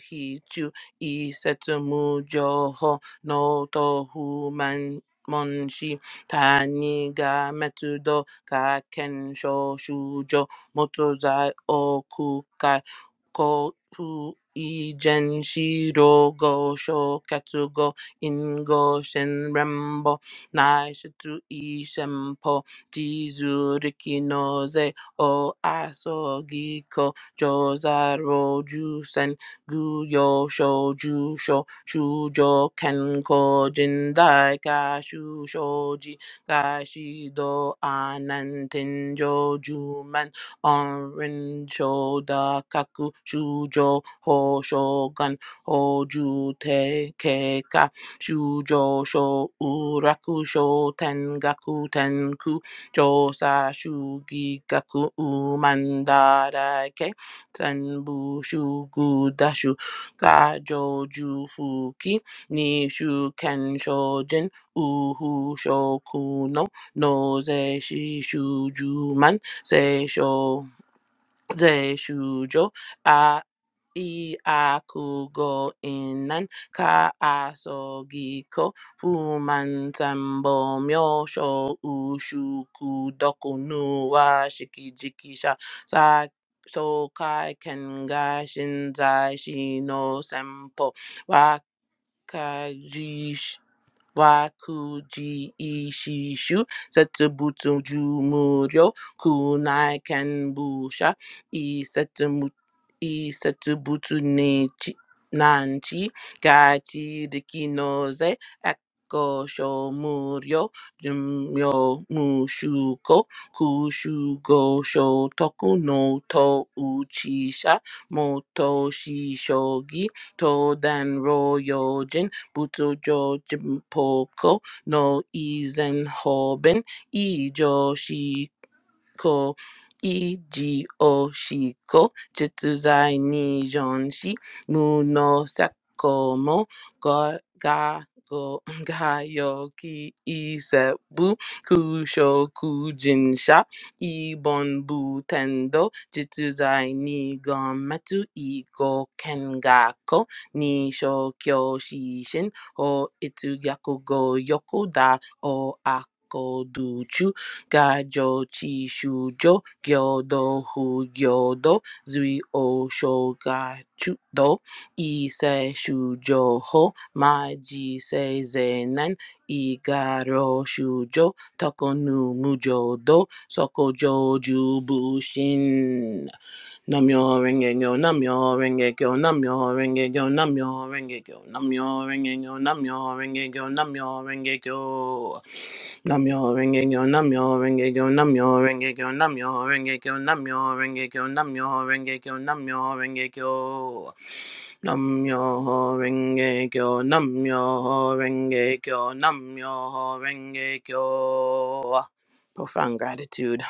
[SPEAKER 13] Chu I Setsumu Jo Ho No To Hu Man Mon Shi Tani Ga Metu Do Ka Ken Sho Shu Jo Moto Zai O ko pu ijen shiro go sho katsu go ingo shen rembo nai shitsu i shempo jizu riki no ze o aso giko jozaro jusen gu yo sho ju sho shujo ken ko jindai ka shu shoji ga shi do anan tenjo Anrincho da kaku shujo ho shogun hoju te keka shujo sho uraku sho tengaku tenku josa shugi gaku umandara ke senbu shugu dashu gajo jufuki nishu kensho uhu shokuno no noze shishu Sei sho Seisho, shujo A Iakugo Inan, Ka Asogiko, Fuman Sambo Myosho Ushuku Doku Nuwa Shikijikisha, Sa Sokai Kenga Shinzai Shino Sempo, Wakajish. Wakuji Ishishu Setsubutu Jumuryo Kunai Kenbusha Isetsumu- Isetsubutu Nechi Nanchi Gachi Rikinoze Eko Shomuryo Jumyo Mushuko Kushugo Shotoku no To Uchisha Moto Shishogi Toden Buto jo jimpoko no izen hoben. Ijo ko iji oshiko chituzai ni jonshi muno sakomo ga ga go gayoki isebu kushoku jinsha ibon butendo jituzai ni gometu iko kengako ni shokyo shishin o itsuyaku go yoku da o akoduchu Gajo chi shujo gyodo hu gyodo zui o shogachu do ise shujo ho maji se zenan igaro shujo tokonu mujo do sokojo jubushin Namyo Rengeko, Namyo Rengeko, Namyo Rengeko, Namyo Rengeko, Namyo Rengeko, Namyo Rengeko, Namyo Rengeko. Namyo Rengeko, Namyo Rengeko, Namyo Rengeko, Namyo Rengeko, Namyo Rengeko, Namyo Rengeko, Namyo Rengeko. Namyo Rengeko, Namyo Rengeko, Namyo Rengeko. Profound gratitude.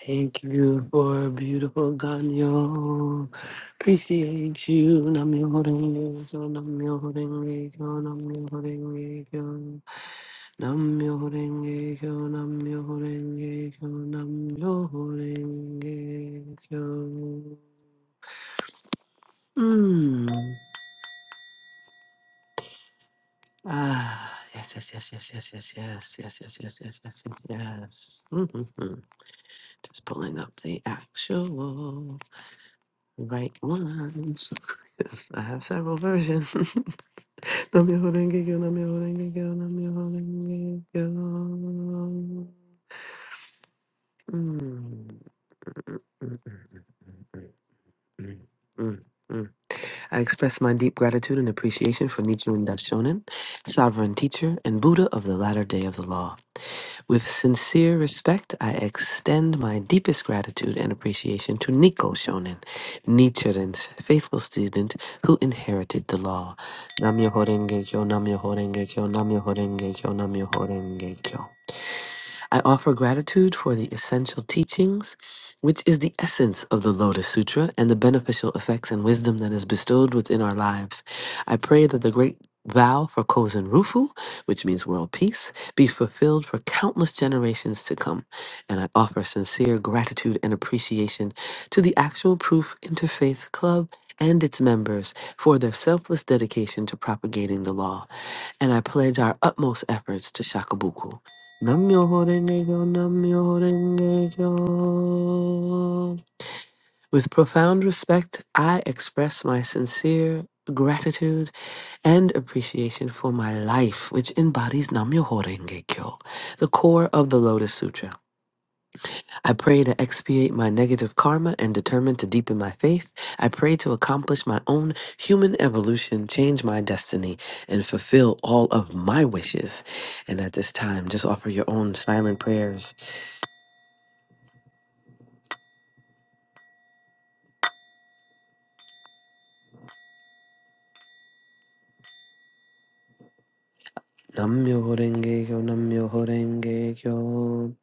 [SPEAKER 8] Thank you for a beautiful Ganyo. Appreciate you. Namyo-renge-kyo, namyo-renge-kyo, namyo-renge-kyo. Namyo-renge-kyo, namyo-renge-kyo, namyo-renge-kyo. Mm. Ah, yes, yes, yes, yes, yes, yes, yes, yes, yes, yes, yes, yes, yes, yes. Mhm. Just pulling up the actual. Like ones. I have several versions. Namyoho Renge-kyo, Namyoho Renge-kyo, Namyoho Renge-kyo. Mm, mm, mm, mm, mm, mm, mm, mm. I express my deep gratitude and appreciation for Nichiren Daishonin, sovereign teacher and Buddha of the latter day of the law. With sincere respect, I extend my deepest gratitude and appreciation to Nico Shonin, Nichiren's faithful student who inherited the law. Namyo Horenge Kyo, Namyo Horenge Kyo, Namyo Horenge Kyo, Namyo Horenge Kyo. I offer gratitude for the essential teachings, which is the essence of the Lotus Sutra and the beneficial effects and wisdom that is bestowed within our lives. I pray that the great vow for Kozen Rufu, which means world peace, be fulfilled for countless generations to come. And I offer sincere gratitude and appreciation to the Actual Proof Interfaith Club and its members for their selfless dedication to propagating the law and I pledge our utmost efforts to Shakabuku. Nam-myoho-renge-kyo, Nam-myoho-renge-kyo. With profound respect, I express my sincere gratitude and appreciation for my life, which embodies Nam-myoho-renge-kyo, the core of the Lotus Sutra. I pray to expiate my negative karma and determine to deepen my faith. I pray to accomplish my own human evolution, change my destiny, and fulfill all of my wishes. And at this time, just offer your own silent prayers. Nam myoho renge kyo, nam myoho renge kyo.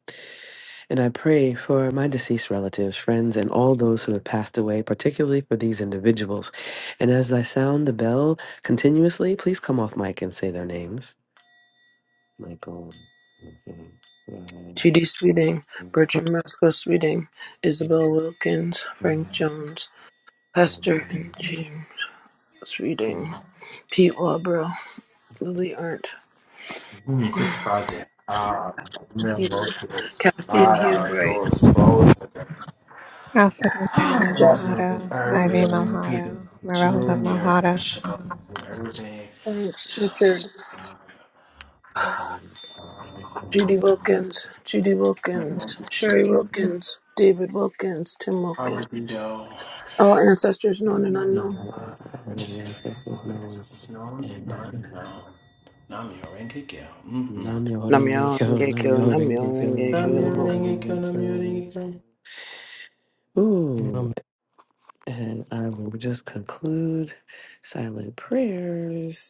[SPEAKER 8] And I pray for my deceased relatives, friends, and all those who have passed away, particularly for these individuals. And as I sound the bell continuously, please come off mic and say their names. my God, nothing.
[SPEAKER 13] Judy Sweeting, Bertram Roscoe Sweeting, Isabel Wilkins, Frank Jones, Hester and James Sweeting, Pete Wabro, Lily Arndt, Hugh, Kathy and Hugh Bright,
[SPEAKER 11] Alfred Nathaniel
[SPEAKER 13] Jack
[SPEAKER 11] Malhado, Ivy
[SPEAKER 13] Grandpa,
[SPEAKER 11] Malhado, Merelda Malhado.
[SPEAKER 13] Richard, Judy Wilkins, Judy Wilkins, Sherry Wilkins, David Wilkins, Tim Wilkins.
[SPEAKER 7] Joe,
[SPEAKER 13] All ancestors known and
[SPEAKER 8] No,
[SPEAKER 13] unknown.
[SPEAKER 8] our
[SPEAKER 7] Richardson,
[SPEAKER 8] ancestors, no one
[SPEAKER 7] known, is
[SPEAKER 8] and
[SPEAKER 7] not
[SPEAKER 8] um,
[SPEAKER 7] known. Nam mm-hmm.
[SPEAKER 8] Namyo Horenge
[SPEAKER 13] Namyo
[SPEAKER 8] Kyo,
[SPEAKER 13] Rengekyo,
[SPEAKER 8] Namyo
[SPEAKER 13] Namyo
[SPEAKER 8] Horenge Kyo,
[SPEAKER 7] Nam
[SPEAKER 8] Namyo
[SPEAKER 13] Rengekyo,
[SPEAKER 7] Yo,
[SPEAKER 8] Horenge Kyo.
[SPEAKER 7] just
[SPEAKER 8] Ooh, and I will just conclude silent prayers.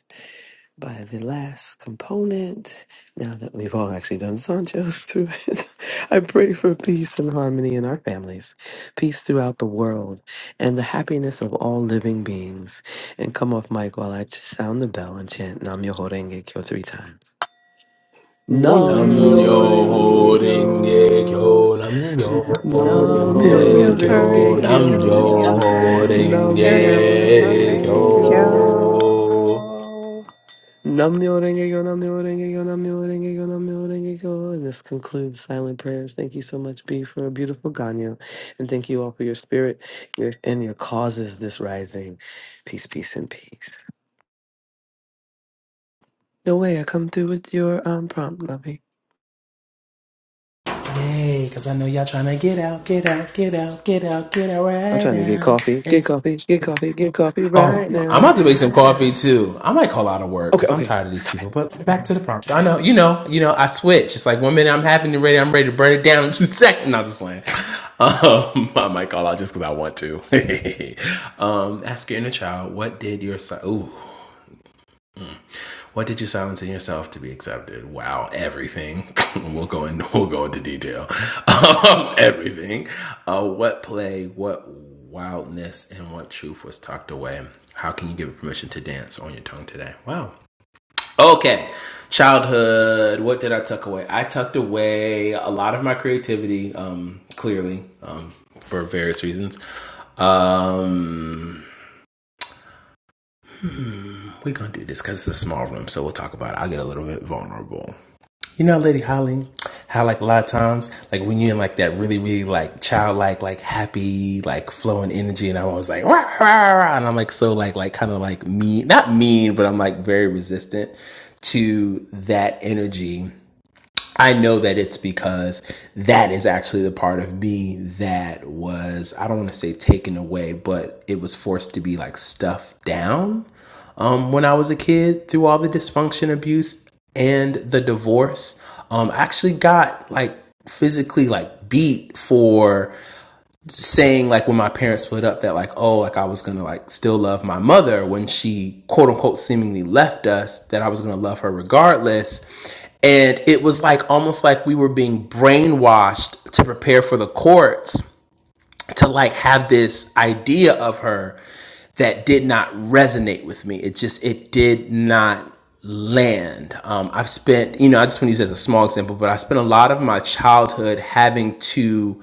[SPEAKER 8] by the last component. Now that we've all actually done Sancho through it, I pray for peace and harmony in our families, peace throughout the world, and the happiness of all living beings. And come off mic while I sound the bell and chant Nam Myoho Renge Kyo three times. Nam
[SPEAKER 7] Nam
[SPEAKER 8] Myoho
[SPEAKER 13] Namyo
[SPEAKER 7] yo
[SPEAKER 8] Renge
[SPEAKER 7] holding
[SPEAKER 13] Rengekyo.
[SPEAKER 8] Kyo.
[SPEAKER 7] kyo, nam yo
[SPEAKER 13] Namyo
[SPEAKER 8] Nam Myoho
[SPEAKER 7] holding
[SPEAKER 11] Namyo
[SPEAKER 13] Renge
[SPEAKER 7] kyo,
[SPEAKER 8] Renge
[SPEAKER 11] Horenge
[SPEAKER 13] Kyo.
[SPEAKER 11] Kyo,
[SPEAKER 7] nam
[SPEAKER 8] Kyo.
[SPEAKER 11] Namyo
[SPEAKER 7] yo
[SPEAKER 13] Namyo
[SPEAKER 11] Horenge
[SPEAKER 7] holding
[SPEAKER 8] Nam
[SPEAKER 7] kyo. nam yo
[SPEAKER 11] Kyo,
[SPEAKER 13] Renge
[SPEAKER 8] Myoho
[SPEAKER 11] Namyo
[SPEAKER 7] ringe
[SPEAKER 8] Renge
[SPEAKER 11] Horenge Kyo.
[SPEAKER 13] Kyo.
[SPEAKER 8] Kyo.
[SPEAKER 7] kyo.
[SPEAKER 8] Namyo Renge-kyo, Namyo Renge-kyo, Namyo Renge-kyo, Namyo Renge-kyo. And this concludes Silent Prayers. Thank you so much, B, for a beautiful Ganyo. And thank you all for your spirit your, and your causes this rising. Peace, peace, and peace. No way, I come through with your um, prompt, lovey.
[SPEAKER 7] Yay, cause I know y'all tryna get out, get out, get out, get out, get out
[SPEAKER 8] I'm
[SPEAKER 7] right
[SPEAKER 8] trying to get
[SPEAKER 7] now.
[SPEAKER 8] coffee, get
[SPEAKER 7] It's
[SPEAKER 8] coffee, get coffee, get coffee right
[SPEAKER 7] I'm
[SPEAKER 8] now.
[SPEAKER 7] about to make some coffee too. I might call out of work
[SPEAKER 8] Okay,
[SPEAKER 7] because I'm
[SPEAKER 8] okay,
[SPEAKER 7] tired of these
[SPEAKER 8] stop
[SPEAKER 7] people.
[SPEAKER 8] it.
[SPEAKER 7] But back to the prompt. I know, you know, you know. I switch. It's like one minute I'm happy and ready. I'm ready to burn it down in two seconds. No, I'm just playing. Um, I might call out just because I want to. um, ask your inner child, what did your son? Ooh, what did you silence in yourself to be accepted? Wow, everything. we'll go into we'll go into detail. Um, everything. Uh, what play, what wildness, and what truth was tucked away? How can you give it permission to dance on your tongue today? Wow. Okay, childhood. What did I tuck away? I tucked away a lot of my creativity, um, clearly, um, for various reasons. Um, we're gonna do this because it's a small room, so we'll talk about it. I'll get a little bit vulnerable. You know, Lady Holly, how like a lot of times, like when you're in like that really, really like childlike, like happy, like flowing energy, and I'm always like, rah, rah, rah, and I'm like so like like kind of like mean, not mean, but I'm like very resistant to that energy. I know that it's because that is actually the part of me that was, I don't want to say taken away, but it was forced to be like stuffed down um, when I was a kid through all the dysfunction, abuse, and the divorce. Um, I actually got like physically like beat for saying like when my parents split up that like oh like I was gonna like still love my mother when she quote unquote seemingly left us that I was gonna love her regardless and it was like almost like we were being brainwashed to prepare for the courts to like have this idea of her that did not resonate with me it just it did not land um, i've spent you know i just want to use it as a small example but i spent a lot of my childhood having to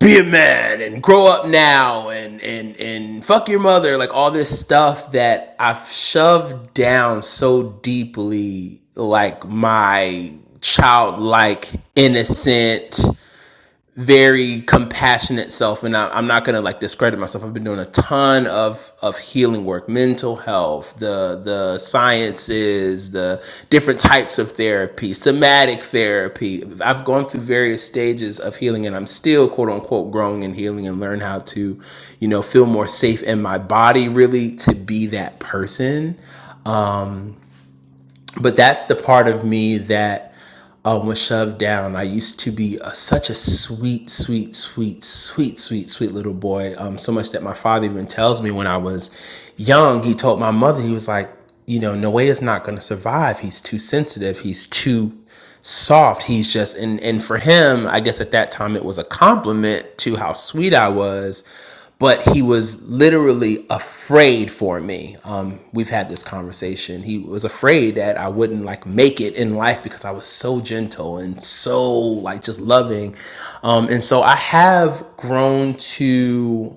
[SPEAKER 7] be a man and grow up now and and and fuck your mother like all this stuff that I've shoved down so deeply like my childlike innocent very compassionate self and I, i'm not going to like discredit myself i've been doing a ton of of healing work mental health the the sciences the different types of therapy somatic therapy i've gone through various stages of healing and i'm still quote unquote growing and healing and learn how to you know feel more safe in my body really to be that person but that's the part of me that um, was shoved down. I used to be a, such a sweet, sweet, sweet, sweet, sweet, sweet little boy. Um, so much that my father even tells me when I was young, he told my mother, he was like, you know, Noe is not going to survive. He's too sensitive. He's too soft. He's just, and, and for him, I guess at that time it was a compliment to how sweet I was but he was literally afraid for me. Um, we've had this conversation. He was afraid that I wouldn't like make it in life because I was so gentle and so like just loving. Um, and so I have grown to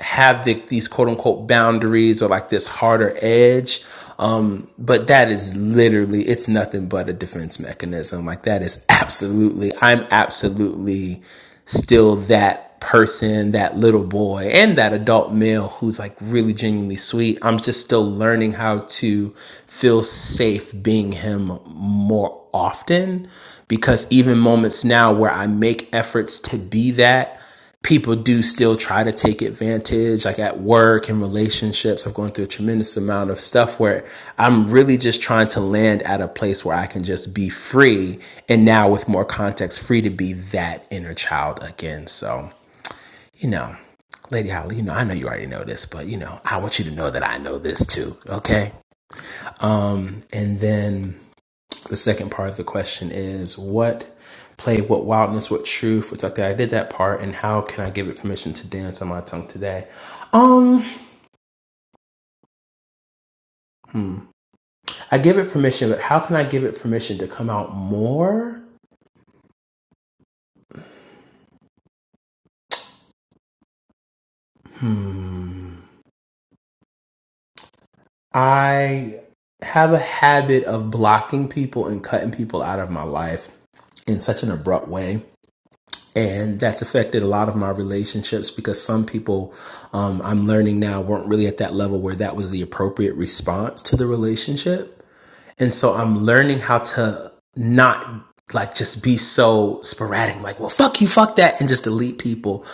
[SPEAKER 7] have the, these quote unquote boundaries or like this harder edge. Um, but that is literally, it's nothing but a defense mechanism. Like that is absolutely, I'm absolutely still that person, that little boy and that adult male who's like really genuinely sweet. I'm just still learning how to feel safe being him more often because even moments now where I make efforts to be that, people do still try to take advantage, like at work and relationships. I'm going through a tremendous amount of stuff where I'm really just trying to land at a place where I can just be free. And now, with more context, free to be that inner child again. So, you know, Lady Holly, you know, I know you already know this, but, you know, I want you to know that I know this too. Okay. Um, and then the second part of the question is what play, what wildness, what truth, what's out there. I did that part, and how can I give it permission to dance on my tongue today? Um, hmm. I give it permission, but how can I give it permission to come out more? Hmm. I have a habit of blocking people and cutting people out of my life in such an abrupt way and that's affected a lot of my relationships because some people um, I'm learning now weren't really at that level where that was the appropriate response to the relationship and so I'm learning how to not like just be so sporadic, like, well, fuck you, fuck that, and just delete people.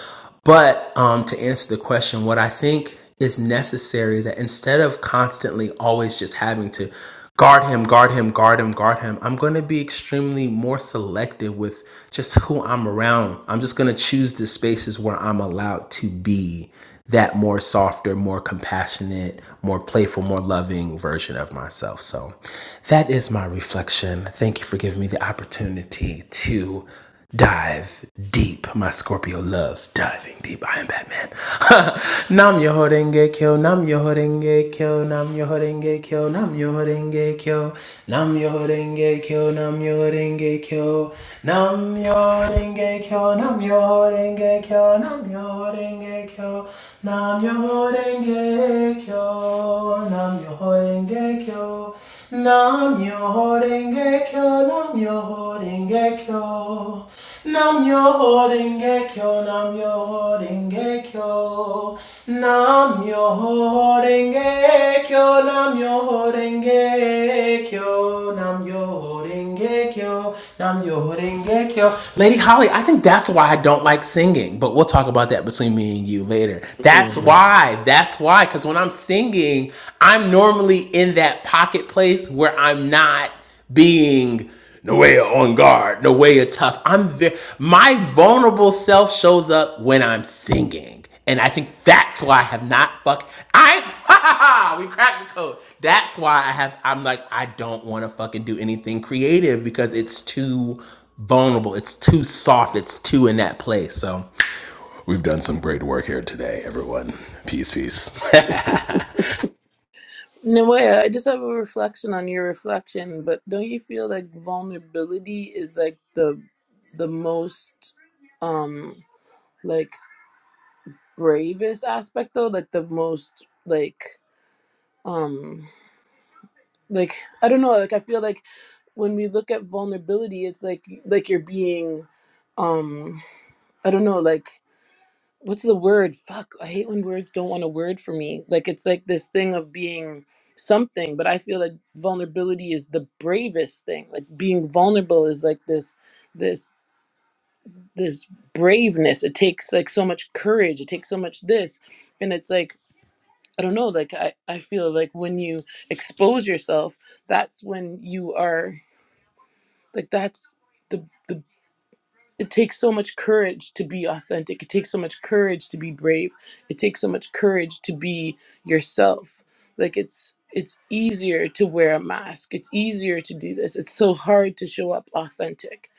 [SPEAKER 7] But um, to answer the question, what I think is necessary is that instead of constantly always just having to guard him, guard him, guard him, guard him, I'm going to be extremely more selective with just who I'm around. I'm just going to choose the spaces where I'm allowed to be that more softer, more compassionate, more playful, more loving version of myself. So that is my reflection. Thank you for giving me the opportunity to dive deep. My Scorpio loves diving deep. I am Batman. nam yo horenge kyo, nam yo horenge kyo, nam yo horenge kyo, nam yo horenge kyo, nam yo horenge kyo, nam yo horenge kyo, nam yo horenge kyo, nam yo horenge kyo, nam yo horenge renge kyo, nam yo renge kyo, nam yo renge kyo, nam yo renge kyo, nam yo renge kyo, nam yo renge kyo, nam yo renge kyo, nam yo renge kyo, nam yo renge kyo, nam yo renge Rengekyo, Namyo Rengekyo. Lady Holly, I think that's why I don't like singing, but we'll talk about that between me and you later. That's
[SPEAKER 8] hmm
[SPEAKER 7] why. That's why. Because when I'm singing, I'm normally in that pocket place where I'm not being no way on guard, no way tough. I'm ve- my vulnerable self shows up when I'm singing. And I think that's why I have not fuck. I ha ha ha. we cracked the code. That's why I have. I'm like I don't want to fucking do anything creative because it's too vulnerable. It's too soft. It's too in that place. So we've done some great work here today, everyone. Peace, peace.
[SPEAKER 13] Nawaya, I just have a reflection on your reflection, but don't you feel like vulnerability is like the the most um like bravest aspect though? Like the most like um like I don't know, like I feel like when we look at vulnerability it's like like you're being um I don't know, like what's the word? Fuck, I hate when words don't want a word for me. Like it's like this thing of being something, but I feel that vulnerability is the bravest thing. Like being vulnerable is like this this this braveness. It takes like so much courage. It takes so much this. And it's like I don't know, like I, I feel like when you expose yourself, that's when you are like that's the the it takes so much courage to be authentic. It takes so much courage to be brave. It takes so much courage to be yourself. Like it's it's easier to wear a mask. It's easier to do this. It's so hard to show up authentic.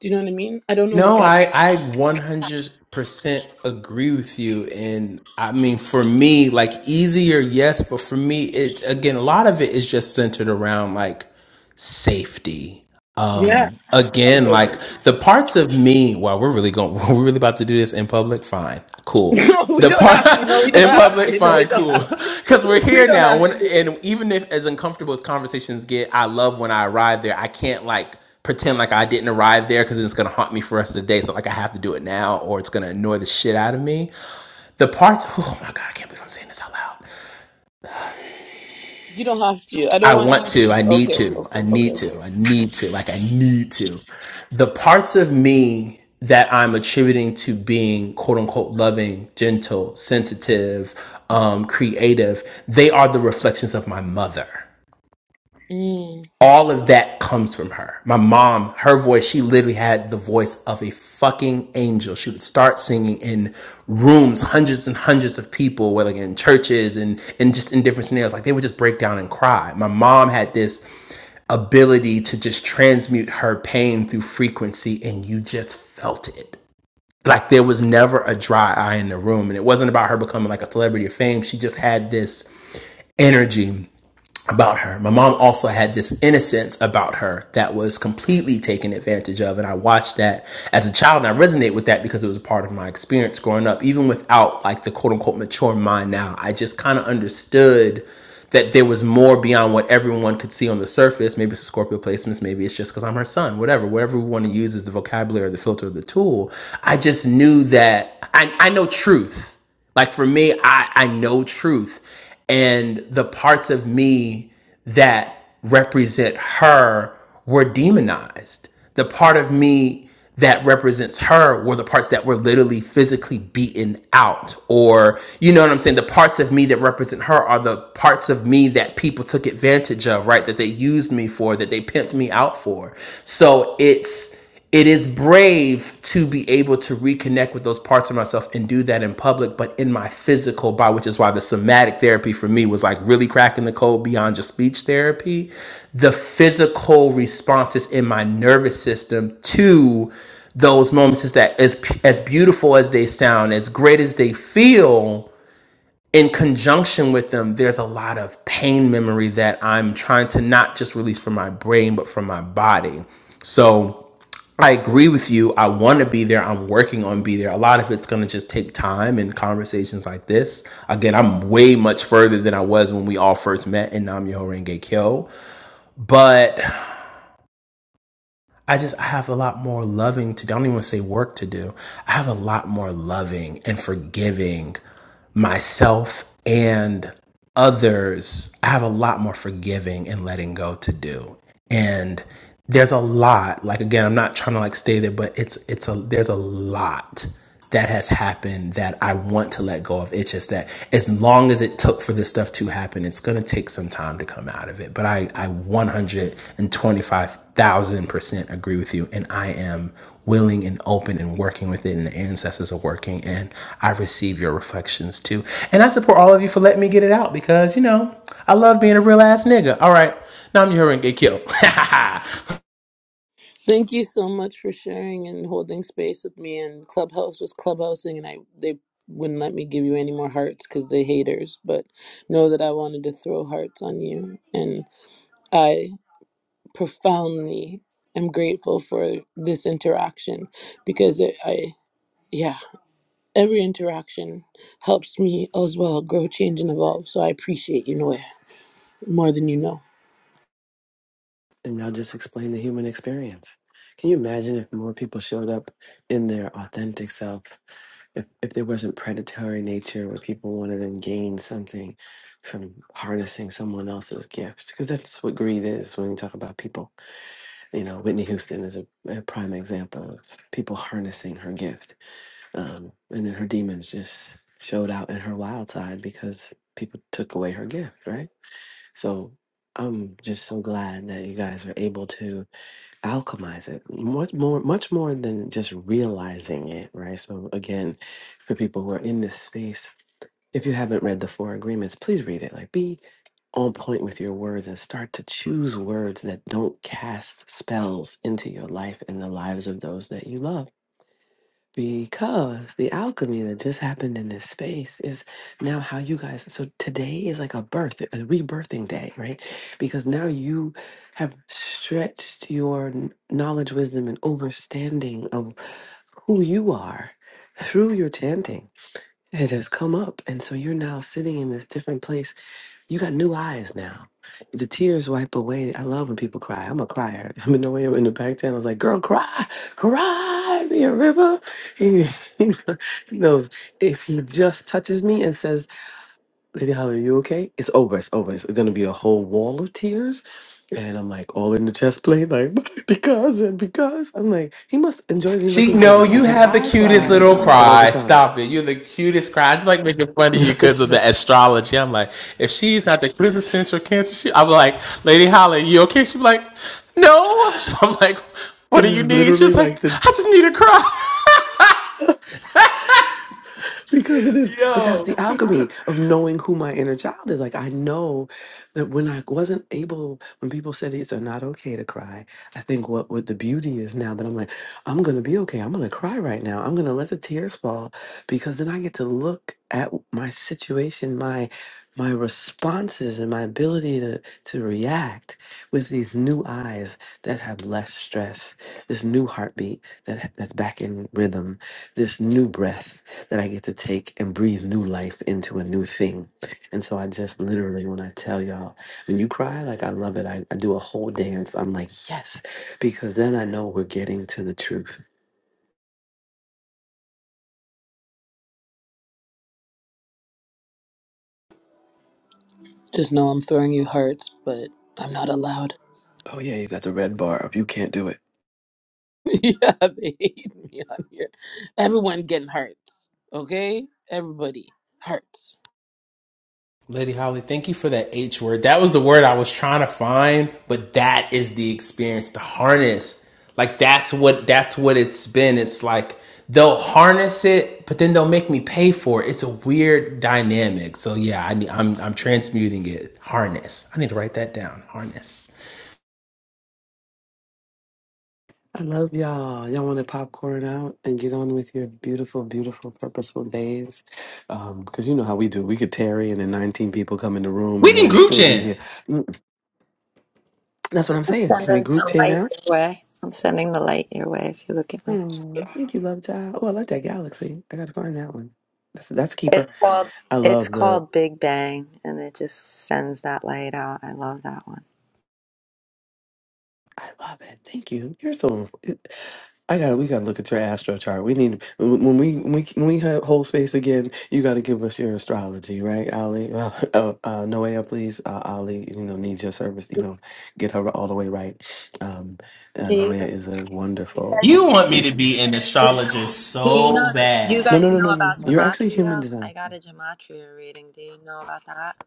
[SPEAKER 13] Do you know what I mean? I don't know if
[SPEAKER 7] no, I
[SPEAKER 13] that's
[SPEAKER 7] I 100 percent agree with you. And I mean, for me, like easier, yes, but for me, it's again a lot of it is just centered around like safety
[SPEAKER 13] yeah.
[SPEAKER 7] um again like the parts of me well we're really going we're really about to do this in public fine cool
[SPEAKER 13] No, we
[SPEAKER 7] the
[SPEAKER 13] don't
[SPEAKER 7] part
[SPEAKER 13] have to. No, we don't
[SPEAKER 7] in
[SPEAKER 13] have
[SPEAKER 7] public
[SPEAKER 13] to. No, we
[SPEAKER 7] fine
[SPEAKER 13] don't
[SPEAKER 7] cool
[SPEAKER 13] have
[SPEAKER 7] because
[SPEAKER 13] to.
[SPEAKER 7] we're
[SPEAKER 13] We
[SPEAKER 7] here
[SPEAKER 13] don't
[SPEAKER 7] now
[SPEAKER 13] have
[SPEAKER 7] when
[SPEAKER 13] to.
[SPEAKER 7] and even if as uncomfortable as conversations get i love when i arrive there i can't like pretend like i didn't arrive there because it's going to haunt me for the rest of the day so like i have to do it now or it's going to annoy the shit out of me the parts oh my god i can't believe i'm saying this out loud
[SPEAKER 13] You don't have to. I don't
[SPEAKER 7] I
[SPEAKER 13] want
[SPEAKER 7] want
[SPEAKER 13] you.
[SPEAKER 7] to, I need
[SPEAKER 13] Okay,
[SPEAKER 7] to,
[SPEAKER 13] okay,
[SPEAKER 7] I need
[SPEAKER 13] okay.
[SPEAKER 7] to, I need to, like I need to. The parts of me that I'm attributing to being quote unquote loving, gentle, sensitive, um, creative, they are the reflections of my mother.
[SPEAKER 13] Mm.
[SPEAKER 7] All of that comes from her. My mom, her voice, she literally had the voice of a fucking angel. She would start singing in rooms, hundreds and hundreds of people, whether in churches and, and just in different scenarios. Like they would just break down and cry. My mom had this ability to just transmute her pain through frequency and you just felt it like there was never a dry eye in the room and it wasn't about her becoming like a celebrity of fame she just had this energy about her. My mom also had this innocence about her that was completely taken advantage of. And I watched that as a child and I resonate with that because it was a part of my experience growing up, even without like the quote unquote mature mind now. I just kind of understood that there was more beyond what everyone could see on the surface. Maybe it's a Scorpio placements, maybe it's just because I'm her son, whatever, whatever we want to use as the vocabulary or the filter or the tool. I just knew that I, I know truth. Like for me, I, I know truth. And the parts of me that represent her were demonized. The part of me that represents her were the parts that were literally physically beaten out. Or, you know what I'm saying? The parts of me that represent her are the parts of me that people took advantage of, right? That they used me for, that they pimped me out for. So it's it is brave to be able to reconnect with those parts of myself and do that in public, but in my physical body, which is why the somatic therapy for me was like really cracking the code beyond just speech therapy. The physical responses in my nervous system to those moments is that as as beautiful as they sound, as great as they feel, in conjunction with them, there's a lot of pain memory that I'm trying to not just release from my brain, but from my body. So I agree with you. I want to be there. I'm working on be there. A lot of it's going to just take time and conversations like this. Again, I'm way much further than I was when we all first met in Nam Myoho Renge Kyo. But I just I have a lot more loving to do. I don't even say work to do. I have a lot more loving and forgiving myself and others. I have a lot more forgiving and letting go to do. And there's a lot. Like again, I'm not trying to like stay there, but it's it's a there's a lot that has happened that I want to let go of. It's just that as long as it took for this stuff to happen, it's going to take some time to come out of it. But I, I 125,000% agree with you. And I am willing and open and working with it. And the ancestors are working. And I receive your reflections too. And I support all of you for letting me get it out because, you know, I love being a real ass nigga. All right. Now I'm your and get killed.
[SPEAKER 13] Thank you so much for sharing and holding space with me. And Clubhouse was clubhousing, and I they wouldn't let me give you any more hearts because they haters. But know that I wanted to throw hearts on you, and I profoundly am grateful for this interaction because it, I yeah every interaction helps me as well grow, change, and evolve. So I appreciate you, Noah, more than you know.
[SPEAKER 8] And y'all just explain the human experience. Can you imagine if more people showed up in their authentic self? if, if there wasn't predatory nature where people want to then gain something from harnessing someone else's gift because that's what greed is when you talk about people you know whitney houston is a, a prime example of people harnessing her gift um, and then her demons just showed out in her wild side because people took away her gift right so i'm just so glad that you guys are able to alchemize it much more much more than just realizing it right so again for people who are in this space if you haven't read the four agreements please read it like be on point with your words and start to choose words that don't cast spells into your life and the lives of those that you love because the alchemy that just happened in this space is now how you guys. So today is like a birth, a rebirthing day, right? Because now you have stretched your kn- knowledge, wisdom, and understanding of who you are through your chanting. It has come up. And so you're now sitting in this different place you got new eyes now. The tears wipe away. I love when people cry. I'm a crier. I'm in the way in the back channel. I was like, girl, cry, cry, be a river. He, he knows if he just touches me and says, Lady Holly, are you okay? It's over. It's over. It's going to be a whole wall of tears. And I'm like, all in the chest plate, like, because and because. I'm like, he must enjoy me
[SPEAKER 7] She
[SPEAKER 8] looking
[SPEAKER 7] no,
[SPEAKER 8] ugly
[SPEAKER 7] you
[SPEAKER 8] because
[SPEAKER 7] have the
[SPEAKER 8] I
[SPEAKER 7] cutest
[SPEAKER 8] cry
[SPEAKER 7] little
[SPEAKER 8] all the
[SPEAKER 7] cry.
[SPEAKER 8] time.
[SPEAKER 7] Stop it. You're the cutest cry. I just like making fun of you because
[SPEAKER 8] it's
[SPEAKER 7] of
[SPEAKER 8] like,
[SPEAKER 7] the astrology. I'm like, if she's not the quintessential cancer, she I'm like, Lady Holly, you okay? She's like, No. So I'm like, what
[SPEAKER 8] it
[SPEAKER 7] do you
[SPEAKER 8] is
[SPEAKER 7] need? She's
[SPEAKER 8] literally
[SPEAKER 7] like,
[SPEAKER 8] like the
[SPEAKER 7] I just need a cry.
[SPEAKER 8] because it is but that's
[SPEAKER 7] Yo.
[SPEAKER 8] the alchemy of knowing who my inner child is like i know that when i wasn't able when people said it's not okay to cry i think what what the beauty is now that i'm like i'm gonna be okay i'm gonna cry right now i'm gonna let the tears fall because then i get to look at my situation my my responses and my ability to to react with these new eyes that have less stress this new heartbeat that ha- that's back in rhythm this new breath that I get to take and breathe new life into a new thing. And so I just literally, when I tell y'all, when you cry, like I love it, I, I do a whole dance. I'm like, yes, because then I know we're getting to the truth.
[SPEAKER 13] Just know I'm throwing you hearts, but I'm not allowed.
[SPEAKER 8] Oh, yeah, you got the red bar up. You can't do it.
[SPEAKER 13] yeah, they hate me on here. Everyone getting hurts. Okay? Everybody hurts.
[SPEAKER 7] Lady Holly, thank you for that H word. That was the word I was trying to find, but that is the experience, the harness. Like that's what that's what it's been. It's like they'll harness it, but then they'll make me pay for it. It's a weird dynamic. So yeah, I need, I'm I'm transmuting it. Harness. I need to write that down. Harness.
[SPEAKER 8] I love y'all. Y'all want to popcorn out and get on with your beautiful, beautiful, purposeful days. Because you know how we do. We could tarry and then 19 people come in the room
[SPEAKER 7] We
[SPEAKER 8] and
[SPEAKER 7] can
[SPEAKER 8] then we
[SPEAKER 7] group
[SPEAKER 8] still be
[SPEAKER 7] chat.
[SPEAKER 8] here. Mm, That's what I'm saying. Can we
[SPEAKER 12] sending
[SPEAKER 8] group
[SPEAKER 12] some
[SPEAKER 8] 10
[SPEAKER 12] light
[SPEAKER 8] out?
[SPEAKER 12] your way. I'm sending the light your way if you look at my
[SPEAKER 8] Oh, thank you, love child. Oh, I like that galaxy. I gotta find that one. That's that's a keeper.
[SPEAKER 12] It's called
[SPEAKER 8] I
[SPEAKER 12] it's
[SPEAKER 8] love the.
[SPEAKER 12] called Big Bang and it just sends that light out. I love that one.
[SPEAKER 8] I love it. Thank you. You're so. it- I got. to We gotta look at your astro chart. We need when when we when we when we have whole space again. You gotta give us your astrology, right, Ali? Well, uh, uh, Noea, please, uh, Ali. You know, needs your service. You know, get her all the way right. Um, uh,
[SPEAKER 12] Do you,
[SPEAKER 8] Noea
[SPEAKER 12] do
[SPEAKER 8] is a
[SPEAKER 12] you
[SPEAKER 8] wonderful
[SPEAKER 7] You want me to
[SPEAKER 8] reader.
[SPEAKER 7] be an
[SPEAKER 12] guys
[SPEAKER 7] astrologist
[SPEAKER 12] do you
[SPEAKER 7] so
[SPEAKER 12] know do you
[SPEAKER 7] bad.
[SPEAKER 8] No, no,
[SPEAKER 12] guys
[SPEAKER 8] no,
[SPEAKER 12] know
[SPEAKER 8] no, no.
[SPEAKER 12] about
[SPEAKER 8] You're actually human
[SPEAKER 12] gematria?
[SPEAKER 8] design.
[SPEAKER 12] I got a gematria reading. Do you know about that?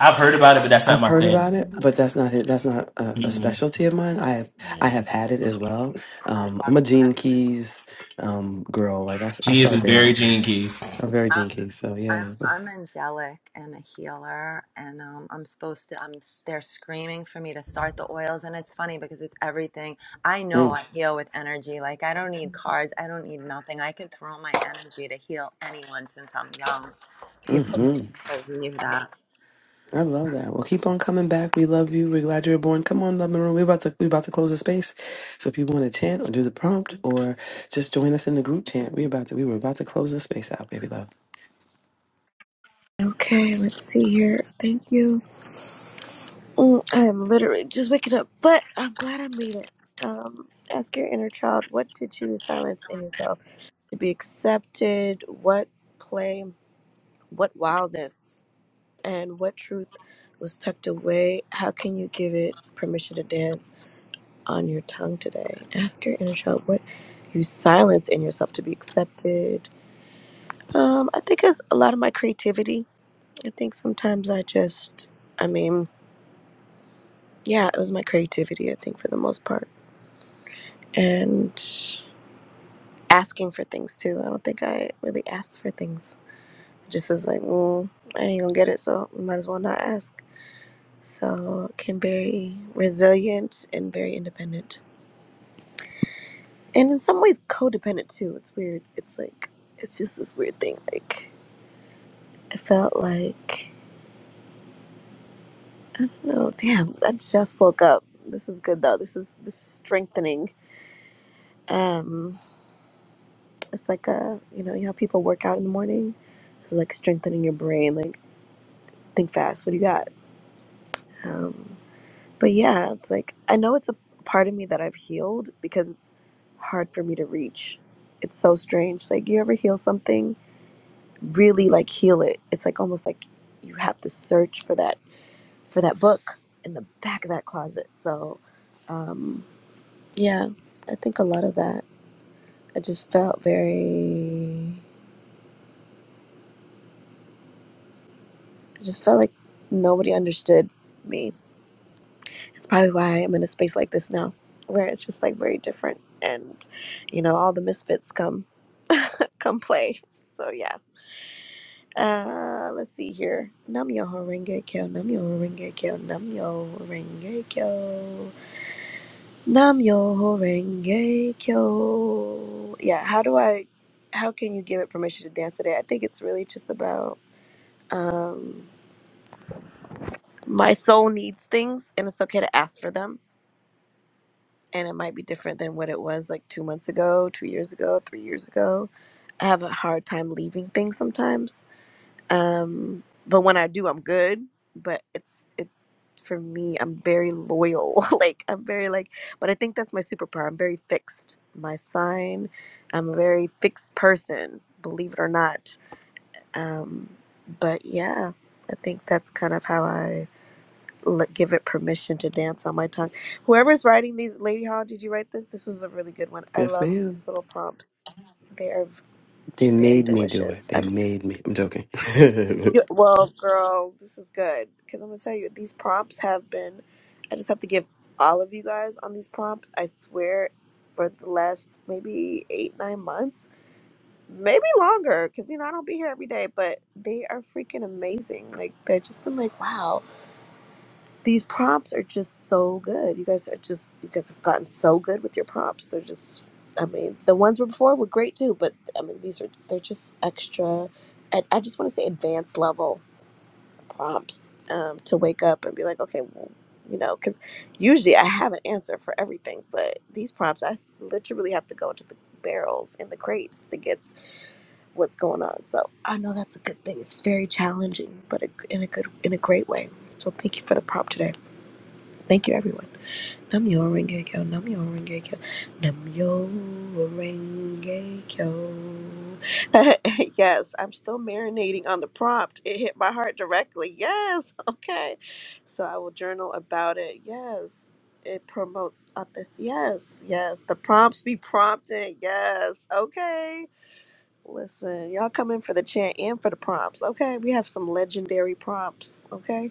[SPEAKER 7] I've heard about it, but that's not
[SPEAKER 8] I've
[SPEAKER 7] my
[SPEAKER 8] heard about
[SPEAKER 7] thing.
[SPEAKER 8] it, but that's not it. That's not a, a
[SPEAKER 7] Mm-mm.
[SPEAKER 8] specialty of mine. I have I have had it as well.
[SPEAKER 12] I
[SPEAKER 8] Um,
[SPEAKER 12] love
[SPEAKER 8] I'm a Gene
[SPEAKER 12] that.
[SPEAKER 8] Keys um, girl. Like I, s- I
[SPEAKER 7] She is a
[SPEAKER 8] start
[SPEAKER 7] very
[SPEAKER 8] there.
[SPEAKER 7] gene keys.
[SPEAKER 8] I'm very Gene Keys. So
[SPEAKER 12] I'm
[SPEAKER 8] yeah.
[SPEAKER 12] I'm angelic and a healer, and um, I'm supposed to. I'm they're screaming for me to start the oils, and it's funny because it's everything. I know
[SPEAKER 8] Mm,
[SPEAKER 12] I heal with energy. Like I don't need cards. I don't need nothing. I can throw my energy to heal anyone since I'm young. People don't
[SPEAKER 8] mhm.
[SPEAKER 12] even believe that.
[SPEAKER 8] I love that. Well, keep on coming back. We love you. We're glad you were born. Come on, Love Maroon. We're about to we're about to close the space. So if you want to chant or do the prompt or just join us in the group chant, we about to we were about to close the space out, baby love.
[SPEAKER 14] Okay, let's see here. Thank you. Mm, I am literally just waking up, but I'm glad I made it. Um, ask your inner child what did you silence in yourself to be accepted? What play, what wildness, and what truth was tucked away? How can you give it permission to dance on your tongue today? Ask your inner child what you silence in yourself to be accepted. Um, I think it's a lot of my creativity I think sometimes I just, I mean, yeah, it was my creativity, I think, for the most part. And asking for things too. I don't think I really asked for things. It just was like, mm, I ain't gonna get it, so might as well not ask. So can very resilient and very independent. And in some ways, codependent too. It's weird. It's like, it's just this weird thing. Like, I felt like, I don't know, damn, I just woke up. This is good though. This is, this is strengthening. Um, It's like a, you know, you know, how people work out in the morning. This is like strengthening your brain, like think fast. What do you got? Um, but yeah, it's like I know it's a part of me that I've healed because it's hard for me to reach. It's so strange. Like you ever heal something, really like heal it. It's like almost like you have to search for that for that book in the back of that closet. So, um, yeah, I think a lot of that. I just felt very I just felt like nobody understood me. It's probably why I'm in a space like this now, where it's just like very different, and you know, all the misfits come come play. So yeah. Uh, let's see here. Namyo horenge kyo, namyo horenge kyo, namyo horenge kyo, namyo horenge kyo. Yeah, how do I, how can you give it permission to dance today? I think it's really just about, um, my soul needs things and it's okay to ask for them and it might be different than what it was like two months ago, two years ago, three years ago. I have a hard time leaving things sometimes, um, but when I do, I'm good. But it's it for me. I'm very loyal. like I'm very like, but I think that's my superpower. I'm very fixed. My sign. I'm a very fixed person. Believe it or not. Um, but yeah, I think that's kind of how I let, give it permission to dance on my tongue. Whoever's writing these, Lady Hall, did you write this? This was a really good one. I
[SPEAKER 8] Yes,
[SPEAKER 14] love
[SPEAKER 8] ma'am.
[SPEAKER 14] these little prompts. They are v-
[SPEAKER 8] They
[SPEAKER 14] very
[SPEAKER 8] made me do it.
[SPEAKER 14] delicious.
[SPEAKER 8] They
[SPEAKER 14] I'm
[SPEAKER 8] made me. I'm joking.
[SPEAKER 14] you- well, girl, this is good because I'm gonna tell you these prompts have been. I just have to give all of you guys on these prompts. I swear, for the last maybe eight nine months, maybe longer, because you know I don't be here every day, but they are freaking amazing. Like they've just been like, wow These prompts are just so good. You guys are just you guys have gotten so good with your prompts. They're just I mean, the ones were before were great too, but I mean these are they're just extra and I just want to say advanced level prompts um, to wake up and be like, okay, well, you know, because usually I have an answer for everything, but these prompts I s- literally have to go into the barrels and the crates to get what's going on. So I know that's a good thing. It's very challenging, but a, in a good, in a great way. So thank you for the prompt today. Thank you, everyone. Namyo Renge Kyo, Namyo Renge Kyo, Namyo Renge Kyo. yes, I'm still marinating on the prompt. It hit my heart directly. Yes, okay. So I will journal about it. Yes, it promotes this. Yes, yes. The prompts be prompted. Yes, okay. Listen, y'all come in for the chant and for the prompts. Okay, we have some legendary prompts. Okay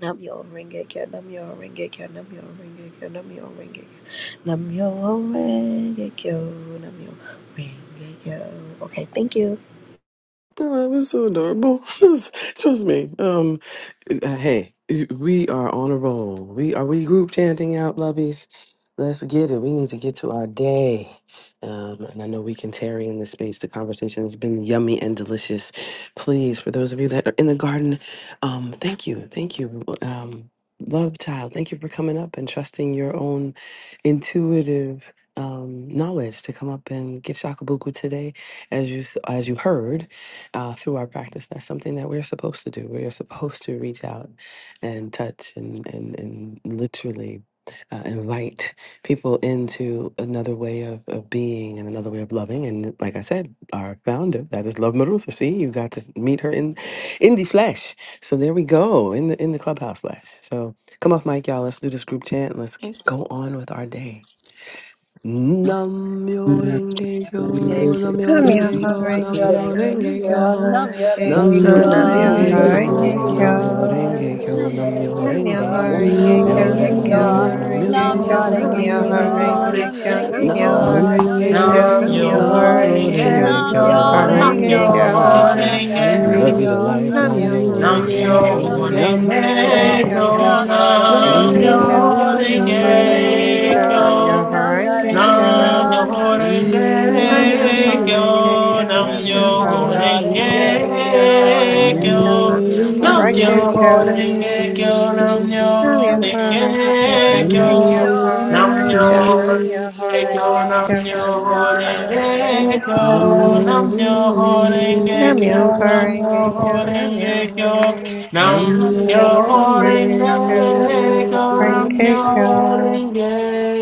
[SPEAKER 14] Nam yo ringe kyo, nam yo ringe kyo, nam yo ringe kyo, nam yo ringe kyo, nam yo ringe kyo, nam yo ringe kyo. Okay, thank you.
[SPEAKER 8] No, it was so adorable. Trust me. Um, uh, hey, we are on a roll. We are we group chanting out, lovies. Let's get it. We need to get to our day. Um, and I know we can tarry in this space. The conversation has been yummy and delicious. Please, for those of you that are in the garden, um, thank you, thank you. Um, love child, thank you for coming up and trusting your own intuitive um knowledge to come up and get shakabuku today as you s- as you heard uh, through our practice. That's something that we're supposed to do. We are supposed to reach out and touch and, and, and literally uh, invite people into another way of, of being and another way of loving. And like I said, our founder, that is Love Marusa. See, you got to meet her in in the flesh. So there we go, in the in the clubhouse flesh. So come off mic, y'all. Let's do this group chant. Let's get,
[SPEAKER 12] Thank
[SPEAKER 8] go on with our day. Nam-myoho-renge-kyo,
[SPEAKER 12] you.
[SPEAKER 11] Namyo
[SPEAKER 8] Nam-myoho-renge-kyo,
[SPEAKER 12] Nam yo
[SPEAKER 11] Horenge Kyo,
[SPEAKER 12] renge kyo,
[SPEAKER 8] Nam-myoho-renge-kyo,
[SPEAKER 11] Namyo
[SPEAKER 12] nam yo
[SPEAKER 11] Horenge
[SPEAKER 12] renge
[SPEAKER 11] Kyo,
[SPEAKER 12] kyo,
[SPEAKER 11] Namyo
[SPEAKER 8] Nam-myoho-renge-kyo,
[SPEAKER 12] nam yo
[SPEAKER 11] Horenge
[SPEAKER 12] renge kyo,
[SPEAKER 11] Kyo.
[SPEAKER 8] Nam-myoho-renge-kyo,
[SPEAKER 12] nam yo renge
[SPEAKER 11] Namyoho
[SPEAKER 12] kyo,
[SPEAKER 8] Nam-myoho-renge-kyo,
[SPEAKER 12] nam
[SPEAKER 11] Renge
[SPEAKER 12] yo
[SPEAKER 11] Kyo,
[SPEAKER 12] renge kyo,
[SPEAKER 8] Myoho-renge-kyo,
[SPEAKER 11] Namyoho Renge
[SPEAKER 12] nam
[SPEAKER 11] Kyo,
[SPEAKER 12] yo
[SPEAKER 8] Nam-myoho-renge-kyo,
[SPEAKER 12] renge
[SPEAKER 11] Namyoho
[SPEAKER 12] kyo,
[SPEAKER 11] Renge
[SPEAKER 12] nam yo
[SPEAKER 11] Kyo,
[SPEAKER 12] renge kyo,
[SPEAKER 11] Namyoho
[SPEAKER 12] nam
[SPEAKER 11] Renge
[SPEAKER 12] yo
[SPEAKER 11] Kyo,
[SPEAKER 7] Nam
[SPEAKER 12] renge
[SPEAKER 8] Nam-myoho-renge-kyo,
[SPEAKER 12] kyo,
[SPEAKER 11] Namyoho
[SPEAKER 7] Myoho
[SPEAKER 11] Renge Kyo,
[SPEAKER 7] Renge
[SPEAKER 8] Nam-myoho-renge-kyo,
[SPEAKER 12] nam yo
[SPEAKER 11] Namyoho
[SPEAKER 8] Nam-myoho-renge-kyo,
[SPEAKER 7] Kyo, Nam
[SPEAKER 11] Renge
[SPEAKER 12] renge kyo,
[SPEAKER 7] Myoho
[SPEAKER 8] Nam-myoho-renge-kyo.
[SPEAKER 11] Kyo.
[SPEAKER 12] nam yo renge
[SPEAKER 8] Love you
[SPEAKER 12] kyo,
[SPEAKER 7] Renge,
[SPEAKER 8] to life,
[SPEAKER 12] nam yo
[SPEAKER 11] Namyoho
[SPEAKER 12] renge
[SPEAKER 7] Nam
[SPEAKER 12] kyo,
[SPEAKER 11] Renge Kyo,
[SPEAKER 12] nam
[SPEAKER 8] Nam-myoho-renge-kyo,
[SPEAKER 12] yo
[SPEAKER 11] Namyoho
[SPEAKER 12] renge kyo,
[SPEAKER 11] Renge
[SPEAKER 7] Renge
[SPEAKER 11] Kyo,
[SPEAKER 8] Nam-myoho-renge-kyo.
[SPEAKER 7] Kyo,
[SPEAKER 12] nam
[SPEAKER 11] Namyoho
[SPEAKER 12] yorenge
[SPEAKER 7] Nam
[SPEAKER 8] Namyo
[SPEAKER 11] Renge
[SPEAKER 12] kyo,
[SPEAKER 11] Kyo,
[SPEAKER 8] Renge
[SPEAKER 12] nam
[SPEAKER 8] Kyo,
[SPEAKER 11] Namyoho
[SPEAKER 12] yorenge
[SPEAKER 11] Renge
[SPEAKER 8] Namyo
[SPEAKER 7] Renge
[SPEAKER 11] Kyo,
[SPEAKER 7] Kyo,
[SPEAKER 12] kyo,
[SPEAKER 8] Renge
[SPEAKER 11] Namyoho
[SPEAKER 12] Nam
[SPEAKER 8] Kyo,
[SPEAKER 11] Renge
[SPEAKER 12] Yarenge
[SPEAKER 8] Namyo
[SPEAKER 11] Kyo.
[SPEAKER 7] Nam
[SPEAKER 12] Kyo, Nam
[SPEAKER 8] Renge
[SPEAKER 12] Yarenge
[SPEAKER 8] Kyo. Namyo
[SPEAKER 11] Namyoho
[SPEAKER 7] Renge
[SPEAKER 11] Renge
[SPEAKER 7] Kyo,
[SPEAKER 11] Kyo,
[SPEAKER 12] Kyo,
[SPEAKER 7] Nam
[SPEAKER 8] Renge
[SPEAKER 11] Namyoho
[SPEAKER 12] Nam
[SPEAKER 8] Kyo,
[SPEAKER 11] Renge
[SPEAKER 7] Renge
[SPEAKER 8] Namyo Renge Kyo, Namyo
[SPEAKER 11] Kyo,
[SPEAKER 12] Yarenge
[SPEAKER 8] Renge
[SPEAKER 12] Kyo,
[SPEAKER 11] Namyoho
[SPEAKER 8] Kyo, Namyo
[SPEAKER 13] Nam
[SPEAKER 11] Renge Kyo,
[SPEAKER 7] Kyo,
[SPEAKER 13] yo
[SPEAKER 11] Namyoho
[SPEAKER 8] Renge
[SPEAKER 7] Nam
[SPEAKER 8] Kyo,
[SPEAKER 11] Renge
[SPEAKER 13] ring
[SPEAKER 8] Namyo
[SPEAKER 11] Kyo.
[SPEAKER 8] Renge
[SPEAKER 7] Renge Kyo,
[SPEAKER 8] Kyo,
[SPEAKER 13] ye,
[SPEAKER 7] Nam
[SPEAKER 11] Nam yo
[SPEAKER 12] Nam Yarenge Kyo, Nam
[SPEAKER 11] horenge kyo,
[SPEAKER 7] Renge
[SPEAKER 13] nam
[SPEAKER 12] Yarenge
[SPEAKER 11] nam
[SPEAKER 13] yo
[SPEAKER 11] yo
[SPEAKER 12] Kyo,
[SPEAKER 7] Kyo.
[SPEAKER 11] horenge
[SPEAKER 7] Namyo
[SPEAKER 11] kyo, nam yo
[SPEAKER 13] ring
[SPEAKER 7] Renge-kyo,
[SPEAKER 11] horenge kyo,
[SPEAKER 7] Namyo
[SPEAKER 11] nam yo
[SPEAKER 12] Nam Yarenge Kyo, Nam Yarenge
[SPEAKER 11] horenge
[SPEAKER 12] Kyo,
[SPEAKER 7] Renge-kyo,
[SPEAKER 11] kyo.
[SPEAKER 12] Nam Yarenge
[SPEAKER 7] Namyo
[SPEAKER 12] Kyo,
[SPEAKER 11] Nam
[SPEAKER 7] Renge-kyo,
[SPEAKER 11] yo
[SPEAKER 13] ye,
[SPEAKER 7] Namyo
[SPEAKER 11] horenge kyo, nam yo
[SPEAKER 7] Renge-kyo,
[SPEAKER 11] horenge kyo,
[SPEAKER 13] nam
[SPEAKER 11] nam
[SPEAKER 12] Nam
[SPEAKER 13] yo
[SPEAKER 7] Namyo
[SPEAKER 11] yo
[SPEAKER 12] Yarenge
[SPEAKER 13] ring
[SPEAKER 11] horenge kyo,
[SPEAKER 12] Kyo,
[SPEAKER 13] ye,
[SPEAKER 11] nam yo
[SPEAKER 7] Renge-kyo,
[SPEAKER 11] horenge
[SPEAKER 7] Namyo
[SPEAKER 11] kyo.
[SPEAKER 7] renge